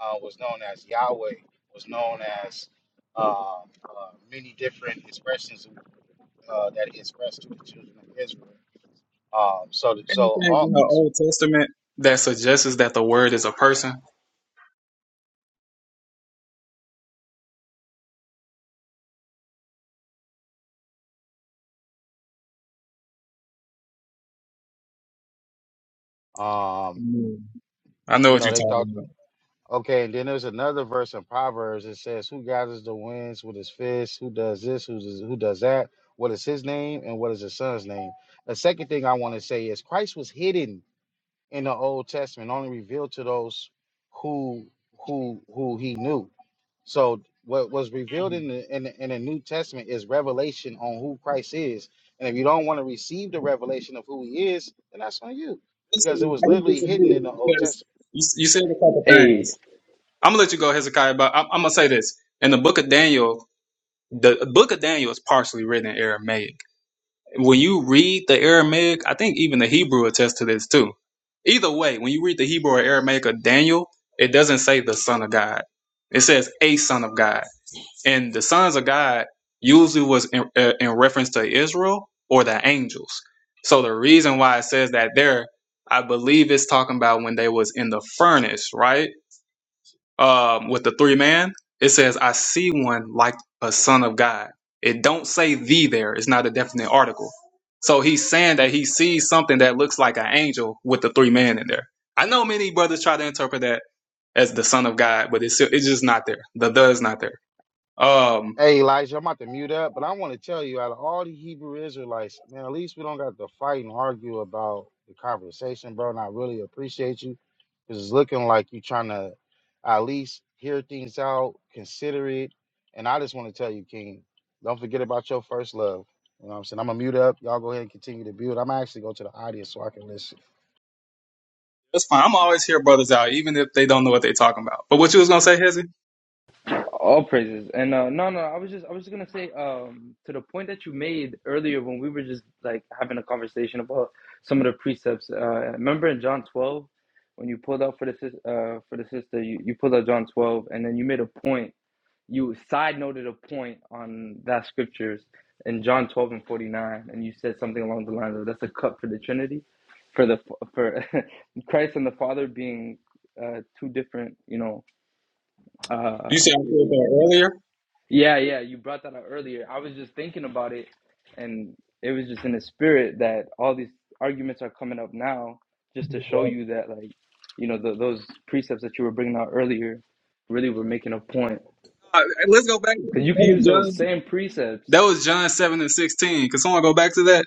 [SPEAKER 7] uh, was known as Yahweh, was known as um uh, many different expressions uh, that he expressed to the children of Israel. Um, so, so
[SPEAKER 2] anything in
[SPEAKER 7] all,
[SPEAKER 2] the Old Testament that suggests that the word is a person?
[SPEAKER 7] um,
[SPEAKER 2] Mm. I know
[SPEAKER 7] you
[SPEAKER 2] what
[SPEAKER 7] know,
[SPEAKER 2] you're
[SPEAKER 7] they thought.
[SPEAKER 2] talking about.
[SPEAKER 7] Okay, and then there's another verse in Proverbs that says, "Who gathers the winds with his fist? Who does this? Who does, who does that? What is his name and what is his son's name?" The second thing I want to say is Christ was hidden in the Old Testament, only revealed to those who who who he knew. So what was revealed
[SPEAKER 2] Mm.
[SPEAKER 7] in the in the, in the New Testament is revelation on who Christ is. And if you don't want to receive the revelation of who he is, then that's on you,
[SPEAKER 2] That's
[SPEAKER 7] because it
[SPEAKER 2] what
[SPEAKER 7] was
[SPEAKER 2] I think
[SPEAKER 7] literally
[SPEAKER 2] it's a
[SPEAKER 7] hidden
[SPEAKER 2] good,
[SPEAKER 7] in the Old Testament.
[SPEAKER 2] because You, you said a couple
[SPEAKER 3] Hey,
[SPEAKER 2] things. I'm gonna let you go, Hezekiah, but I'm, I'm gonna say this. In the book of Daniel, the book of Daniel is partially written in Aramaic. When you read the Aramaic, I think even the Hebrew attests to this too. Either way, when you read the Hebrew or Aramaic of Daniel, it doesn't say the Son of God. It says a Son of God. and the sons of God usually was in, uh, in reference to Israel or the angels. So the reason why it says that there, I believe it's talking about when they was in the furnace, right? Um, with the three man, it says, "I see one like a son of God." It don't say "the" there. It's not a definite article. So he's saying that he sees something that looks like an angel with the three man in there. I know many brothers try to interpret that as the son of God, but it's it's just not there. The "the" is not there. Um,
[SPEAKER 7] Hey Elijah, I'm about to mute up, but I want to tell you, out of all the Hebrew Israelites, man, at least we don't got to fight and argue about the conversation, bro. And I really appreciate you because it's looking like you trying to at least hear things out, consider it. And I just want to tell you, King, don't forget about your first love. You know what I'm saying? I'm gonna mute up. Y'all go ahead and continue to build. I'm actually go to the audience so I can listen.
[SPEAKER 2] That's fine. I'm always here, brothers out, even if they don't know what they're talking about. But what you was gonna say, Hezzy?
[SPEAKER 3] All praises. And uh, no, no, I was just, I was just gonna say, um, to the point that you made earlier when we were just like having a conversation about some of the precepts. Uh, remember in John twelve, when you pulled out for the sis, uh, for the sister, you, you pulled out John twelve, and then you made a point. You side noted a point on that scriptures in John twelve and forty nine, and you said something along the lines of, "That's a cup for the Trinity, for the for Christ and the Father being uh, two different, you know."
[SPEAKER 2] You
[SPEAKER 3] uh,
[SPEAKER 2] said I said that earlier.
[SPEAKER 3] yeah, yeah, you brought that up earlier. I was just thinking about it, and it was just in the spirit that all these arguments are coming up now, just to show you that, like, you know, th those precepts that you were bringing out earlier really were making a point.
[SPEAKER 2] Uh, let's go back.
[SPEAKER 3] Because
[SPEAKER 2] That
[SPEAKER 3] you can use
[SPEAKER 2] was
[SPEAKER 3] those
[SPEAKER 2] John.
[SPEAKER 3] same precepts,
[SPEAKER 2] That was John seven and sixteen. Could someone go back to that?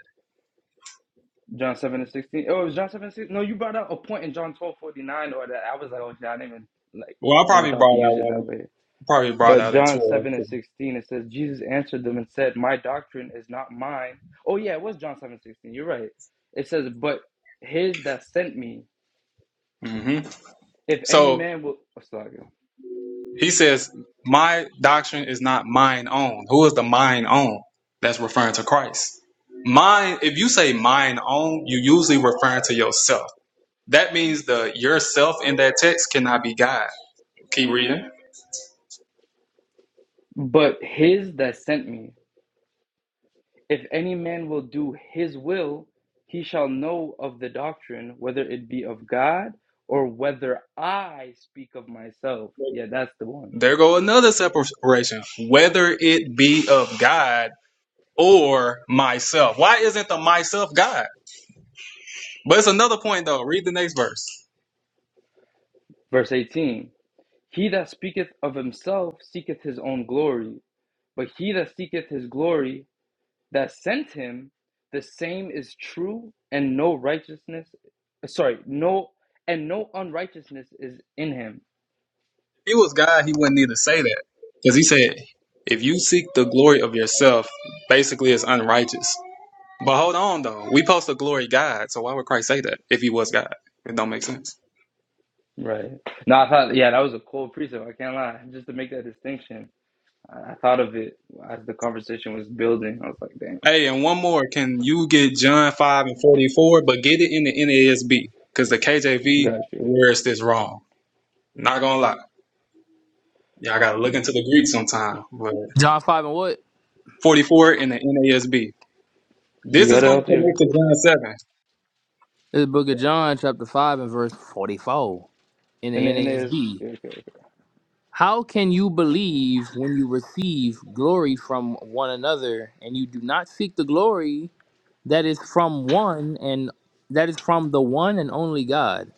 [SPEAKER 3] John 7 and 16. Oh, it was John 7 and 16. No, you brought out a point in John twelve forty nine, or that I was like, oh, yeah, I didn't even, like,
[SPEAKER 2] Well, I
[SPEAKER 3] never
[SPEAKER 2] probably
[SPEAKER 3] thought to
[SPEAKER 2] brought out
[SPEAKER 3] use it that
[SPEAKER 2] one.
[SPEAKER 3] way.
[SPEAKER 2] Probably brought
[SPEAKER 3] But
[SPEAKER 2] out in
[SPEAKER 3] John
[SPEAKER 2] twelve.
[SPEAKER 3] 7 and 16, it says, Jesus answered them and said, My doctrine is not mine. Oh, yeah, it was John 7 and 16. You're right. It says, But his that sent me,
[SPEAKER 2] Mm-hmm.
[SPEAKER 3] if any
[SPEAKER 2] So
[SPEAKER 3] man will,
[SPEAKER 2] he says, "My doctrine is not mine own." Who is the mine own? That's referring to Christ. Mine. If you say mine own, you usually referring to yourself. That means the yourself in that text cannot be God. Keep reading.
[SPEAKER 3] but his that sent me, if any man will do his will, he shall know of the doctrine, whether it be of God or whether I speak of myself. Yeah, that's the one.
[SPEAKER 2] There go another separation, whether it be of God or myself. Why isn't the myself God? But it's another point though. Read the next verse.
[SPEAKER 3] Verse 18 He that speaketh of himself seeketh his own glory But he that seeketh his glory that sent him, the same is true, and no righteousness, sorry, no, and no unrighteousness is in him.
[SPEAKER 2] If he was God, he wouldn't need to say that. Because he said, if you seek the glory of yourself, basically it's unrighteous. But hold on though. We post the glory God, so why would Christ say that if he was God? It don't make sense.
[SPEAKER 3] Right. No, I thought, yeah, that was a cool precept. I can't lie. Just to make that distinction, I, I thought of it as the conversation was building. I was like, damn,
[SPEAKER 2] Hey, and one more. Can you get John 5 and 44, but get it in the NASB? Because the
[SPEAKER 3] you
[SPEAKER 2] KJV,
[SPEAKER 3] got you.
[SPEAKER 2] where's this wrong? Not gonna lie. Yeah, I gotta look into the Greek sometime. But
[SPEAKER 10] John five and what?
[SPEAKER 2] 44 in the NASB.
[SPEAKER 3] You
[SPEAKER 2] This is
[SPEAKER 3] got it
[SPEAKER 2] gonna
[SPEAKER 3] out there.
[SPEAKER 2] connect to John 7.
[SPEAKER 10] The book of John, chapter five and verse forty-four in the
[SPEAKER 3] And then, and then,
[SPEAKER 10] NASB.
[SPEAKER 3] okay, okay.
[SPEAKER 10] How can you believe when you receive glory from one another and you do not seek the glory that is from one and that is from the one and only God.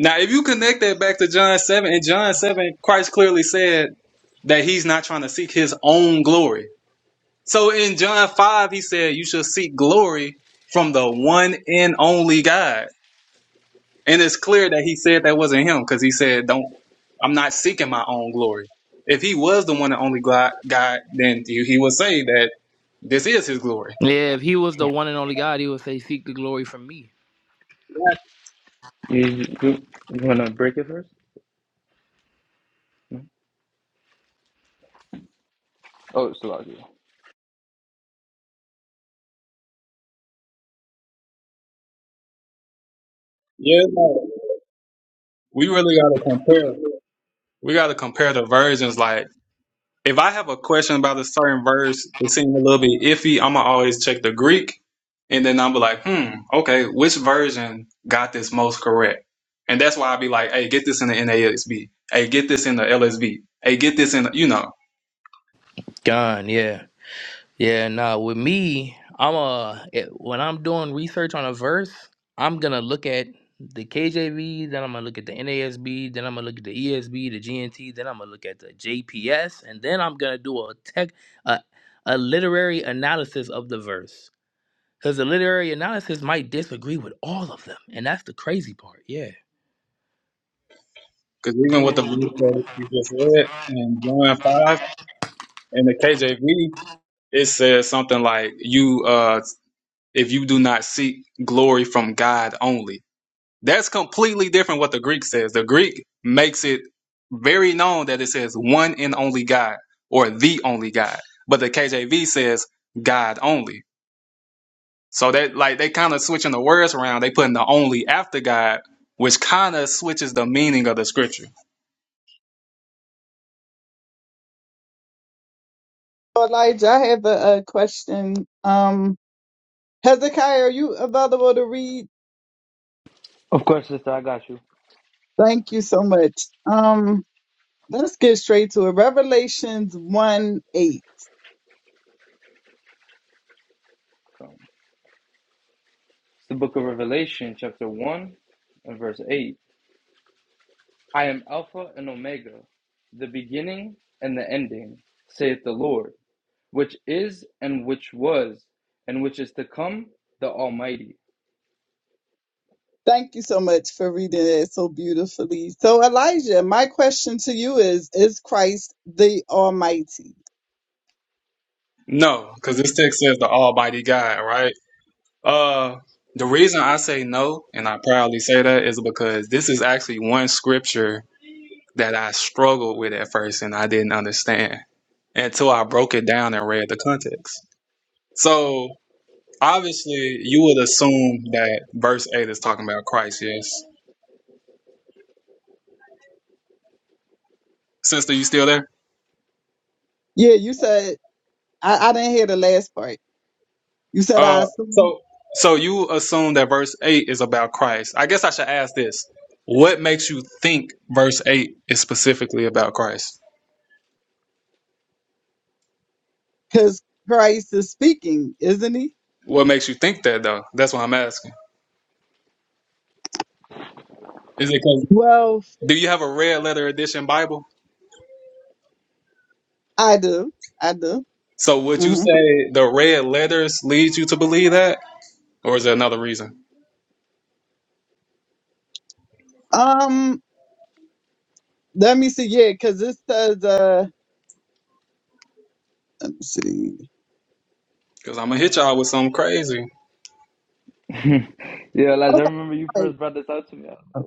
[SPEAKER 2] Now, if you connect that back to John 7, in John 7, Christ clearly said that he's not trying to seek his own glory. So in John 5, he said, You should seek glory from the one and only God. And it's clear that he said that wasn't him because he said, Don't, I'm not seeking my own glory. If he was the one and only glo- God, then he he would say that this is his glory.
[SPEAKER 10] Yeah, if he was the
[SPEAKER 3] Yeah.
[SPEAKER 10] one and only God, he would say, "Seek the glory from me."
[SPEAKER 3] You, you, you want to break it first? No? Oh, it's still out here.
[SPEAKER 2] Yeah. we really gotta compare. We gotta compare the versions. Like, if I have a question about a certain verse that seems a little bit iffy, I'ma always check the Greek, and then I'm be like, hmm, okay, which version got this most correct? And that's why I be like, hey, get this in the NASB. Hey, get this in the LSB. Hey, get this in the, you know,
[SPEAKER 10] Gone. Yeah. Yeah. Nah. With me, I'm a it- when I'm doing research on a verse, I'm gonna look at the KJV, then I'm gonna look at the NASB, then I'm gonna look at the ESB, the GNT, then I'm gonna look at the JPS, and then I'm gonna do a tech a, a literary analysis of the verse. Because the literary analysis might disagree with all of them. And that's the crazy part. Yeah.
[SPEAKER 2] because even with
[SPEAKER 10] Dude.
[SPEAKER 2] the verse that you just read in John five in the KJV, it says something like, you, uh, if you do not seek glory from God only. That's completely different what the Greek says. The Greek makes it very known that it says one and only God or the only God. But the KJV says God only. So that like they kind of switching the words around. They putting the only after God, which kind of switches the meaning of the scripture.
[SPEAKER 9] So, Elijah, I have a, a question. Um, Hezekiah, are you available to read?
[SPEAKER 3] Of course, sister, I got you.
[SPEAKER 9] Thank you so much. Um, let's get straight to it. Revelations one eight.
[SPEAKER 3] So, It's the book of Revelation, chapter 1 and verse 8. I am Alpha and Omega, the beginning and the ending, saith the Lord, which is and which was and which is to come, the Almighty.
[SPEAKER 9] Thank you so much for reading it so beautifully. So, Elijah, my question to you is Is Christ the Almighty?
[SPEAKER 2] No, because this text says the Almighty God, right? Uh the reason I say no, and I proudly say that, is because this is actually one scripture that I struggled with at first and I didn't understand until I broke it down and read the context. So obviously, you would assume that verse eight is talking about Christ. Yes, sister, you still there?
[SPEAKER 9] Yeah, you said, I, I didn't hear the last part. You said, I
[SPEAKER 2] Uh,
[SPEAKER 9] assume
[SPEAKER 2] so so you assume that verse eight is about Christ. I guess I should ask this: What makes you think verse eight is specifically about Christ?
[SPEAKER 9] because Christ is speaking, isn't he?
[SPEAKER 2] What makes you think that though? That's what I'm asking. Is it because
[SPEAKER 9] Well,
[SPEAKER 2] do you have a red letter edition Bible?
[SPEAKER 9] I do. I do.
[SPEAKER 2] So would you
[SPEAKER 9] hmm
[SPEAKER 2] say the red letters leads you to believe that, or is there another reason?
[SPEAKER 9] Um, let me see. Yeah, because it says, uh, let me see.
[SPEAKER 2] Because I'm gonna hit y'all with something crazy.
[SPEAKER 3] yeah, Elijah, I remember you
[SPEAKER 9] Okay.
[SPEAKER 3] first brought this out to me. I was
[SPEAKER 9] all right.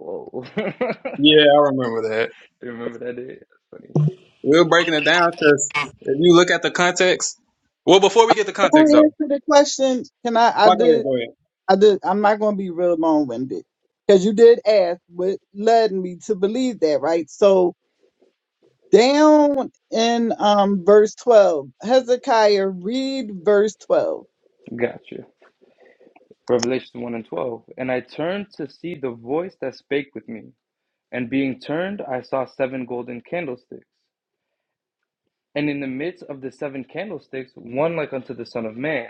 [SPEAKER 3] like, whoa.
[SPEAKER 2] Yeah, I remember that.
[SPEAKER 3] you remember that day? That's funny.
[SPEAKER 2] We're breaking it down because if you look at the context. Well, before we get the
[SPEAKER 9] Can
[SPEAKER 2] context though,
[SPEAKER 9] I answer the question? Can I? I
[SPEAKER 2] oh, go
[SPEAKER 9] did.
[SPEAKER 2] ahead, go ahead.
[SPEAKER 9] I did, I'm not going to be real long winded because you did ask what led me to believe that, right? So down in um, verse 12, Hezekiah, read verse 12.
[SPEAKER 3] Gotcha. Revelation 1 and 12. And I turned to see the voice that spake with me. And being turned, I saw seven golden candlesticks. And in the midst of the seven candlesticks, one like unto the Son of Man,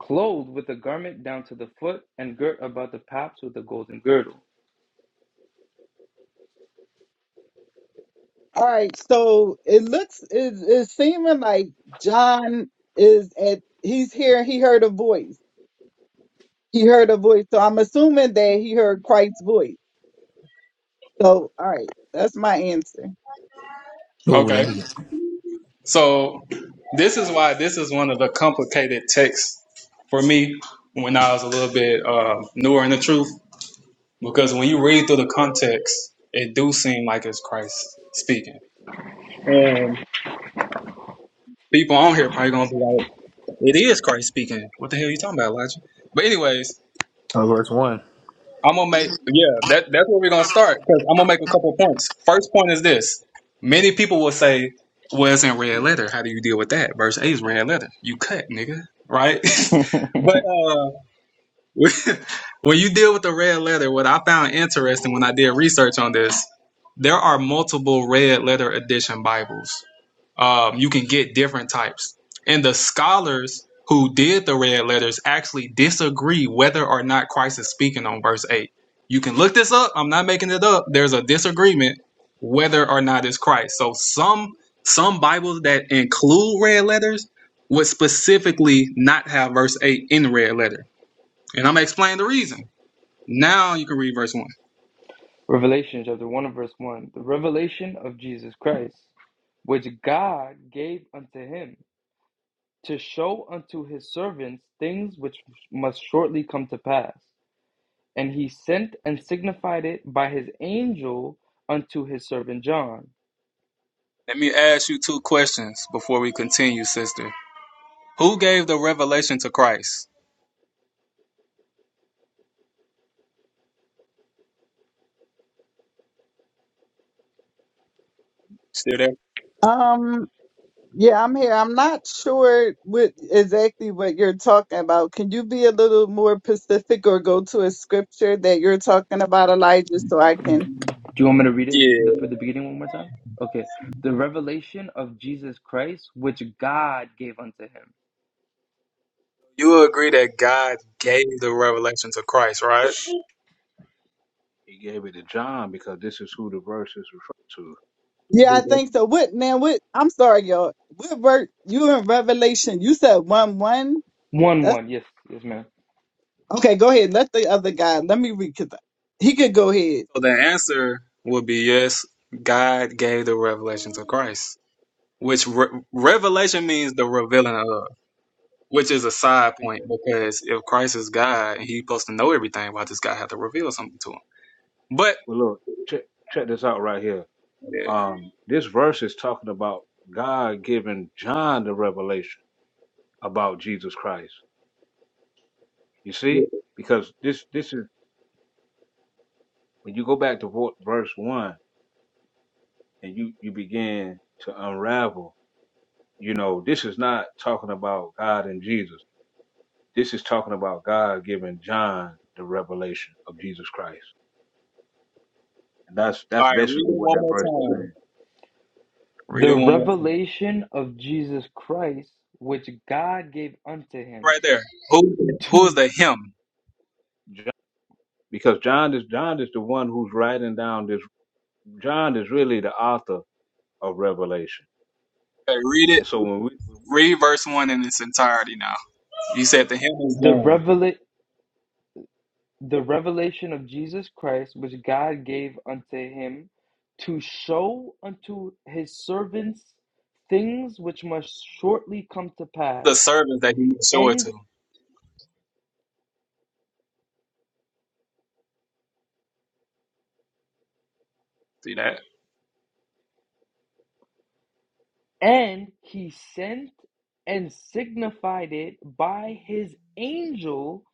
[SPEAKER 3] clothed with a garment down to the foot, and girt about the paps with a golden girdle.
[SPEAKER 9] All right, so it looks, it, it's seeming like John is at, he's here, he heard a voice. He heard a voice. So I'm assuming that he heard Christ's voice. So, all right, that's my answer.
[SPEAKER 10] Oh, let
[SPEAKER 2] Okay,
[SPEAKER 10] me.
[SPEAKER 2] so this is why this is one of the complicated texts for me when I was a little bit uh, newer in the truth. Because when you read through the context, it do seem like it's Christ speaking, and people on here probably gonna be like. It is Christ speaking. What the hell are you talking about, Elijah? But anyways,
[SPEAKER 10] Oh, verse one.
[SPEAKER 2] I'm gonna make yeah, that that's where we're gonna start because I'm gonna make a couple of points. First point is this: many people will say, "Well, it's in red letter. How do you deal with that?" Verse eight is red letter. You cut, nigga, right? but uh, when you deal with the red letter, what I found interesting when I did research on this, there are multiple red letter edition Bibles. Um, you can get different types. And the scholars who did the red letters actually disagree whether or not Christ is speaking on verse 8. You can look this up. I'm not making it up. There's a disagreement whether or not it's Christ. So some some Bibles that include red letters would specifically not have verse 8 in red letters and I'm gonna explain the reason. Now you can read verse one.
[SPEAKER 3] Revelation chapter 1 verse 1. The revelation of Jesus Christ, which God gave unto him to show unto his servants things which must shortly come to pass. And he sent and signified it by his angel unto his servant John
[SPEAKER 2] Let me ask you two questions before we continue, sister. Who gave the revelation to Christ? Still there?
[SPEAKER 9] Um, Yeah, I'm here. I'm not sure what exactly what you're talking about. Can you be a little more specific or go to a scripture that you're talking about, Elijah, so I can?
[SPEAKER 3] Do you want me to read it the,
[SPEAKER 2] Yeah.
[SPEAKER 3] for the beginning one more time? Okay. The revelation of Jesus Christ, which God gave unto him.
[SPEAKER 2] You agree that God gave the revelation to Christ, right? So
[SPEAKER 5] He gave it to John because this is who the verse is referring to.
[SPEAKER 9] Yeah, I think so. What now? What? I'm sorry, y'all. What work? You in Revelation? You said one one.
[SPEAKER 3] One,
[SPEAKER 9] That's
[SPEAKER 3] one. Yes, yes, ma'am.
[SPEAKER 9] okay. Go ahead. Let the other guy. Let me read. Cause he could go ahead.
[SPEAKER 2] the answer would be yes, God gave the revelation to Christ, which re- revelation means the revealing of, which is a
[SPEAKER 5] Let's
[SPEAKER 2] side
[SPEAKER 5] see
[SPEAKER 2] point
[SPEAKER 5] that.
[SPEAKER 2] because if Christ is God, he's supposed to know everything. Why does God have to reveal something to him? But
[SPEAKER 5] Well, look, check check this out right here.
[SPEAKER 2] yeah.
[SPEAKER 5] Um, this verse is talking about God giving John the revelation about Jesus Christ. You see, because this this is when you go back to vo- verse one. and you you begin to unravel you know this is not talking about god and jesus this is talking about god giving john the revelation of jesus christ and that's
[SPEAKER 2] All
[SPEAKER 5] that's
[SPEAKER 2] right, read
[SPEAKER 5] basically
[SPEAKER 2] it
[SPEAKER 5] what
[SPEAKER 2] one
[SPEAKER 5] that verse is
[SPEAKER 2] more time.
[SPEAKER 5] saying
[SPEAKER 2] Read
[SPEAKER 3] The
[SPEAKER 2] it one more time.
[SPEAKER 3] revelation of Jesus Christ, which God gave unto him.
[SPEAKER 2] Right there. Who who is
[SPEAKER 3] Two.
[SPEAKER 2] the him?
[SPEAKER 5] john, because john is john is the one who's writing down this john is really the author of revelation
[SPEAKER 2] Okay, read it.
[SPEAKER 5] and so when we when, we
[SPEAKER 2] Read verse one in its entirety now. You said the him is
[SPEAKER 3] The
[SPEAKER 2] John,
[SPEAKER 3] revela- the revelation of Jesus Christ, which God gave unto him, to show unto his servants things which must shortly come to pass.
[SPEAKER 2] the servant that he will show it
[SPEAKER 3] And
[SPEAKER 2] to. See that?
[SPEAKER 3] And he sent and signified it by his angel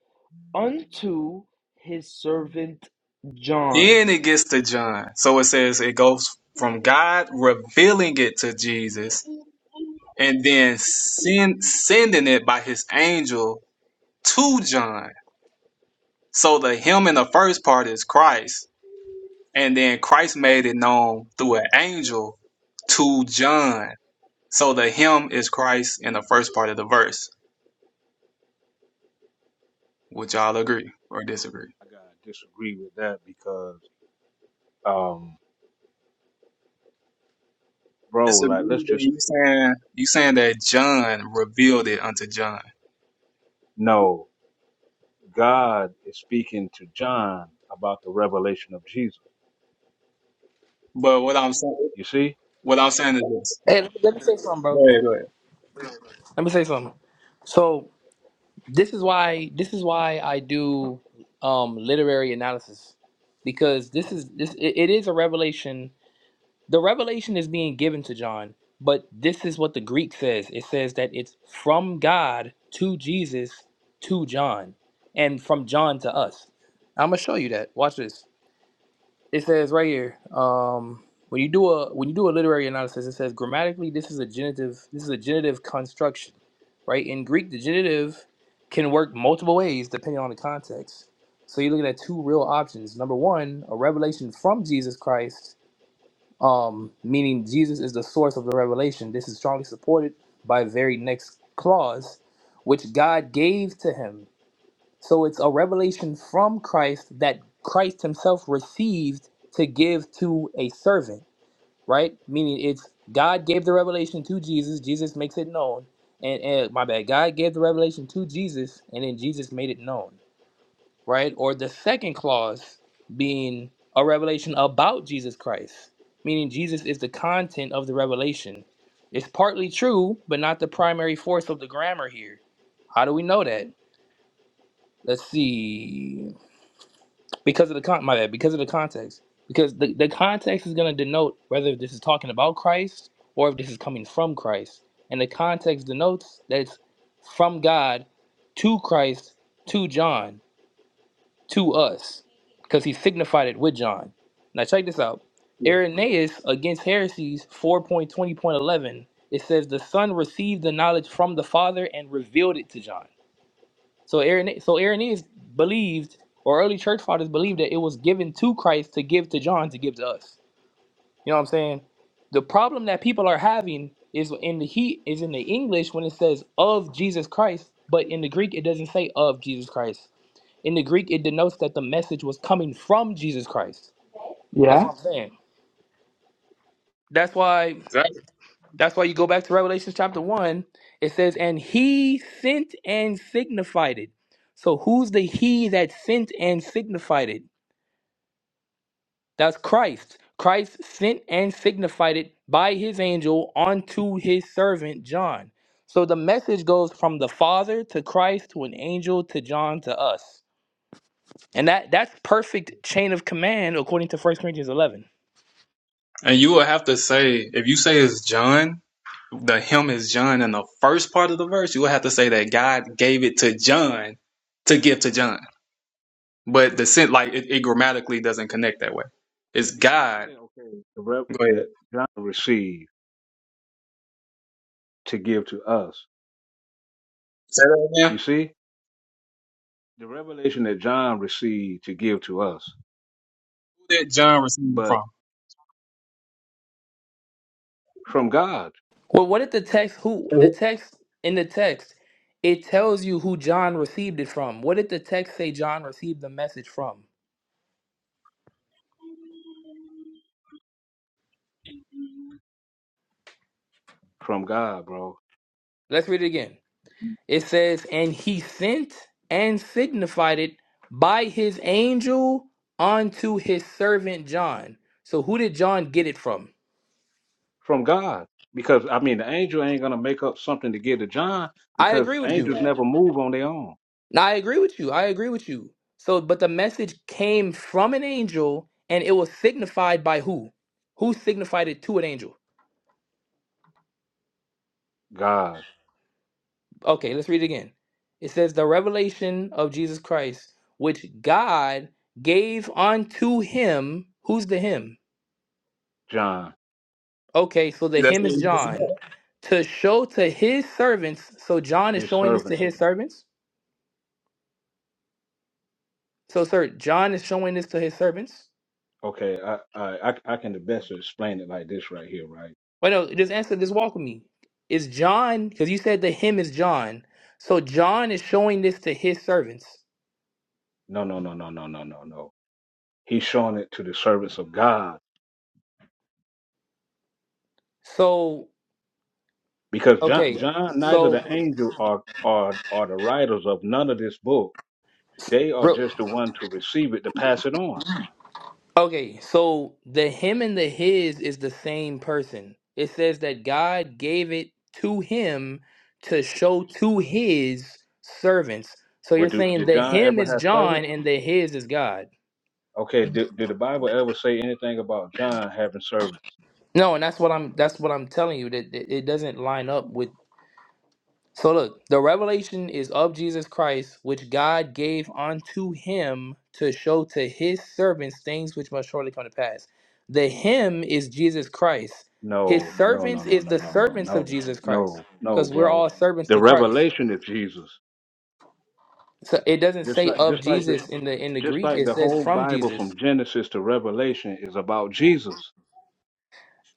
[SPEAKER 3] unto his servant John.
[SPEAKER 2] Then it gets to John. So it says it goes from God revealing it to Jesus and then send, sending it by his angel to John. So the him in the first part is Christ And then Christ made it known through an angel to John. So the him is Christ in the first part of the verse. Would y'all agree or disagree?
[SPEAKER 5] i gotta disagree with that because um bro
[SPEAKER 2] Disagree,
[SPEAKER 5] like let's
[SPEAKER 2] then
[SPEAKER 5] just say
[SPEAKER 2] you saying you saying that John revealed it unto John.
[SPEAKER 5] no god is speaking to john about the revelation of jesus
[SPEAKER 2] But what I'm saying
[SPEAKER 5] You see?
[SPEAKER 2] what I'm saying is this.
[SPEAKER 10] Hey, let me, let me say something,
[SPEAKER 2] Go
[SPEAKER 10] bro.
[SPEAKER 2] ahead, go ahead.
[SPEAKER 10] Let me say something. So this is why this is why I do um literary analysis because this is this it, it is a revelation the revelation is being given to John, but this is what the Greek says. It says that it's from God to Jesus to John, and from John to us. I'm gonna show you that. Watch this. It says right here. Um, when you do a when you do a literary analysis, it says grammatically this is a genitive this is a genitive construction, right? In Greek, the genitive can work multiple ways depending on the context. So you're looking at two real options. Number one, a revelation from Jesus Christ um, meaning Jesus is the source of the revelation. This is strongly supported by very next clause, which God gave to him. So it's a revelation from Christ that Christ himself received to give to a servant, right? Meaning it's God gave the revelation to Jesus, Jesus makes it known. And, and my bad, God gave the revelation to Jesus, and then Jesus made it known right? Or the second clause being a revelation about Jesus Christ, meaning Jesus is the content of the revelation. It's partly true, but not the primary force of the grammar here. How do we know that? Let's see. Because of the con my bad, because of the context. Because the, the context is gonna denote whether this is talking about Christ or if this is coming from Christ. And the context denotes that it's from God to Christ to John to us because he signified it with John. Now, check this out
[SPEAKER 2] Yeah,
[SPEAKER 10] Irenaeus against heresies 4.20.11. It says, The Son received the knowledge from the Father and revealed it to John. So, Irene- so Irenaeus believed, or early church fathers believed, that it was given to Christ to give to John to give to us. You know what I'm saying? The problem that people are having is in the heat is in the English when it says of Jesus Christ, but in the Greek it doesn't say of Jesus Christ. In the Greek, it denotes that the message was coming from Jesus Christ. That's
[SPEAKER 3] Yeah.
[SPEAKER 10] what I'm saying. That's why
[SPEAKER 2] Exactly.
[SPEAKER 10] that's why you go back to Revelation chapter 1. It says, and he sent and signified it. So who's the he that sent and signified it? That's Christ. Christ sent and signified it by his angel unto his servant John. So the message goes from the Father to Christ to an angel to John to us. And that that's perfect chain of command according to First Corinthians 11.
[SPEAKER 2] And you will have to say if you say it's John, the him is John in the first part of the verse, you will have to say that God gave it to John to give to John. but the sense like it, it grammatically doesn't connect that way. It's
[SPEAKER 5] Because he just
[SPEAKER 2] God.
[SPEAKER 5] said, okay, the rev-
[SPEAKER 2] Go ahead.
[SPEAKER 5] that John received to give to us.
[SPEAKER 2] Say that
[SPEAKER 5] You
[SPEAKER 2] again.
[SPEAKER 5] see? The revelation that John received to give to us,
[SPEAKER 2] Who did John receive it
[SPEAKER 5] but
[SPEAKER 2] from?
[SPEAKER 5] from God,
[SPEAKER 10] Well, what did the text who the
[SPEAKER 2] Mhm.
[SPEAKER 10] text in the text it tells you who John received it from? What did the text say John received the message from?
[SPEAKER 5] from God, bro,
[SPEAKER 10] Let's read it again. It says, "And he sent and signified it by his angel unto his servant John." So who did John get it from?
[SPEAKER 5] from God. Because, I mean, the angel ain't going to make up something to give to John
[SPEAKER 10] I
[SPEAKER 5] because
[SPEAKER 10] agree with you.
[SPEAKER 5] angels
[SPEAKER 2] Yeah.
[SPEAKER 5] never move on their own.
[SPEAKER 10] Now I agree with you. I agree with you. So but the message came from an angel and it was signified by who? Who signified it to an angel?
[SPEAKER 5] God,
[SPEAKER 10] Okay, let's read it again. It says, The revelation of Jesus Christ, which God gave unto him. Who's the him?
[SPEAKER 5] John,
[SPEAKER 10] Okay, so the
[SPEAKER 2] That's
[SPEAKER 10] him is
[SPEAKER 2] what he
[SPEAKER 10] John.
[SPEAKER 2] said.
[SPEAKER 10] To show to his servants. So John is
[SPEAKER 5] his
[SPEAKER 10] showing this to
[SPEAKER 5] servant.
[SPEAKER 10] his servants. So, sir, John is showing this to his servants.
[SPEAKER 5] Okay, I, I, I, I can the best explain it like this right here, right?
[SPEAKER 10] Wait, no, just answer this. Walk with me. Is John, because you said the him is John. So John is showing this to his servants.
[SPEAKER 5] No, no, no, no, no, no, no, no. He's showing it to the servants of God
[SPEAKER 10] So,
[SPEAKER 5] because John,
[SPEAKER 10] okay,
[SPEAKER 5] John, neither
[SPEAKER 10] so.
[SPEAKER 5] the angel or or or the writers of none of this book, they are
[SPEAKER 10] real,
[SPEAKER 5] just the one to receive it to pass it on.
[SPEAKER 10] Okay, so the him and the his is the same person. It says that God gave it to him to
[SPEAKER 5] Which-
[SPEAKER 10] show to his servants. So you're
[SPEAKER 5] What do,
[SPEAKER 10] saying
[SPEAKER 5] did
[SPEAKER 10] the
[SPEAKER 5] John
[SPEAKER 10] him
[SPEAKER 5] ever
[SPEAKER 10] is
[SPEAKER 5] have
[SPEAKER 10] John
[SPEAKER 5] servants?
[SPEAKER 10] and the his is God.
[SPEAKER 5] Okay, did, did the Bible ever say anything about John having servants?
[SPEAKER 10] No, and that's what I'm that's what I'm telling you that it it doesn't line up with. So look, the revelation is of Jesus Christ, which God gave unto him to show to his servants things which must shortly come to pass. The him is Jesus Christ. His
[SPEAKER 5] No, no, no,
[SPEAKER 10] servants
[SPEAKER 5] no,
[SPEAKER 10] is
[SPEAKER 5] no,
[SPEAKER 10] the
[SPEAKER 5] no, no,
[SPEAKER 10] servants of
[SPEAKER 5] no,
[SPEAKER 10] Jesus Christ,
[SPEAKER 5] no, no,
[SPEAKER 10] because we're
[SPEAKER 5] bro.
[SPEAKER 10] all servants
[SPEAKER 5] The
[SPEAKER 10] to Christ.
[SPEAKER 5] revelation of Jesus,
[SPEAKER 10] So it doesn't
[SPEAKER 5] just
[SPEAKER 10] say
[SPEAKER 5] like
[SPEAKER 10] of
[SPEAKER 5] just like the
[SPEAKER 10] Jesus in the in the
[SPEAKER 5] just
[SPEAKER 10] Greek;
[SPEAKER 5] like
[SPEAKER 10] it
[SPEAKER 5] the
[SPEAKER 10] says
[SPEAKER 5] whole
[SPEAKER 10] from
[SPEAKER 5] Bible
[SPEAKER 10] Jesus.
[SPEAKER 5] from Genesis to Revelation is about Jesus.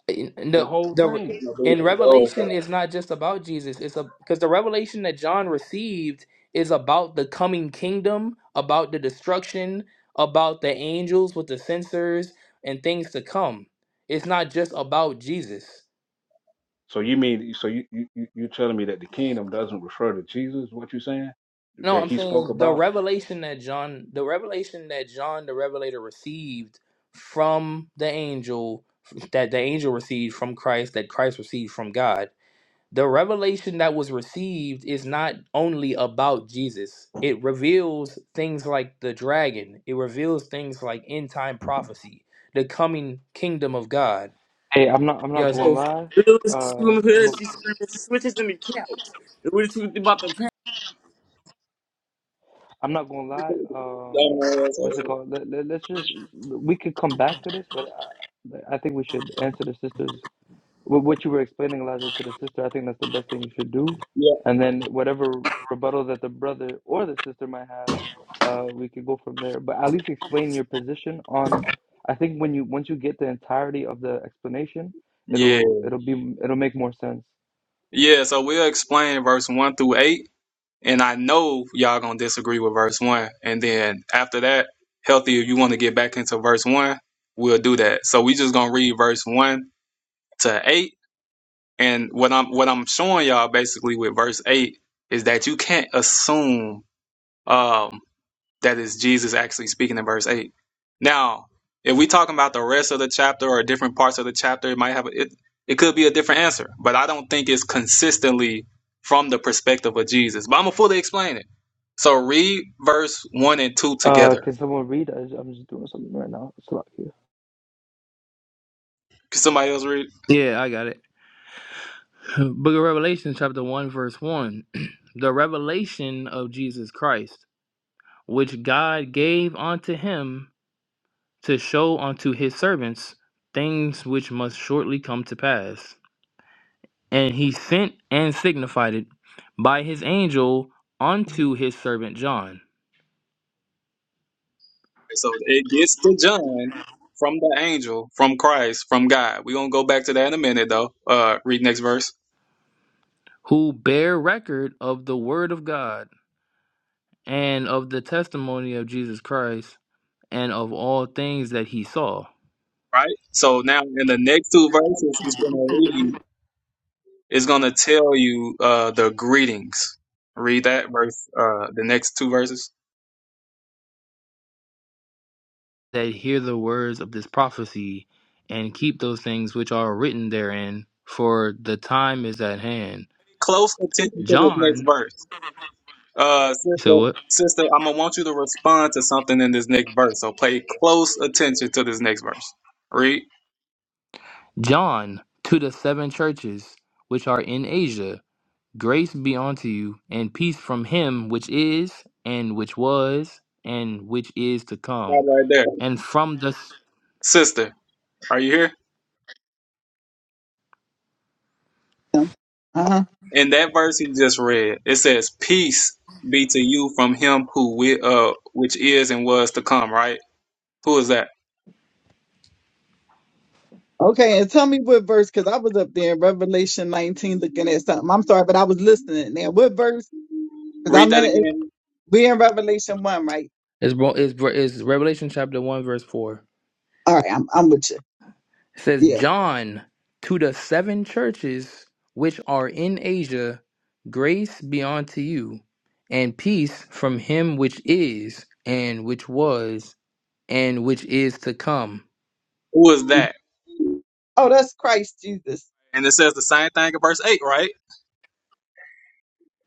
[SPEAKER 10] in-
[SPEAKER 5] The
[SPEAKER 10] the
[SPEAKER 5] whole
[SPEAKER 10] the
[SPEAKER 5] thing.
[SPEAKER 10] in Revelation is not just about Jesus. It's a because the revelation that John received is about the coming kingdom, about the destruction, about the angels with the censers and things to come. It's not just about Jesus.
[SPEAKER 5] So you mean so you you you you're telling me that the kingdom doesn't refer to Jesus? What you saying
[SPEAKER 10] No,
[SPEAKER 5] that
[SPEAKER 10] I'm
[SPEAKER 5] he spoke
[SPEAKER 10] saying the
[SPEAKER 5] about?
[SPEAKER 10] revelation that John, the revelation that John the Revelator received from the angel, that the angel received from Christ, that Christ received from God. the revelation that was received is not only about Jesus. It reveals things like the dragon. It reveals things like end time prophecy, the coming kingdom of God.
[SPEAKER 3] Hey, I'm not I'm
[SPEAKER 10] You
[SPEAKER 3] not
[SPEAKER 10] know what I'm saying?
[SPEAKER 3] gonna
[SPEAKER 12] mouth.
[SPEAKER 3] lie. Uh mo-
[SPEAKER 12] she screaming switches in the couch. And we're talking about the
[SPEAKER 3] I'm not gonna lie. Um what's it called? Let, let, us just we could come back to this, but I, I think we should answer the sisters Wh- what you were explaining, Elijah, to the sister, I think that's the best thing you should do.
[SPEAKER 2] yeah.
[SPEAKER 3] And then whatever rebuttal that the brother or the sister might have, uh, we could go from there. But at least explain your position on. I think when you once you get the entirety of the explanation,
[SPEAKER 2] Yeah.
[SPEAKER 3] it'll it'll be it'll make more sense.
[SPEAKER 2] Yeah. So we'll explain verse one through eight, and I know y'all gonna disagree with verse one, and then after that, healthy. If you want to get back into verse one, we'll do that. So we just gonna read verse one to eight. And what I'm what I'm showing y'all basically with verse eight is that you can't assume um, that is Jesus actually speaking in verse eight. Now, if we talking about the rest of the chapter or different parts of the chapter, it might have a, it. It could be a different answer, but I don't think it's consistently from the perspective of Jesus. But I'm gonna fully explain it. So read verse one and two
[SPEAKER 3] Uh,
[SPEAKER 2] together.
[SPEAKER 3] can someone read? I, I'm just doing something right now. It's a lot here.
[SPEAKER 2] Can somebody else read?
[SPEAKER 10] Yeah, I got it. Book of Revelation, chapter 1, verse 1. the revelation of Jesus Christ, which God gave unto him to show unto his servants things which must shortly come to pass. and he sent and signified it by his angel unto his servant John,
[SPEAKER 2] So it gets to John from the angel, from Christ, from God. We're gonna go back to that in a minute though. Uh read next verse.
[SPEAKER 10] who bare record of the word of God and of the testimony of Jesus Christ and of all things that he saw,
[SPEAKER 2] Right? So now in the next two verses he's gonna read is gonna tell you uh the greetings. Read that verse, uh the next two verses.
[SPEAKER 10] that hear the words of this prophecy and keep those things which are written therein, for the time is at hand.
[SPEAKER 2] Close attention to this next
[SPEAKER 10] John,
[SPEAKER 2] verse. Uh sister
[SPEAKER 10] so what?
[SPEAKER 2] sister, I'm gonna want you to respond to something in this next verse. So pay close attention to this next verse. Read.
[SPEAKER 10] John to the seven churches which are in Asia Grace be unto you, and peace from him which is, and which was, and which is to come.
[SPEAKER 2] Stop right there.
[SPEAKER 10] And from the
[SPEAKER 2] Sister, are you here?
[SPEAKER 9] Um, Uh-huh.
[SPEAKER 2] in that verse he just read, it says, "Peace be to you from him who we, uh, which is and was to come." Right? Who is that?
[SPEAKER 9] Okay, and tell me what verse, because I was up there in Revelation 19 looking at something. I'm sorry, but I was listening. Now, what verse? Because
[SPEAKER 2] Read
[SPEAKER 9] I'm
[SPEAKER 2] that
[SPEAKER 9] in
[SPEAKER 2] again.
[SPEAKER 9] We in Revelation one, right?
[SPEAKER 10] is is is Revelation chapter one verse four.
[SPEAKER 9] All right, I'm I'm with you.
[SPEAKER 10] It says
[SPEAKER 9] Yeah.
[SPEAKER 10] John to the seven churches which are in Asia, grace be unto you, and peace from him which is, and which was, and which is to come
[SPEAKER 2] Who is that?
[SPEAKER 9] Oh, that's Christ Jesus.
[SPEAKER 2] And it says the same thing in verse eight, right?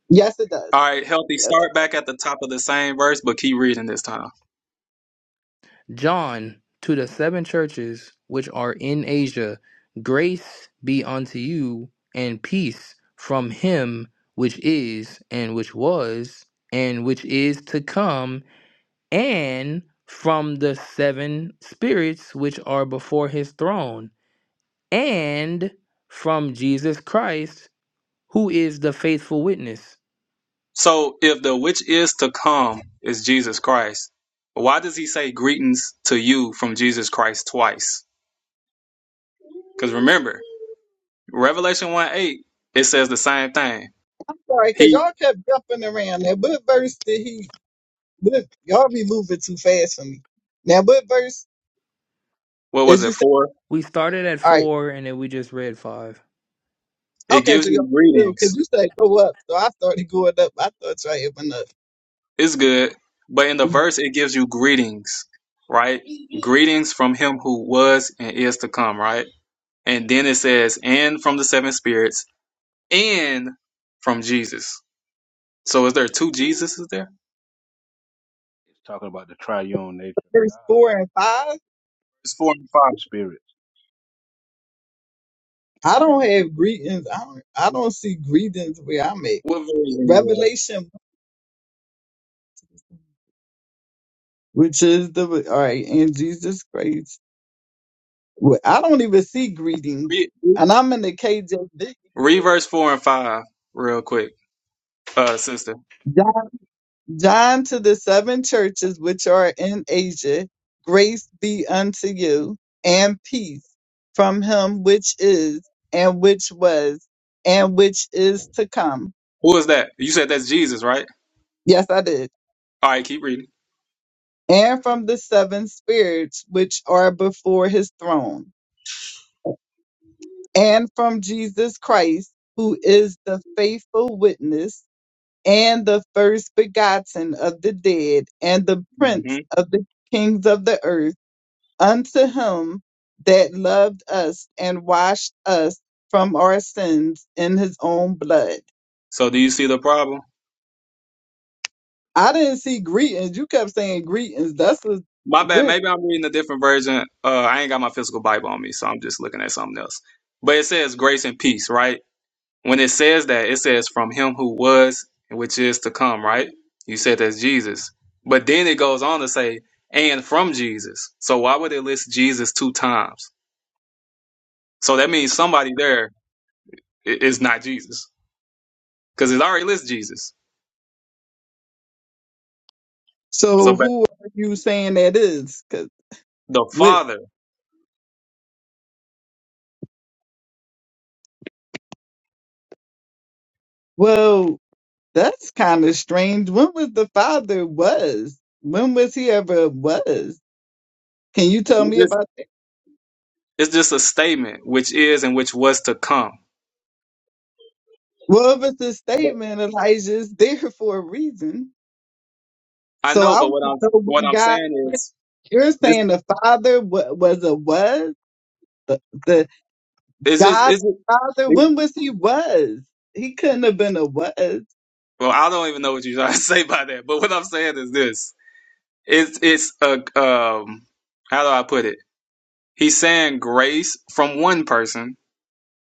[SPEAKER 9] Yes, it does.
[SPEAKER 2] All right, healthy.
[SPEAKER 9] Yes, it
[SPEAKER 2] Start
[SPEAKER 9] does.
[SPEAKER 2] back at the top of the same verse, but keep reading this time.
[SPEAKER 10] John, to the seven churches which are in Asia, grace be unto you and peace from him which is, and which was, and which is to come, and from the seven spirits which are before his throne, and from Jesus Christ, who is the faithful witness.
[SPEAKER 2] So, if the which is to come is Jesus Christ, why does he say greetings to you from Jesus Christ twice? Because remember, Revelation 1 8, it says the same thing.
[SPEAKER 9] I'm sorry, cause
[SPEAKER 2] He,
[SPEAKER 9] y'all kept jumping around. Now, what verse did he? What, y'all be moving too fast for me. Now, what verse
[SPEAKER 2] what was
[SPEAKER 9] is you
[SPEAKER 2] it,
[SPEAKER 9] say?
[SPEAKER 2] for?
[SPEAKER 10] We started at
[SPEAKER 9] All right.
[SPEAKER 10] four and then we just read five.
[SPEAKER 2] It
[SPEAKER 9] Okay,
[SPEAKER 2] gives
[SPEAKER 9] so y'all
[SPEAKER 2] you
[SPEAKER 9] still, cause
[SPEAKER 2] greetings.
[SPEAKER 9] you say go up, so I started going up. I thought y'all even up.
[SPEAKER 2] It's good. But in the verse, it gives you greetings, right? Greetings from him who was and is to come, right? And then it says, and from the seven spirits, and from Jesus. So is there two Jesuses there?
[SPEAKER 5] It's talking about the triune nature of
[SPEAKER 9] Verse
[SPEAKER 5] God
[SPEAKER 9] four and five.
[SPEAKER 2] It's four and
[SPEAKER 5] the seven
[SPEAKER 2] five.
[SPEAKER 5] spirits.
[SPEAKER 9] I don't have greetings. I don't. I don't see greetings where I'm at.
[SPEAKER 2] What version?
[SPEAKER 9] Revelation, which is the all right, and Jesus Christ. Well, I don't even see greetings.
[SPEAKER 2] Read,
[SPEAKER 9] And I'm in the KJV.
[SPEAKER 2] read verse four and five real quick, uh, sister.
[SPEAKER 9] John, John to the seven churches which are in Asia, grace be unto you and peace from him which is and which was and which is to come.
[SPEAKER 2] Who is that? You said that's Jesus, right?
[SPEAKER 9] Yes, I did.
[SPEAKER 2] All right, keep reading.
[SPEAKER 9] And from the seven spirits which are before his throne and from Jesus Christ, who is the faithful witness and the first begotten of the dead, and the
[SPEAKER 2] hmm
[SPEAKER 9] prince of the kings of the earth, unto him that loved us and washed us from our sins in his own blood.
[SPEAKER 2] So do you see the problem?
[SPEAKER 9] I didn't see greetings. You kept saying greetings. That's a,
[SPEAKER 2] My bad.
[SPEAKER 9] what.
[SPEAKER 2] Maybe I'm reading a different version. Uh, I ain't got my physical Bible on me, so I'm just looking at something else. But it says grace and peace, right? When it says that, it says from him who was and which is to come, right? You said that's Jesus. But then it goes on to say, and from Jesus. So why would it list Jesus two times? So that means somebody there i- is not Jesus because it already lists Jesus. So
[SPEAKER 9] So
[SPEAKER 2] but
[SPEAKER 9] who are you saying that is? 'Cause
[SPEAKER 2] the
[SPEAKER 9] what?
[SPEAKER 2] Father,
[SPEAKER 9] Well, that's kind of strange. When was the father was? When was he ever was? Can you tell
[SPEAKER 2] it's
[SPEAKER 9] me
[SPEAKER 2] just,
[SPEAKER 9] about?
[SPEAKER 2] it's just a statement, which is and which was to come.
[SPEAKER 9] Well, if it's a statement, Elijah's there for a reason.
[SPEAKER 2] I
[SPEAKER 9] So
[SPEAKER 2] know,
[SPEAKER 9] I
[SPEAKER 2] but
[SPEAKER 9] want
[SPEAKER 2] what
[SPEAKER 9] to
[SPEAKER 2] I'm
[SPEAKER 9] know
[SPEAKER 2] what
[SPEAKER 9] when
[SPEAKER 2] I'm
[SPEAKER 9] God,
[SPEAKER 2] saying is
[SPEAKER 9] you're
[SPEAKER 2] this
[SPEAKER 9] saying the Father wa- was a was, the, the
[SPEAKER 2] is just
[SPEAKER 9] God
[SPEAKER 2] is
[SPEAKER 9] the Father,
[SPEAKER 2] it,
[SPEAKER 9] when was he was? He couldn't have been a was.
[SPEAKER 2] well, I don't even know what you're trying to say by that. But what I'm saying is this: it's it's a um, how do I put it? He's saying grace from one person,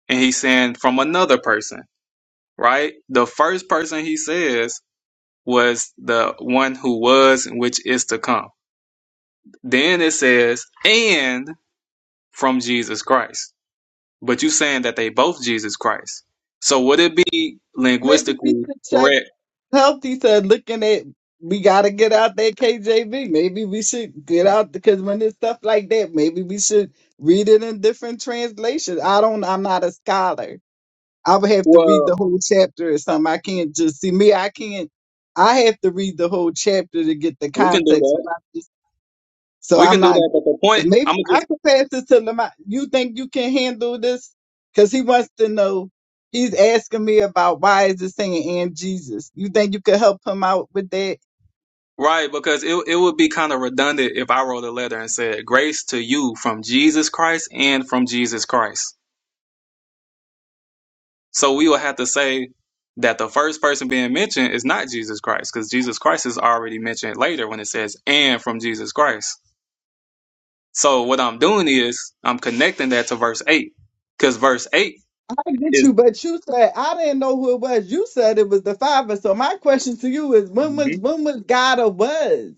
[SPEAKER 2] and he's saying from another person, right? The first person he says was the one who was, and which is to come. Then it says, and from Jesus Christ. But you saying that they both Jesus Christ. So would it be
[SPEAKER 9] Maybe we
[SPEAKER 2] linguistically
[SPEAKER 9] should check
[SPEAKER 2] correct?
[SPEAKER 9] healthy to looking at, we got to get out that KJV. Maybe we should get out because when it's stuff like that, maybe we should read it in different translations. I don't, I'm not a scholar I would have to read
[SPEAKER 2] Well,
[SPEAKER 9] the whole chapter or something. I can't just see me. I can't. I have to read the whole chapter to get the
[SPEAKER 2] we can do
[SPEAKER 9] context.
[SPEAKER 2] that.
[SPEAKER 9] when I just- So
[SPEAKER 2] We
[SPEAKER 9] I'm
[SPEAKER 2] can do
[SPEAKER 9] not.
[SPEAKER 2] that, but the point
[SPEAKER 9] Maybe
[SPEAKER 2] I'm gonna
[SPEAKER 9] I
[SPEAKER 2] just
[SPEAKER 9] could pass this to Lamont. You think you can handle this? Because he wants to know. He's asking me about why is it saying and Jesus. You think you could help him out with that?
[SPEAKER 2] right because it it would be kind of redundant if I wrote a letter and said grace to you from Jesus Christ and from Jesus Christ. So we would have to say that the first person being mentioned is not Jesus Christ because Jesus Christ is already mentioned later when it says and from Jesus Christ. So what I'm doing is I'm connecting that to verse 8 because verse 8
[SPEAKER 9] I get
[SPEAKER 2] is
[SPEAKER 9] you, but you said I didn't know who it was. You said it was the Father. So my question to you is, when was when was God or was?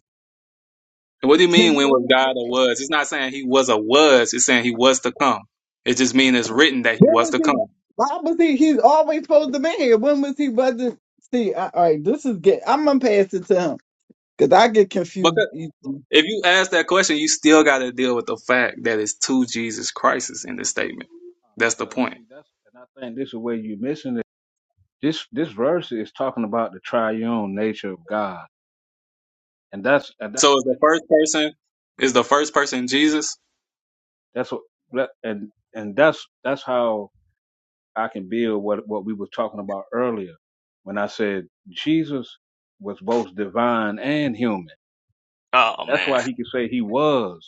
[SPEAKER 2] What do you
[SPEAKER 9] Can
[SPEAKER 2] mean when
[SPEAKER 9] you?
[SPEAKER 2] was God a was? It's not saying he was a was, it's saying he was to come. It just means it's written that he
[SPEAKER 9] When
[SPEAKER 2] was
[SPEAKER 9] was
[SPEAKER 2] to
[SPEAKER 9] he?
[SPEAKER 2] come.
[SPEAKER 9] Why was he? He's always supposed to be here. When was he? Wasn't see? I, all right, this is get. I'm gonna pass it to him because I get confused.
[SPEAKER 2] Because
[SPEAKER 9] Easily.
[SPEAKER 2] if you ask that question, you still gotta deal with the fact that it's two Jesus Christ's in this statement.
[SPEAKER 5] Uh,
[SPEAKER 2] That's the
[SPEAKER 5] Because
[SPEAKER 2] point.
[SPEAKER 5] see, that's and I think this is where you're missing it. This this verse is talking about the triune nature of God, and that's and that's
[SPEAKER 2] So is the
[SPEAKER 5] really
[SPEAKER 2] first person is the first person Jesus?
[SPEAKER 5] that's what that- and and that's that's how I can build what what we were talking about earlier when I said Jesus was both divine and human.
[SPEAKER 2] Oh
[SPEAKER 5] That's
[SPEAKER 2] man.
[SPEAKER 5] why he could say he was.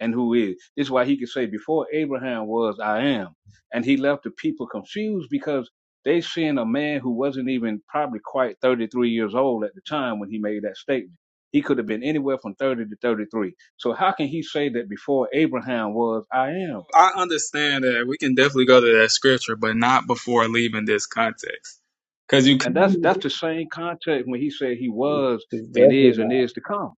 [SPEAKER 5] and who is. This is why he could say, Before Abraham was, I am. And he left the people confused because they seen a man who wasn't even probably quite 33 years old at the time when he made that statement. He could have been anywhere from 30 to 33. So how can he say that before Abraham was, I am?
[SPEAKER 2] I understand that we can definitely go to that scripture, but not before leaving this context. Because you
[SPEAKER 5] And that's that's
[SPEAKER 2] can
[SPEAKER 5] the same context when he said he was
[SPEAKER 2] it's
[SPEAKER 5] and
[SPEAKER 2] definitely
[SPEAKER 5] is and
[SPEAKER 2] not.
[SPEAKER 5] is to come.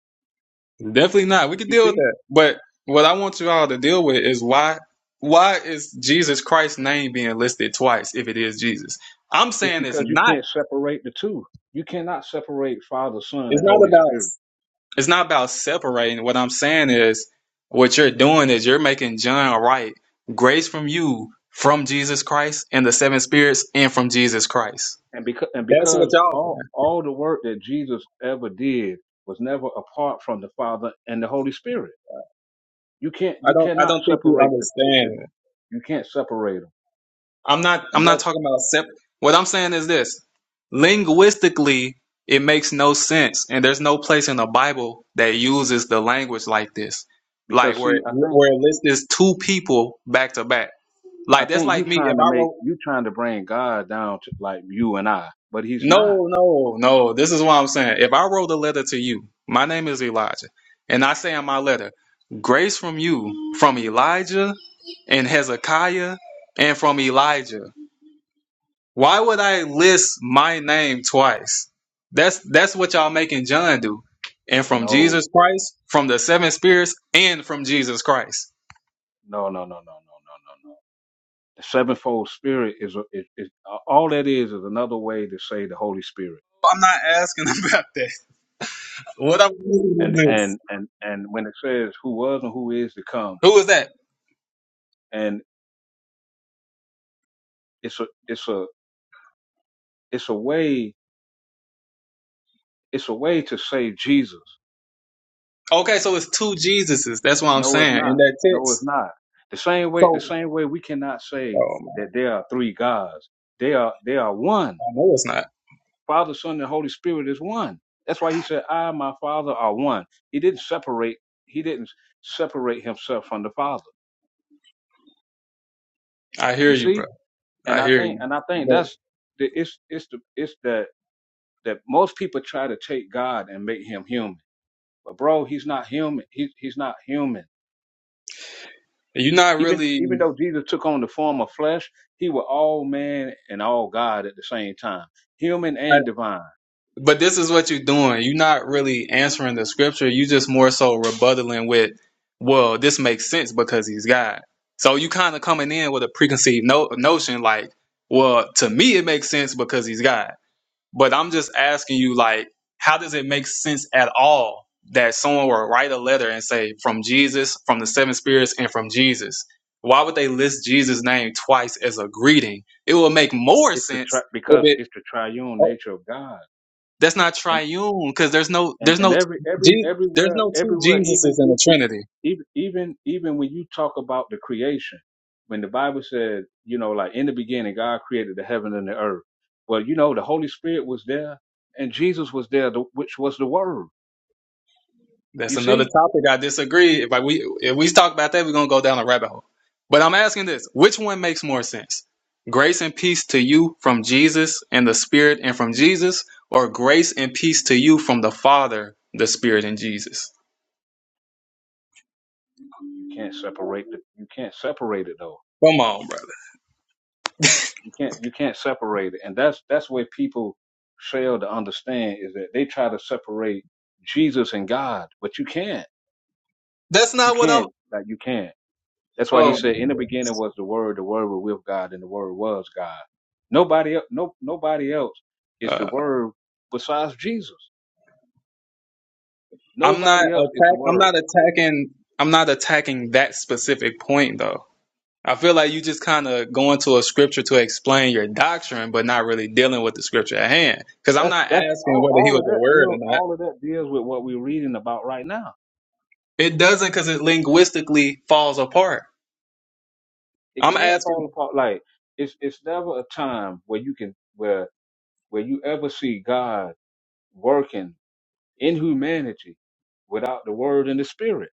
[SPEAKER 2] Definitely not. We could
[SPEAKER 5] You
[SPEAKER 2] deal with
[SPEAKER 5] see?
[SPEAKER 2] that. But what I want you all to deal with is why why is Jesus Christ's name being listed twice if it is Jesus? I'm
[SPEAKER 5] It's
[SPEAKER 2] saying it's
[SPEAKER 5] because you
[SPEAKER 2] not
[SPEAKER 5] can't separate the two. You cannot separate Father, Son,
[SPEAKER 2] it's
[SPEAKER 5] and
[SPEAKER 2] not
[SPEAKER 5] Holy
[SPEAKER 2] about
[SPEAKER 5] Spirit.
[SPEAKER 2] it's not about separating. What I'm saying is what you're doing is you're making John write grace from you from Jesus Christ and the seven spirits and from Jesus Christ.
[SPEAKER 5] and because and
[SPEAKER 2] That's what
[SPEAKER 5] because
[SPEAKER 2] y'all
[SPEAKER 5] all
[SPEAKER 2] saying.
[SPEAKER 5] all the work that Jesus ever did was never apart from the Father and the Holy Spirit. You can't
[SPEAKER 2] I
[SPEAKER 5] you
[SPEAKER 2] don't I
[SPEAKER 5] cannot
[SPEAKER 2] don't think you
[SPEAKER 5] separate the, the
[SPEAKER 2] understand.
[SPEAKER 5] you can't separate them,
[SPEAKER 2] I'm not
[SPEAKER 5] and
[SPEAKER 2] I'm not
[SPEAKER 5] that's
[SPEAKER 2] talking about sep- what I'm saying is this. Linguistically, it makes no sense and there's no place in the Bible that uses the language like this. Like
[SPEAKER 5] because
[SPEAKER 2] where
[SPEAKER 5] see
[SPEAKER 2] it-
[SPEAKER 5] I think
[SPEAKER 2] where it lists is two people back to back.
[SPEAKER 5] I
[SPEAKER 2] Like that's
[SPEAKER 5] think you
[SPEAKER 2] like me if
[SPEAKER 5] trying to
[SPEAKER 2] I
[SPEAKER 5] make
[SPEAKER 2] wrote
[SPEAKER 5] you trying to bring God down to like you and I, but He's not.
[SPEAKER 2] No, no, no. This is what I'm saying. If I wrote a letter to you, my name is Elijah, and I say in my letter, grace from you, from Elijah and Hezekiah and from Elijah. Why would I list my name twice? That's that's what y'all making John do. And from Jesus
[SPEAKER 5] No,
[SPEAKER 2] Christ, from the seven spirits, and from Jesus Christ.
[SPEAKER 5] no, no, no, no, no, no, no, no. The sevenfold Spirit is a- is, is all that is is another way to say the Holy Spirit.
[SPEAKER 2] I'm not asking about that. What I'm asking is
[SPEAKER 5] And
[SPEAKER 2] this.
[SPEAKER 5] and and and when it says who was and who is to come
[SPEAKER 2] Who is that?
[SPEAKER 5] It's a it's a it's a way it's a way to say Jesus.
[SPEAKER 2] Okay, so it's two Jesuses. That's what I'm
[SPEAKER 5] No, it's
[SPEAKER 2] saying in
[SPEAKER 5] not.
[SPEAKER 2] that
[SPEAKER 5] No, it's
[SPEAKER 2] text.
[SPEAKER 5] not. The same way the
[SPEAKER 2] So
[SPEAKER 5] same way we cannot say
[SPEAKER 2] oh, man,
[SPEAKER 5] that there are three gods. They are they are one.
[SPEAKER 2] I know it's not.
[SPEAKER 5] Father, Son, and Holy Spirit is one. That's why he said, I and my Father are one. He didn't separate he didn't separate himself from the Father.
[SPEAKER 2] I hear
[SPEAKER 5] You
[SPEAKER 2] you,
[SPEAKER 5] see?
[SPEAKER 2] bro.
[SPEAKER 5] And
[SPEAKER 2] I
[SPEAKER 5] I
[SPEAKER 2] hear
[SPEAKER 5] think
[SPEAKER 2] you.
[SPEAKER 5] and I think
[SPEAKER 2] But
[SPEAKER 5] that's the it's it's the it's the that most people try to take God and make him human. But bro, he's not human. He, he's not human.
[SPEAKER 2] you're not
[SPEAKER 5] Even even
[SPEAKER 2] really.
[SPEAKER 5] though Jesus took on the form of flesh, he was all man and all God at the same time, human and divine.
[SPEAKER 2] But this is what you're doing. You're not really answering the scripture. You just more so rebuttaling with, well, this makes sense because he's God. So you kind of coming in with a preconceived no- notion like, well, to me it makes sense because he's God. But I'm just asking you, like, how does it make sense at all that someone will write a letter and say from Jesus, from the seven spirits, and from Jesus? Why would they list Jesus' name twice as a greeting? It will make more
[SPEAKER 5] It's the tri-
[SPEAKER 2] sense if
[SPEAKER 5] because
[SPEAKER 2] it.
[SPEAKER 5] it's the triune nature of God,
[SPEAKER 2] That's not
[SPEAKER 5] and
[SPEAKER 2] triune because there's no
[SPEAKER 5] and
[SPEAKER 2] there's
[SPEAKER 5] and
[SPEAKER 2] no
[SPEAKER 5] every every
[SPEAKER 2] Je- there's
[SPEAKER 5] everywhere
[SPEAKER 2] no two
[SPEAKER 5] everywhere
[SPEAKER 2] Jesuses
[SPEAKER 5] even
[SPEAKER 2] in the Trinity.
[SPEAKER 5] even even even when you talk about the creation, when the Bible said you know like in the beginning God created the heaven and the earth. Well, you know the Holy Spirit was there, and Jesus was there, the- which was the Word. You
[SPEAKER 2] That's another
[SPEAKER 5] see,
[SPEAKER 2] topic I disagree. If I, we if we talk about that, we're gonna go down a rabbit hole. But I'm asking this: which one makes more sense? Grace and peace to you from Jesus and the Spirit, and from Jesus, or grace and peace to you from the Father, the Spirit, and Jesus.
[SPEAKER 5] you can't separate the you can't separate it though
[SPEAKER 2] Come on, brother.
[SPEAKER 5] You can't you can't separate it, and that's that's where people fail to understand is that they try to separate Jesus and God, but you can't.
[SPEAKER 2] That's
[SPEAKER 5] You
[SPEAKER 2] not what I'm.
[SPEAKER 5] can't. Like you can't. That's why he
[SPEAKER 2] Oh,
[SPEAKER 5] said, "In the beginning was the Word. The Word was with God, and the Word was God." Nobody else. No. Nobody else is the
[SPEAKER 2] uh,
[SPEAKER 5] Word besides Jesus.
[SPEAKER 2] I'm not
[SPEAKER 5] Nobody else is the
[SPEAKER 2] attack. I'm
[SPEAKER 5] Word.
[SPEAKER 2] not attacking. I'm not attacking that specific point though. I feel like you just kind of going to a scripture to explain your doctrine, but not really dealing with the scripture at hand. Because I'm
[SPEAKER 5] That's
[SPEAKER 2] not
[SPEAKER 5] that's
[SPEAKER 2] asking
[SPEAKER 5] all.
[SPEAKER 2] whether he
[SPEAKER 5] All
[SPEAKER 2] was
[SPEAKER 5] of
[SPEAKER 2] a
[SPEAKER 5] that
[SPEAKER 2] word
[SPEAKER 5] deal.
[SPEAKER 2] or not.
[SPEAKER 5] All of that deals with what we're reading about right now.
[SPEAKER 2] It doesn't, because it linguistically falls apart.
[SPEAKER 5] It
[SPEAKER 2] I'm
[SPEAKER 5] can't fall
[SPEAKER 2] asking,
[SPEAKER 5] apart. Like it's it's never a time where you can where where you ever see God working in humanity without the word and the spirit.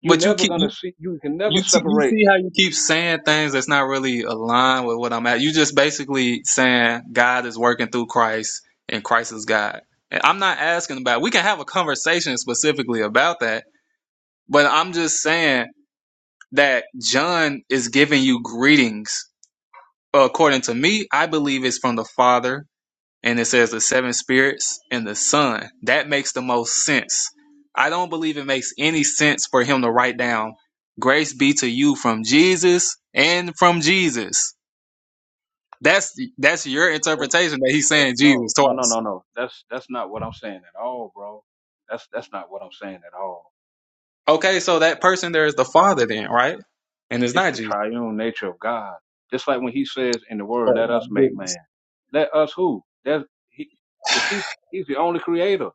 [SPEAKER 5] You're
[SPEAKER 2] but you
[SPEAKER 5] never
[SPEAKER 2] keep
[SPEAKER 5] gonna
[SPEAKER 2] you
[SPEAKER 5] see you can never
[SPEAKER 2] you, te- you
[SPEAKER 5] separate
[SPEAKER 2] see how you keep saying things that's not really aligned with what I'm at. You just basically saying God is working through Christ and Christ is God. And I'm not asking about. We can have a conversation specifically about that, but I'm just saying that John is giving you greetings according to me, I believe it's from the Father, and it says the seven spirits and the Son. That makes the most sense. I don't believe it makes any sense for him to write down "Grace be to you from Jesus and from Jesus." That's that's your
[SPEAKER 5] that's
[SPEAKER 2] interpretation that he's
[SPEAKER 5] that's
[SPEAKER 2] saying
[SPEAKER 5] no,
[SPEAKER 2] Jesus
[SPEAKER 5] no, no, no,
[SPEAKER 2] twice.
[SPEAKER 5] no. That's that's not what I'm saying at all, bro. That's that's not what I'm saying at all.
[SPEAKER 2] Okay, so that person there is the Father, then, right? And it's
[SPEAKER 5] It's
[SPEAKER 2] not
[SPEAKER 5] the
[SPEAKER 2] Jesus.
[SPEAKER 5] triune nature of God. Just like when he says in the word,
[SPEAKER 2] Oh
[SPEAKER 5] let
[SPEAKER 2] my
[SPEAKER 5] us make
[SPEAKER 2] goodness,
[SPEAKER 5] man. Let us who? That he if he's he's the only creator.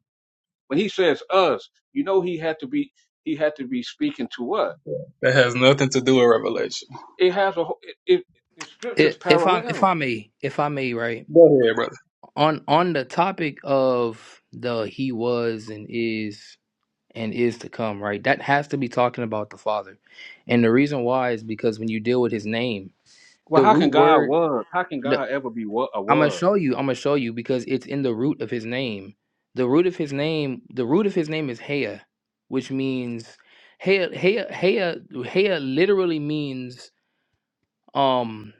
[SPEAKER 5] When he says us, you know he had to be he had to be speaking to us
[SPEAKER 2] that has nothing to do with Revelation.
[SPEAKER 5] It has a wh- it, it the
[SPEAKER 10] I-
[SPEAKER 5] scriptures
[SPEAKER 10] If I if I
[SPEAKER 5] parallel.
[SPEAKER 10] may, if I may, right?
[SPEAKER 2] Go ahead, brother.
[SPEAKER 10] on on the topic of the he was and is and is to come right that has to be talking about the father and the reason why is because when you deal with his name
[SPEAKER 5] Well,
[SPEAKER 10] the
[SPEAKER 5] how can
[SPEAKER 10] root
[SPEAKER 5] God
[SPEAKER 10] word
[SPEAKER 5] was? How can
[SPEAKER 10] the,
[SPEAKER 5] God ever be what a
[SPEAKER 10] i'm gonna
[SPEAKER 5] was?
[SPEAKER 10] show you i'm gonna show you because it's in the root of his name the root of his name the root of his name is hea which means hea hea hea hea literally means um.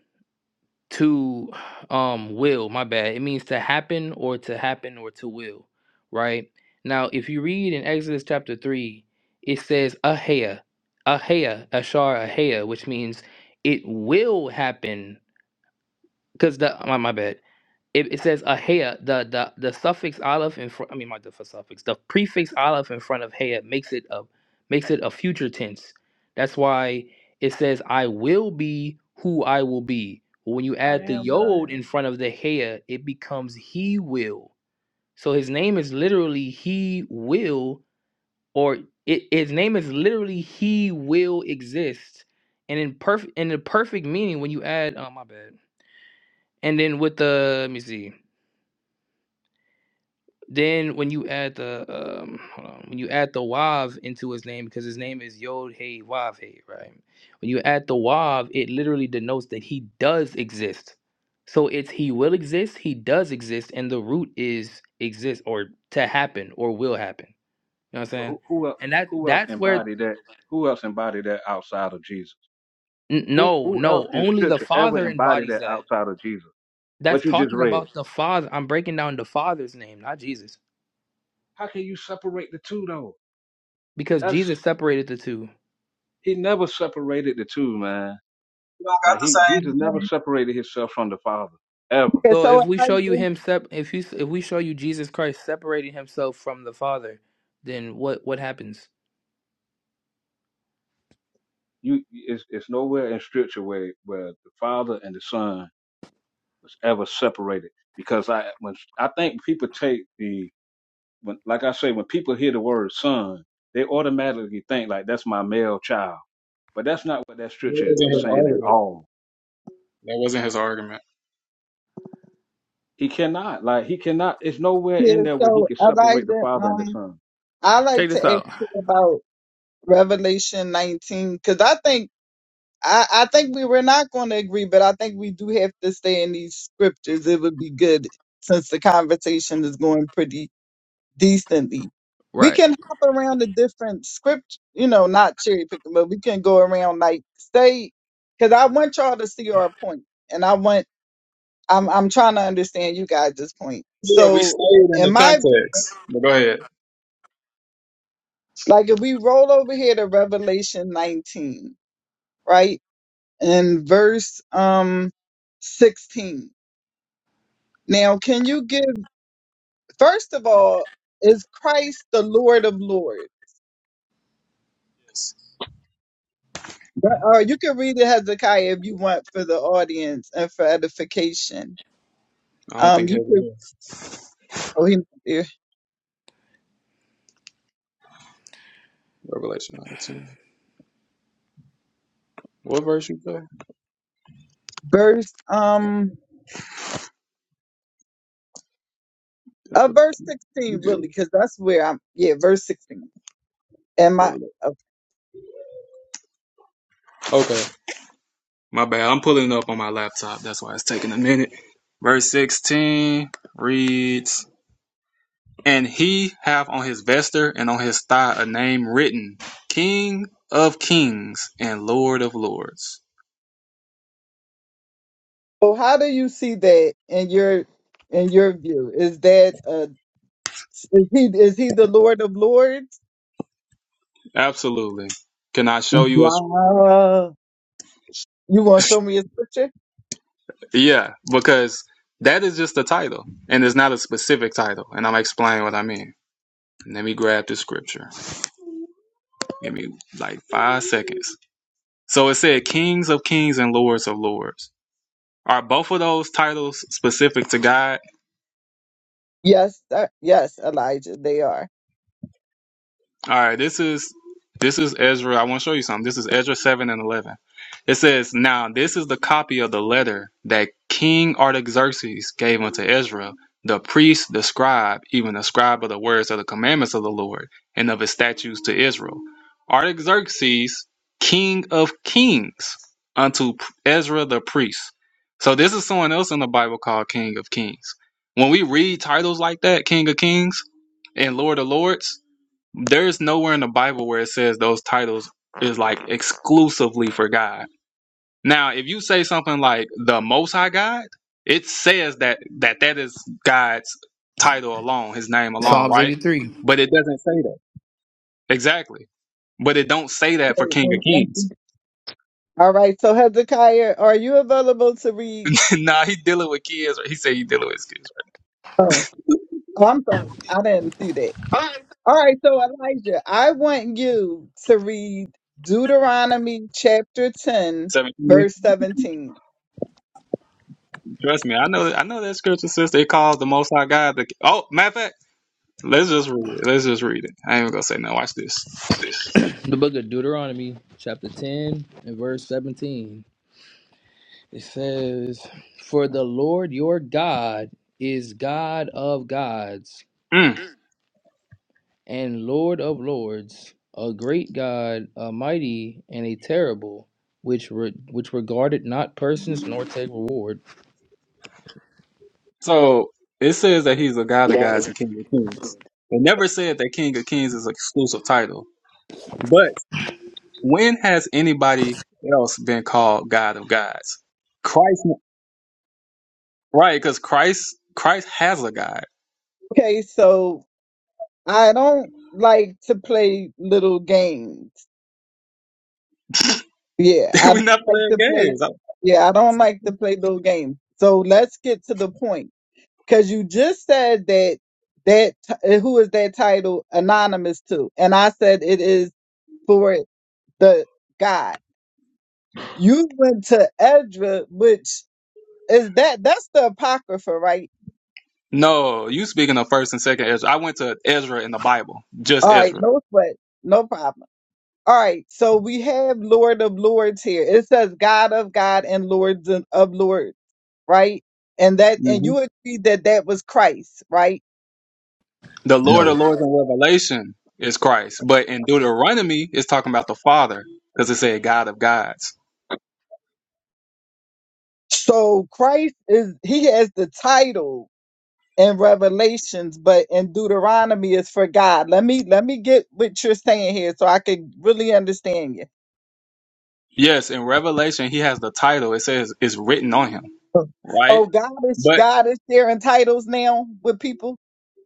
[SPEAKER 10] to um will my bad it means to happen or to happen or to will right now if you read in exodus chapter 3 it says ahea ahea ashar ahea which means it will happen because the my, my bad it, it says ahea. The the the suffix aleph in front. I mean, not the suffix. The prefix aleph in front of hea makes it a makes it a future tense. That's why it says I will be who I will be. When you
[SPEAKER 5] I
[SPEAKER 10] add the
[SPEAKER 5] am that I
[SPEAKER 10] yod
[SPEAKER 5] am.
[SPEAKER 10] in front of the hea, it becomes he will. So his name is literally he will, or it, his name is literally he will exist. And in perfect in the perfect meaning, when you add, oh my bad. And then with the let me see. Then when you add the um hold on, when you add the Wav into his name, because his name is Yod Hey Wav Hey, right? When you add the Wav, it literally denotes that he does exist. So it's he will exist, he does exist, and the root is exist or to happen or will happen. You know what I'm
[SPEAKER 5] Well,
[SPEAKER 10] saying?
[SPEAKER 5] who who else
[SPEAKER 10] And that
[SPEAKER 5] who else
[SPEAKER 10] that's where
[SPEAKER 5] embodied that? Who else embodied that outside of Jesus?
[SPEAKER 10] n-
[SPEAKER 5] Who
[SPEAKER 10] no,
[SPEAKER 5] who else
[SPEAKER 10] no,
[SPEAKER 5] in
[SPEAKER 10] only the
[SPEAKER 5] scripture ever
[SPEAKER 10] Father
[SPEAKER 5] embodied
[SPEAKER 10] embodies
[SPEAKER 5] that
[SPEAKER 10] that.
[SPEAKER 5] outside of Jesus?
[SPEAKER 10] That's
[SPEAKER 5] What you just
[SPEAKER 10] talking
[SPEAKER 5] read.
[SPEAKER 10] about the Father. I'm breaking down the Father's name, not Jesus.
[SPEAKER 5] How can you separate the two though?
[SPEAKER 10] Because
[SPEAKER 5] That's
[SPEAKER 10] Jesus separated the two.
[SPEAKER 5] he never separated the two, man.
[SPEAKER 2] You don't got
[SPEAKER 5] Like
[SPEAKER 2] the
[SPEAKER 5] he Jesus
[SPEAKER 2] same
[SPEAKER 5] never
[SPEAKER 2] thing.
[SPEAKER 5] separated himself from the Father ever.
[SPEAKER 9] Okay,
[SPEAKER 10] So
[SPEAKER 9] so
[SPEAKER 10] if we show you
[SPEAKER 9] Elijah,
[SPEAKER 10] him sep- if you if we show you Jesus Christ separating himself from the Father, then what what happens?
[SPEAKER 5] You it's it's nowhere in scripture where where the Father and the Son was ever separated because I when I think people take the when like I say when people hear the word son they automatically think like that's my male child but that's not what that
[SPEAKER 2] That
[SPEAKER 5] scripture
[SPEAKER 2] wasn't
[SPEAKER 5] is
[SPEAKER 2] his
[SPEAKER 5] saying at
[SPEAKER 2] argument.
[SPEAKER 5] all
[SPEAKER 2] That wasn't his argument.
[SPEAKER 5] he cannot like he cannot it's nowhere in
[SPEAKER 9] yeah,
[SPEAKER 5] there where he
[SPEAKER 9] so
[SPEAKER 5] can separate the
[SPEAKER 9] Elijah,
[SPEAKER 5] father and the
[SPEAKER 9] um,
[SPEAKER 5] son
[SPEAKER 9] I like
[SPEAKER 10] Check
[SPEAKER 9] to
[SPEAKER 10] this
[SPEAKER 9] ask
[SPEAKER 10] out.
[SPEAKER 9] you about Revelation 19 because I think I, I think we were not going to agree, but I think we do have to stay in these scriptures. It would be good since the conversation is going pretty decently. We
[SPEAKER 10] Right.
[SPEAKER 9] can hop around the different script, you know, not cherry picking, but we can go around like stay because I want y'all to see our point, and I want I'm I'm trying to understand you guys' point.
[SPEAKER 2] Yeah, we
[SPEAKER 9] So,
[SPEAKER 2] stayed in
[SPEAKER 9] in
[SPEAKER 2] the
[SPEAKER 9] my
[SPEAKER 2] context. But go ahead.
[SPEAKER 9] like, if we roll over here to Revelation 19, right, and verse um 16. Now, can you give first of all, is Christ the Lord of Lords?
[SPEAKER 2] Yes.
[SPEAKER 9] Uh, you can read it, Hezekiah, if you want for the audience and for edification.
[SPEAKER 2] I don't
[SPEAKER 9] Um,
[SPEAKER 2] think
[SPEAKER 9] you
[SPEAKER 2] heaven
[SPEAKER 9] could,
[SPEAKER 2] here.
[SPEAKER 9] oh, he, yeah.
[SPEAKER 2] Revelation 19. What verse you play?
[SPEAKER 9] verse, um, uh, verse 16, really,
[SPEAKER 2] Good.
[SPEAKER 9] because that's where I'm, yeah, verse 16. Am I,
[SPEAKER 2] Revelation.
[SPEAKER 9] uh,
[SPEAKER 2] Okay. My bad. I'm pulling up on my laptop. That's why it's taking a minute. Verse 16 reads, And he hath on his vesture and on his thigh a name written, King of kings and Lord of lords.
[SPEAKER 9] so how do you see that in your, in your view? Is that, uh, is he, is he the Lord of Lords?
[SPEAKER 2] Absolutely. Can I show you a
[SPEAKER 9] Wow. You want to show me a scripture?
[SPEAKER 2] Yeah, because that is just a title, and it's not a specific title. And I'm explaining what I mean. Let me grab the scripture. Give me like five seconds. So it said, "Kings of kings and lords of lords." Are both of those titles specific to God?
[SPEAKER 9] Yes, uh, yes, Elijah, they are.
[SPEAKER 2] All right, this is this is Ezra. I want to show you something. This is Ezra seven and eleven. It says, "Now this is the copy of the letter that King Artaxerxes gave unto Ezra, the priest, the scribe, even the scribe of the words of the commandments of the Lord and of his statutes to Israel. Artaxerxes, king of kings, unto Ezra the priest." So this is someone else in the Bible called King of Kings. When we read titles like that, King of Kings and Lord of Lords there's nowhere in the Bible where it says those titles is like exclusively for God. Now, if you say something like the Most High God, it says that that that is God's title alone, His name alone,
[SPEAKER 10] Psalms
[SPEAKER 2] right?
[SPEAKER 10] 83.
[SPEAKER 2] But it doesn't say that exactly. But it don't say that for
[SPEAKER 9] Okay,
[SPEAKER 2] King of
[SPEAKER 9] well, thank you.
[SPEAKER 2] Kings.
[SPEAKER 9] All right. So Hezekiah, are you available to read?
[SPEAKER 2] nah, he dealing with kids. He said he dealing with his kids.
[SPEAKER 9] Oh, oh, I'm sorry. I didn't see that. All right. So Elijah, I want you to read Deuteronomy chapter
[SPEAKER 2] Right?
[SPEAKER 9] 10,
[SPEAKER 2] Seventeen.
[SPEAKER 9] verse 17.
[SPEAKER 2] Trust me, I know. I know that scripture says they calls the Most High God. The, oh, matter of fact, let's just read it. Let's just read it. I ain't even gonna say no. Watch this.
[SPEAKER 10] The book of Deuteronomy, chapter 10 and verse 17. It says, "For the Lord your God is God of gods
[SPEAKER 2] Mm.
[SPEAKER 10] and Lord of lords, a great God, a mighty and a terrible, which re- which regarded not persons nor take reward."
[SPEAKER 2] So it says that he's a God of gods and King of kings. It never said that King of kings is an exclusive title. But when has anybody else been called God of gods? Christ, right? Because Christ, Christ has a God.
[SPEAKER 9] Okay. So I don't like to play little games. Yeah. I
[SPEAKER 2] We're
[SPEAKER 9] don't
[SPEAKER 2] not
[SPEAKER 9] like
[SPEAKER 2] playing
[SPEAKER 9] to play.
[SPEAKER 2] games.
[SPEAKER 9] Yeah. I don't like to play little games. So let's get to the point. Cause you just said that that t- who is that title anonymous to? And I said it is for the God. You went to Ezra, which is that that's the Apocrypha, right?
[SPEAKER 2] No, you speaking of first and second Ezra. I went to Ezra in the Bible, just
[SPEAKER 9] All right,
[SPEAKER 2] Ezra.
[SPEAKER 9] no sweat, no problem. All right, so we have Lord of Lords here. It says God of God and Lords of of Lords, right? And that and
[SPEAKER 2] hmm
[SPEAKER 9] you agree that that was Christ, right?
[SPEAKER 2] The Lord
[SPEAKER 10] No.
[SPEAKER 2] of Lords in Revelation is Christ, but in Deuteronomy, it's talking about the Father because it said God of gods.
[SPEAKER 9] So Christ is he has the title in Revelations, but in Deuteronomy is for God. Let me let me get what you're saying here so I can really understand you.
[SPEAKER 2] Yes, in Revelation, he has the title. It says it's written on him, right?
[SPEAKER 9] Oh, God is
[SPEAKER 2] But
[SPEAKER 9] God is sharing titles now with people.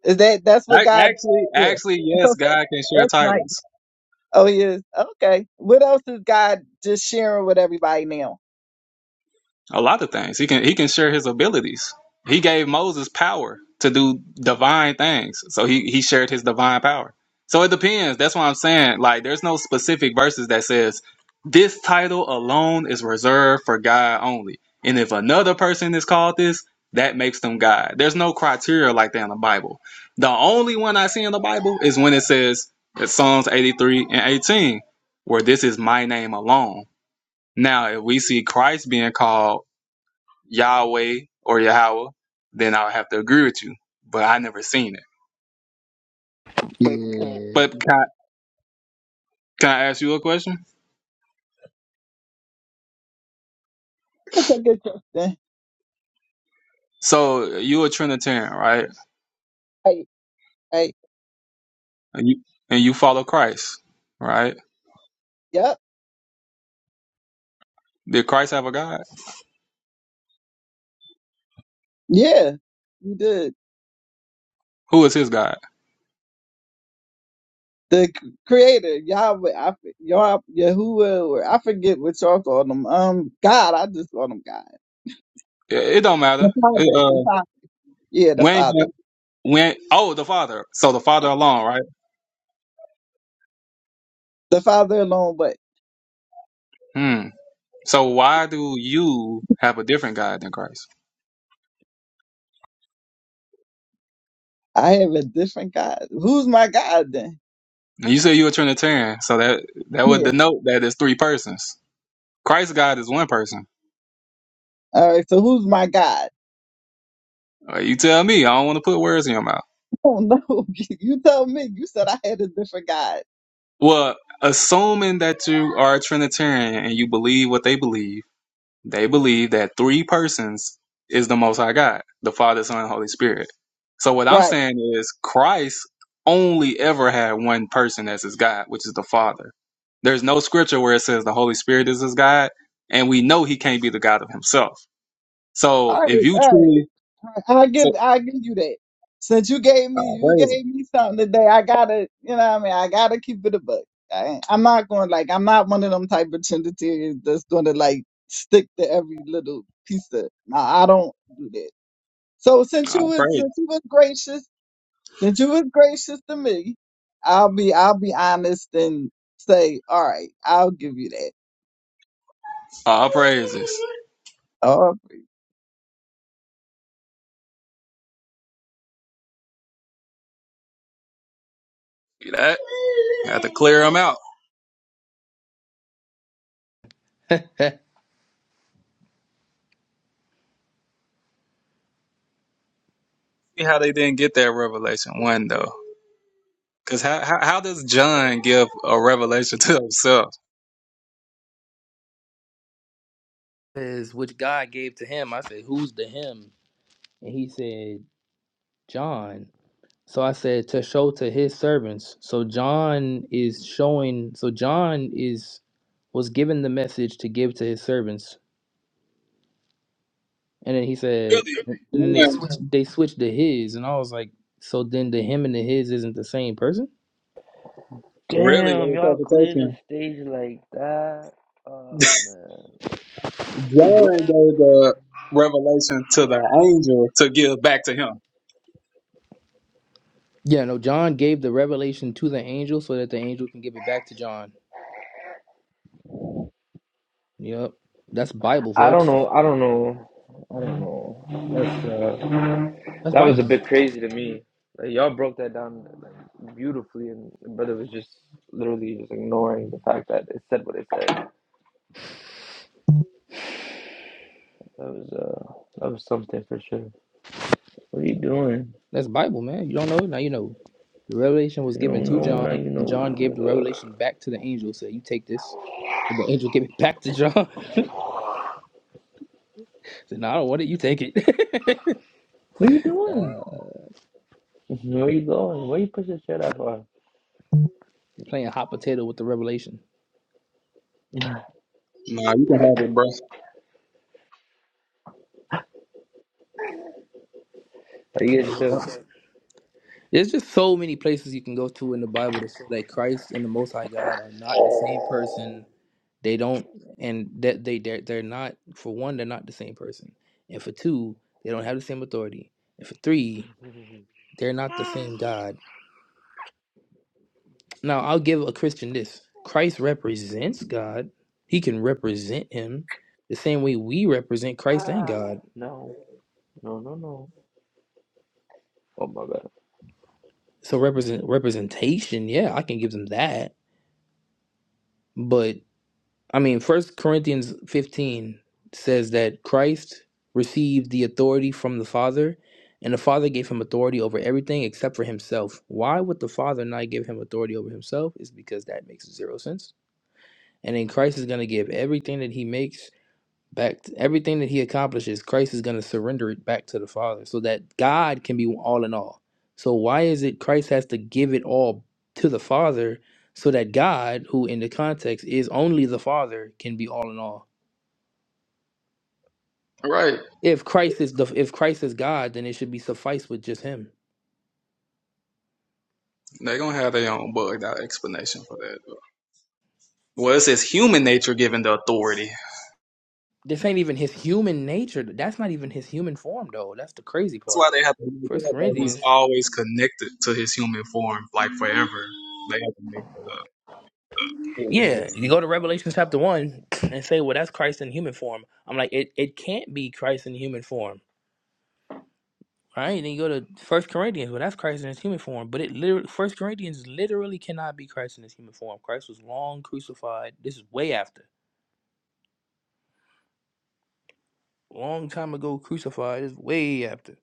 [SPEAKER 9] Is that that's what
[SPEAKER 2] I,
[SPEAKER 9] God?
[SPEAKER 2] actually,
[SPEAKER 9] Yeah,
[SPEAKER 2] actually, yes, God can share
[SPEAKER 9] that's nice.
[SPEAKER 2] titles.
[SPEAKER 9] Oh yes, okay. What else is God just sharing with everybody now?
[SPEAKER 2] A lot of things. He can he can share his abilities. He gave Moses power to do divine things. So he he shared his divine power. So it depends. That's why I'm saying like there's no specific verses that says this title alone is reserved for God only. And if another person is called this, that makes them God. There's no criteria like that in the Bible. The only one I see in the Bible is when it says it's Psalms 83 and 18, where this is my name alone. Now, if we see Christ being called Yahweh or Yahweh, then I would have to agree with you. But I never seen it.
[SPEAKER 10] Yeah.
[SPEAKER 2] But can I, can I ask you a question?
[SPEAKER 9] That's a good question.
[SPEAKER 2] So you a Trinitarian, right?
[SPEAKER 9] Hey, hey,
[SPEAKER 2] And you and you follow Christ, right?
[SPEAKER 9] yep,
[SPEAKER 2] Did Christ have a God?
[SPEAKER 9] yeah, you did.
[SPEAKER 2] Who is his God?
[SPEAKER 9] The c- Creator, Yahweh, I, f- Yah, Yahuwah, or I forget what y'all call them. Um, God, I just call them God.
[SPEAKER 2] It, it don't matter.
[SPEAKER 9] The
[SPEAKER 2] It,
[SPEAKER 9] Father, the
[SPEAKER 2] uh,
[SPEAKER 9] Father. Yeah, the
[SPEAKER 2] when
[SPEAKER 9] Father,
[SPEAKER 2] when oh the Father. So the Father alone, right?
[SPEAKER 9] the Father alone. But
[SPEAKER 2] Hmm. So why do you have a different God than Christ?
[SPEAKER 9] I have a different God. Who's my God then?
[SPEAKER 2] And you say you're a Trinitarian, so that that would
[SPEAKER 9] Yeah.
[SPEAKER 2] denote that it's three persons. Christ's God is one person.
[SPEAKER 9] All right. So who's my God?
[SPEAKER 2] Uh, you tell me. I don't want to put words in your mouth.
[SPEAKER 9] Oh no, you tell me. You said I had a different God,
[SPEAKER 2] Well, assuming that you are a Trinitarian and you believe what they believe, they believe that three persons is the Most High God, the Father, Son, and Holy Spirit. So what I'm
[SPEAKER 9] right?
[SPEAKER 2] saying is Christ only ever had one person as his God, which is the Father. There's no scripture where it says the Holy Spirit is his God, and we know he can't be the God of himself. So
[SPEAKER 9] All right,
[SPEAKER 2] if you
[SPEAKER 9] all right.
[SPEAKER 2] truly,
[SPEAKER 9] All right. I
[SPEAKER 2] so,
[SPEAKER 9] give, I give you that. Since you gave me,
[SPEAKER 2] uh,
[SPEAKER 9] you
[SPEAKER 2] praise,
[SPEAKER 9] gave me something today. I gotta, you know, what I mean, I gotta keep it a book. I, ain't- I'm not going like, I'm not one of them type of Trinitarians that's going to like stick to every little piece of. No, I don't do that. So since
[SPEAKER 2] uh,
[SPEAKER 9] you was,
[SPEAKER 2] praise,
[SPEAKER 9] since you was gracious. Since you was gracious to me, I'll be I'll be honest and say, all right, I'll give you that.
[SPEAKER 2] all praises.
[SPEAKER 9] Oh,
[SPEAKER 2] See that? Had to clear him out. see how they didn't get that revelation one though. Because how, how how does John give a revelation to himself?
[SPEAKER 10] says which God gave to him. I said, Who's the him? And he said, John. So I said, To show to his servants. So John is showing so John is was given the message to give to his servants. And then he said
[SPEAKER 2] Really,
[SPEAKER 10] and then they
[SPEAKER 2] John,
[SPEAKER 10] switched they switched to his and I was like, So then the him and the his isn't the same person?
[SPEAKER 2] really
[SPEAKER 3] Damn,
[SPEAKER 2] the
[SPEAKER 3] y'all clear the
[SPEAKER 2] interpretation.
[SPEAKER 3] stage like that. Oh man.
[SPEAKER 2] John gave the revelation to the angel to give back to him.
[SPEAKER 10] Yeah, no, John gave the revelation to the angel so that the angel can give it back to John. Yep. That's Bible,
[SPEAKER 3] I
[SPEAKER 10] folks.
[SPEAKER 3] don't know. I don't know. I don't know. That's uh,
[SPEAKER 10] That's
[SPEAKER 3] that was a
[SPEAKER 10] Bible.
[SPEAKER 3] bit crazy to me. Like, y'all broke that down like, beautifully, and the brother was just literally just ignoring the fact that it said what it said. That was uh, that was something for sure. What are you doing?
[SPEAKER 10] That's Bible, man. You don't know? Now you know. The revelation was
[SPEAKER 3] You
[SPEAKER 10] given
[SPEAKER 3] don't
[SPEAKER 10] to
[SPEAKER 3] know now.
[SPEAKER 10] John,
[SPEAKER 3] You
[SPEAKER 10] and
[SPEAKER 3] know,
[SPEAKER 10] John gave the
[SPEAKER 3] nigga.
[SPEAKER 10] revelation back to the angel. Said, "You take this." And the angel gave it back to John. Said, "No, I don't want it. You take it."
[SPEAKER 3] What are you doing?
[SPEAKER 10] uh,
[SPEAKER 3] Where you going? Why you pushing shit that far?
[SPEAKER 10] you're playing hot potato with the revelation.
[SPEAKER 2] Nah, you can have it, bro.
[SPEAKER 3] Are you get shook?
[SPEAKER 10] There's just so many places you can go to in the Bible that say that Christ and the Most High God are not the same person. They don't, and that they they're, they're not. For one, they're not the same person, and for two, they don't have the same authority, and for three, they're not the same God Now, I'll give a Christian this Christ represents God, he can represent him the same way we represent Christ and God.
[SPEAKER 3] No, no, no, no. Oh my god.
[SPEAKER 10] So, represent representation, yeah, I can give them that. But, I mean, First Corinthians 15 says that Christ received the authority from the Father, and the Father gave him authority over everything except for himself. Why would the Father not give him authority over himself? Is because that makes zero sense. And then Christ is going to give everything that he makes back to everything that he accomplishes christ is going to surrender it back to the father so that god can be all in all so why is it christ has to give it all to the father so that god who in the context is only the father can be all in all
[SPEAKER 2] Right?
[SPEAKER 10] if christ is the if christ is god then it should be suffice with just him
[SPEAKER 2] They gonna have their own bugged out explanation for that. Well, it says human nature given the authority. That's
[SPEAKER 10] this ain't even his human nature that's not even his human form though that's the crazy
[SPEAKER 2] why
[SPEAKER 10] part
[SPEAKER 2] they have to make it
[SPEAKER 10] first
[SPEAKER 2] up that he's
[SPEAKER 10] corinthians
[SPEAKER 2] always connected to his human form, like forever. They have to make
[SPEAKER 10] Yeah,
[SPEAKER 2] that up.
[SPEAKER 10] you go to Revelation chapter one and say, "Well, that's Christ in human form." I'm like, it, it can't be Christ in human form, right? Then you go to First Corinthians, well, that's Christ in his human form, but it literally First Corinthians literally cannot be Christ in his human form. Christ was long crucified. This is way after, long time ago crucified. This is way after.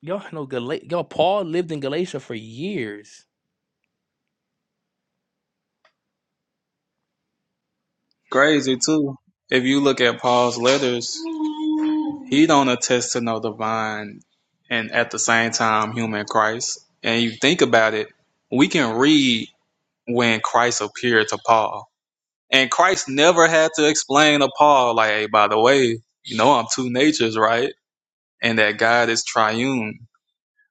[SPEAKER 10] Y'all know Gala- y'all Paul lived in Galatia for years.
[SPEAKER 2] Crazy too. If you look at Paul's letters, he don't attest to no divine and at the same time human Christ. And you think about it, we can read when Christ appeared to Paul. And Christ never had to explain to Paul, like, hey, by the way, you know I'm two natures, right? And that God is triune.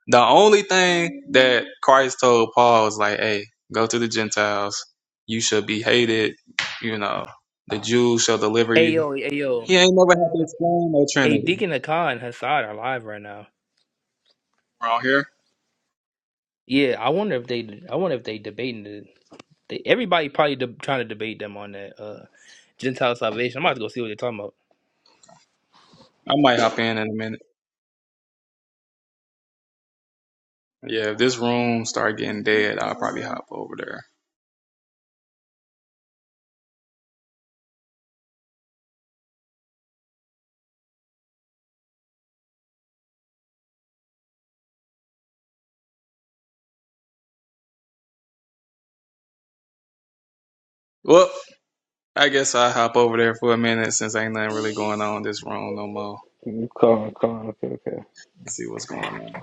[SPEAKER 2] The only thing that Christ told Paul is like, hey, go to the Gentiles. You shall be hated, you know, the Jews shall deliver
[SPEAKER 10] Hey
[SPEAKER 2] you
[SPEAKER 10] yo, hey yo,
[SPEAKER 2] he ain't never had to explain no
[SPEAKER 10] hey
[SPEAKER 2] Trinity
[SPEAKER 10] Deacon Akai and Hassad are live right now.
[SPEAKER 2] around here.
[SPEAKER 10] Yeah, I wonder if they, I wonder if they debating it. They, everybody probably de- trying to debate them on that uh, Gentile salvation. I'm about to go see what they're talking about.
[SPEAKER 2] I might hop in in a minute. Yeah, if this room start getting dead, I'll probably hop over there. Well, I guess I'll hop over there for a minute since ain't nothing really going on in this room no more.
[SPEAKER 3] You calm, calm. Okay, okay.
[SPEAKER 2] See what's going on.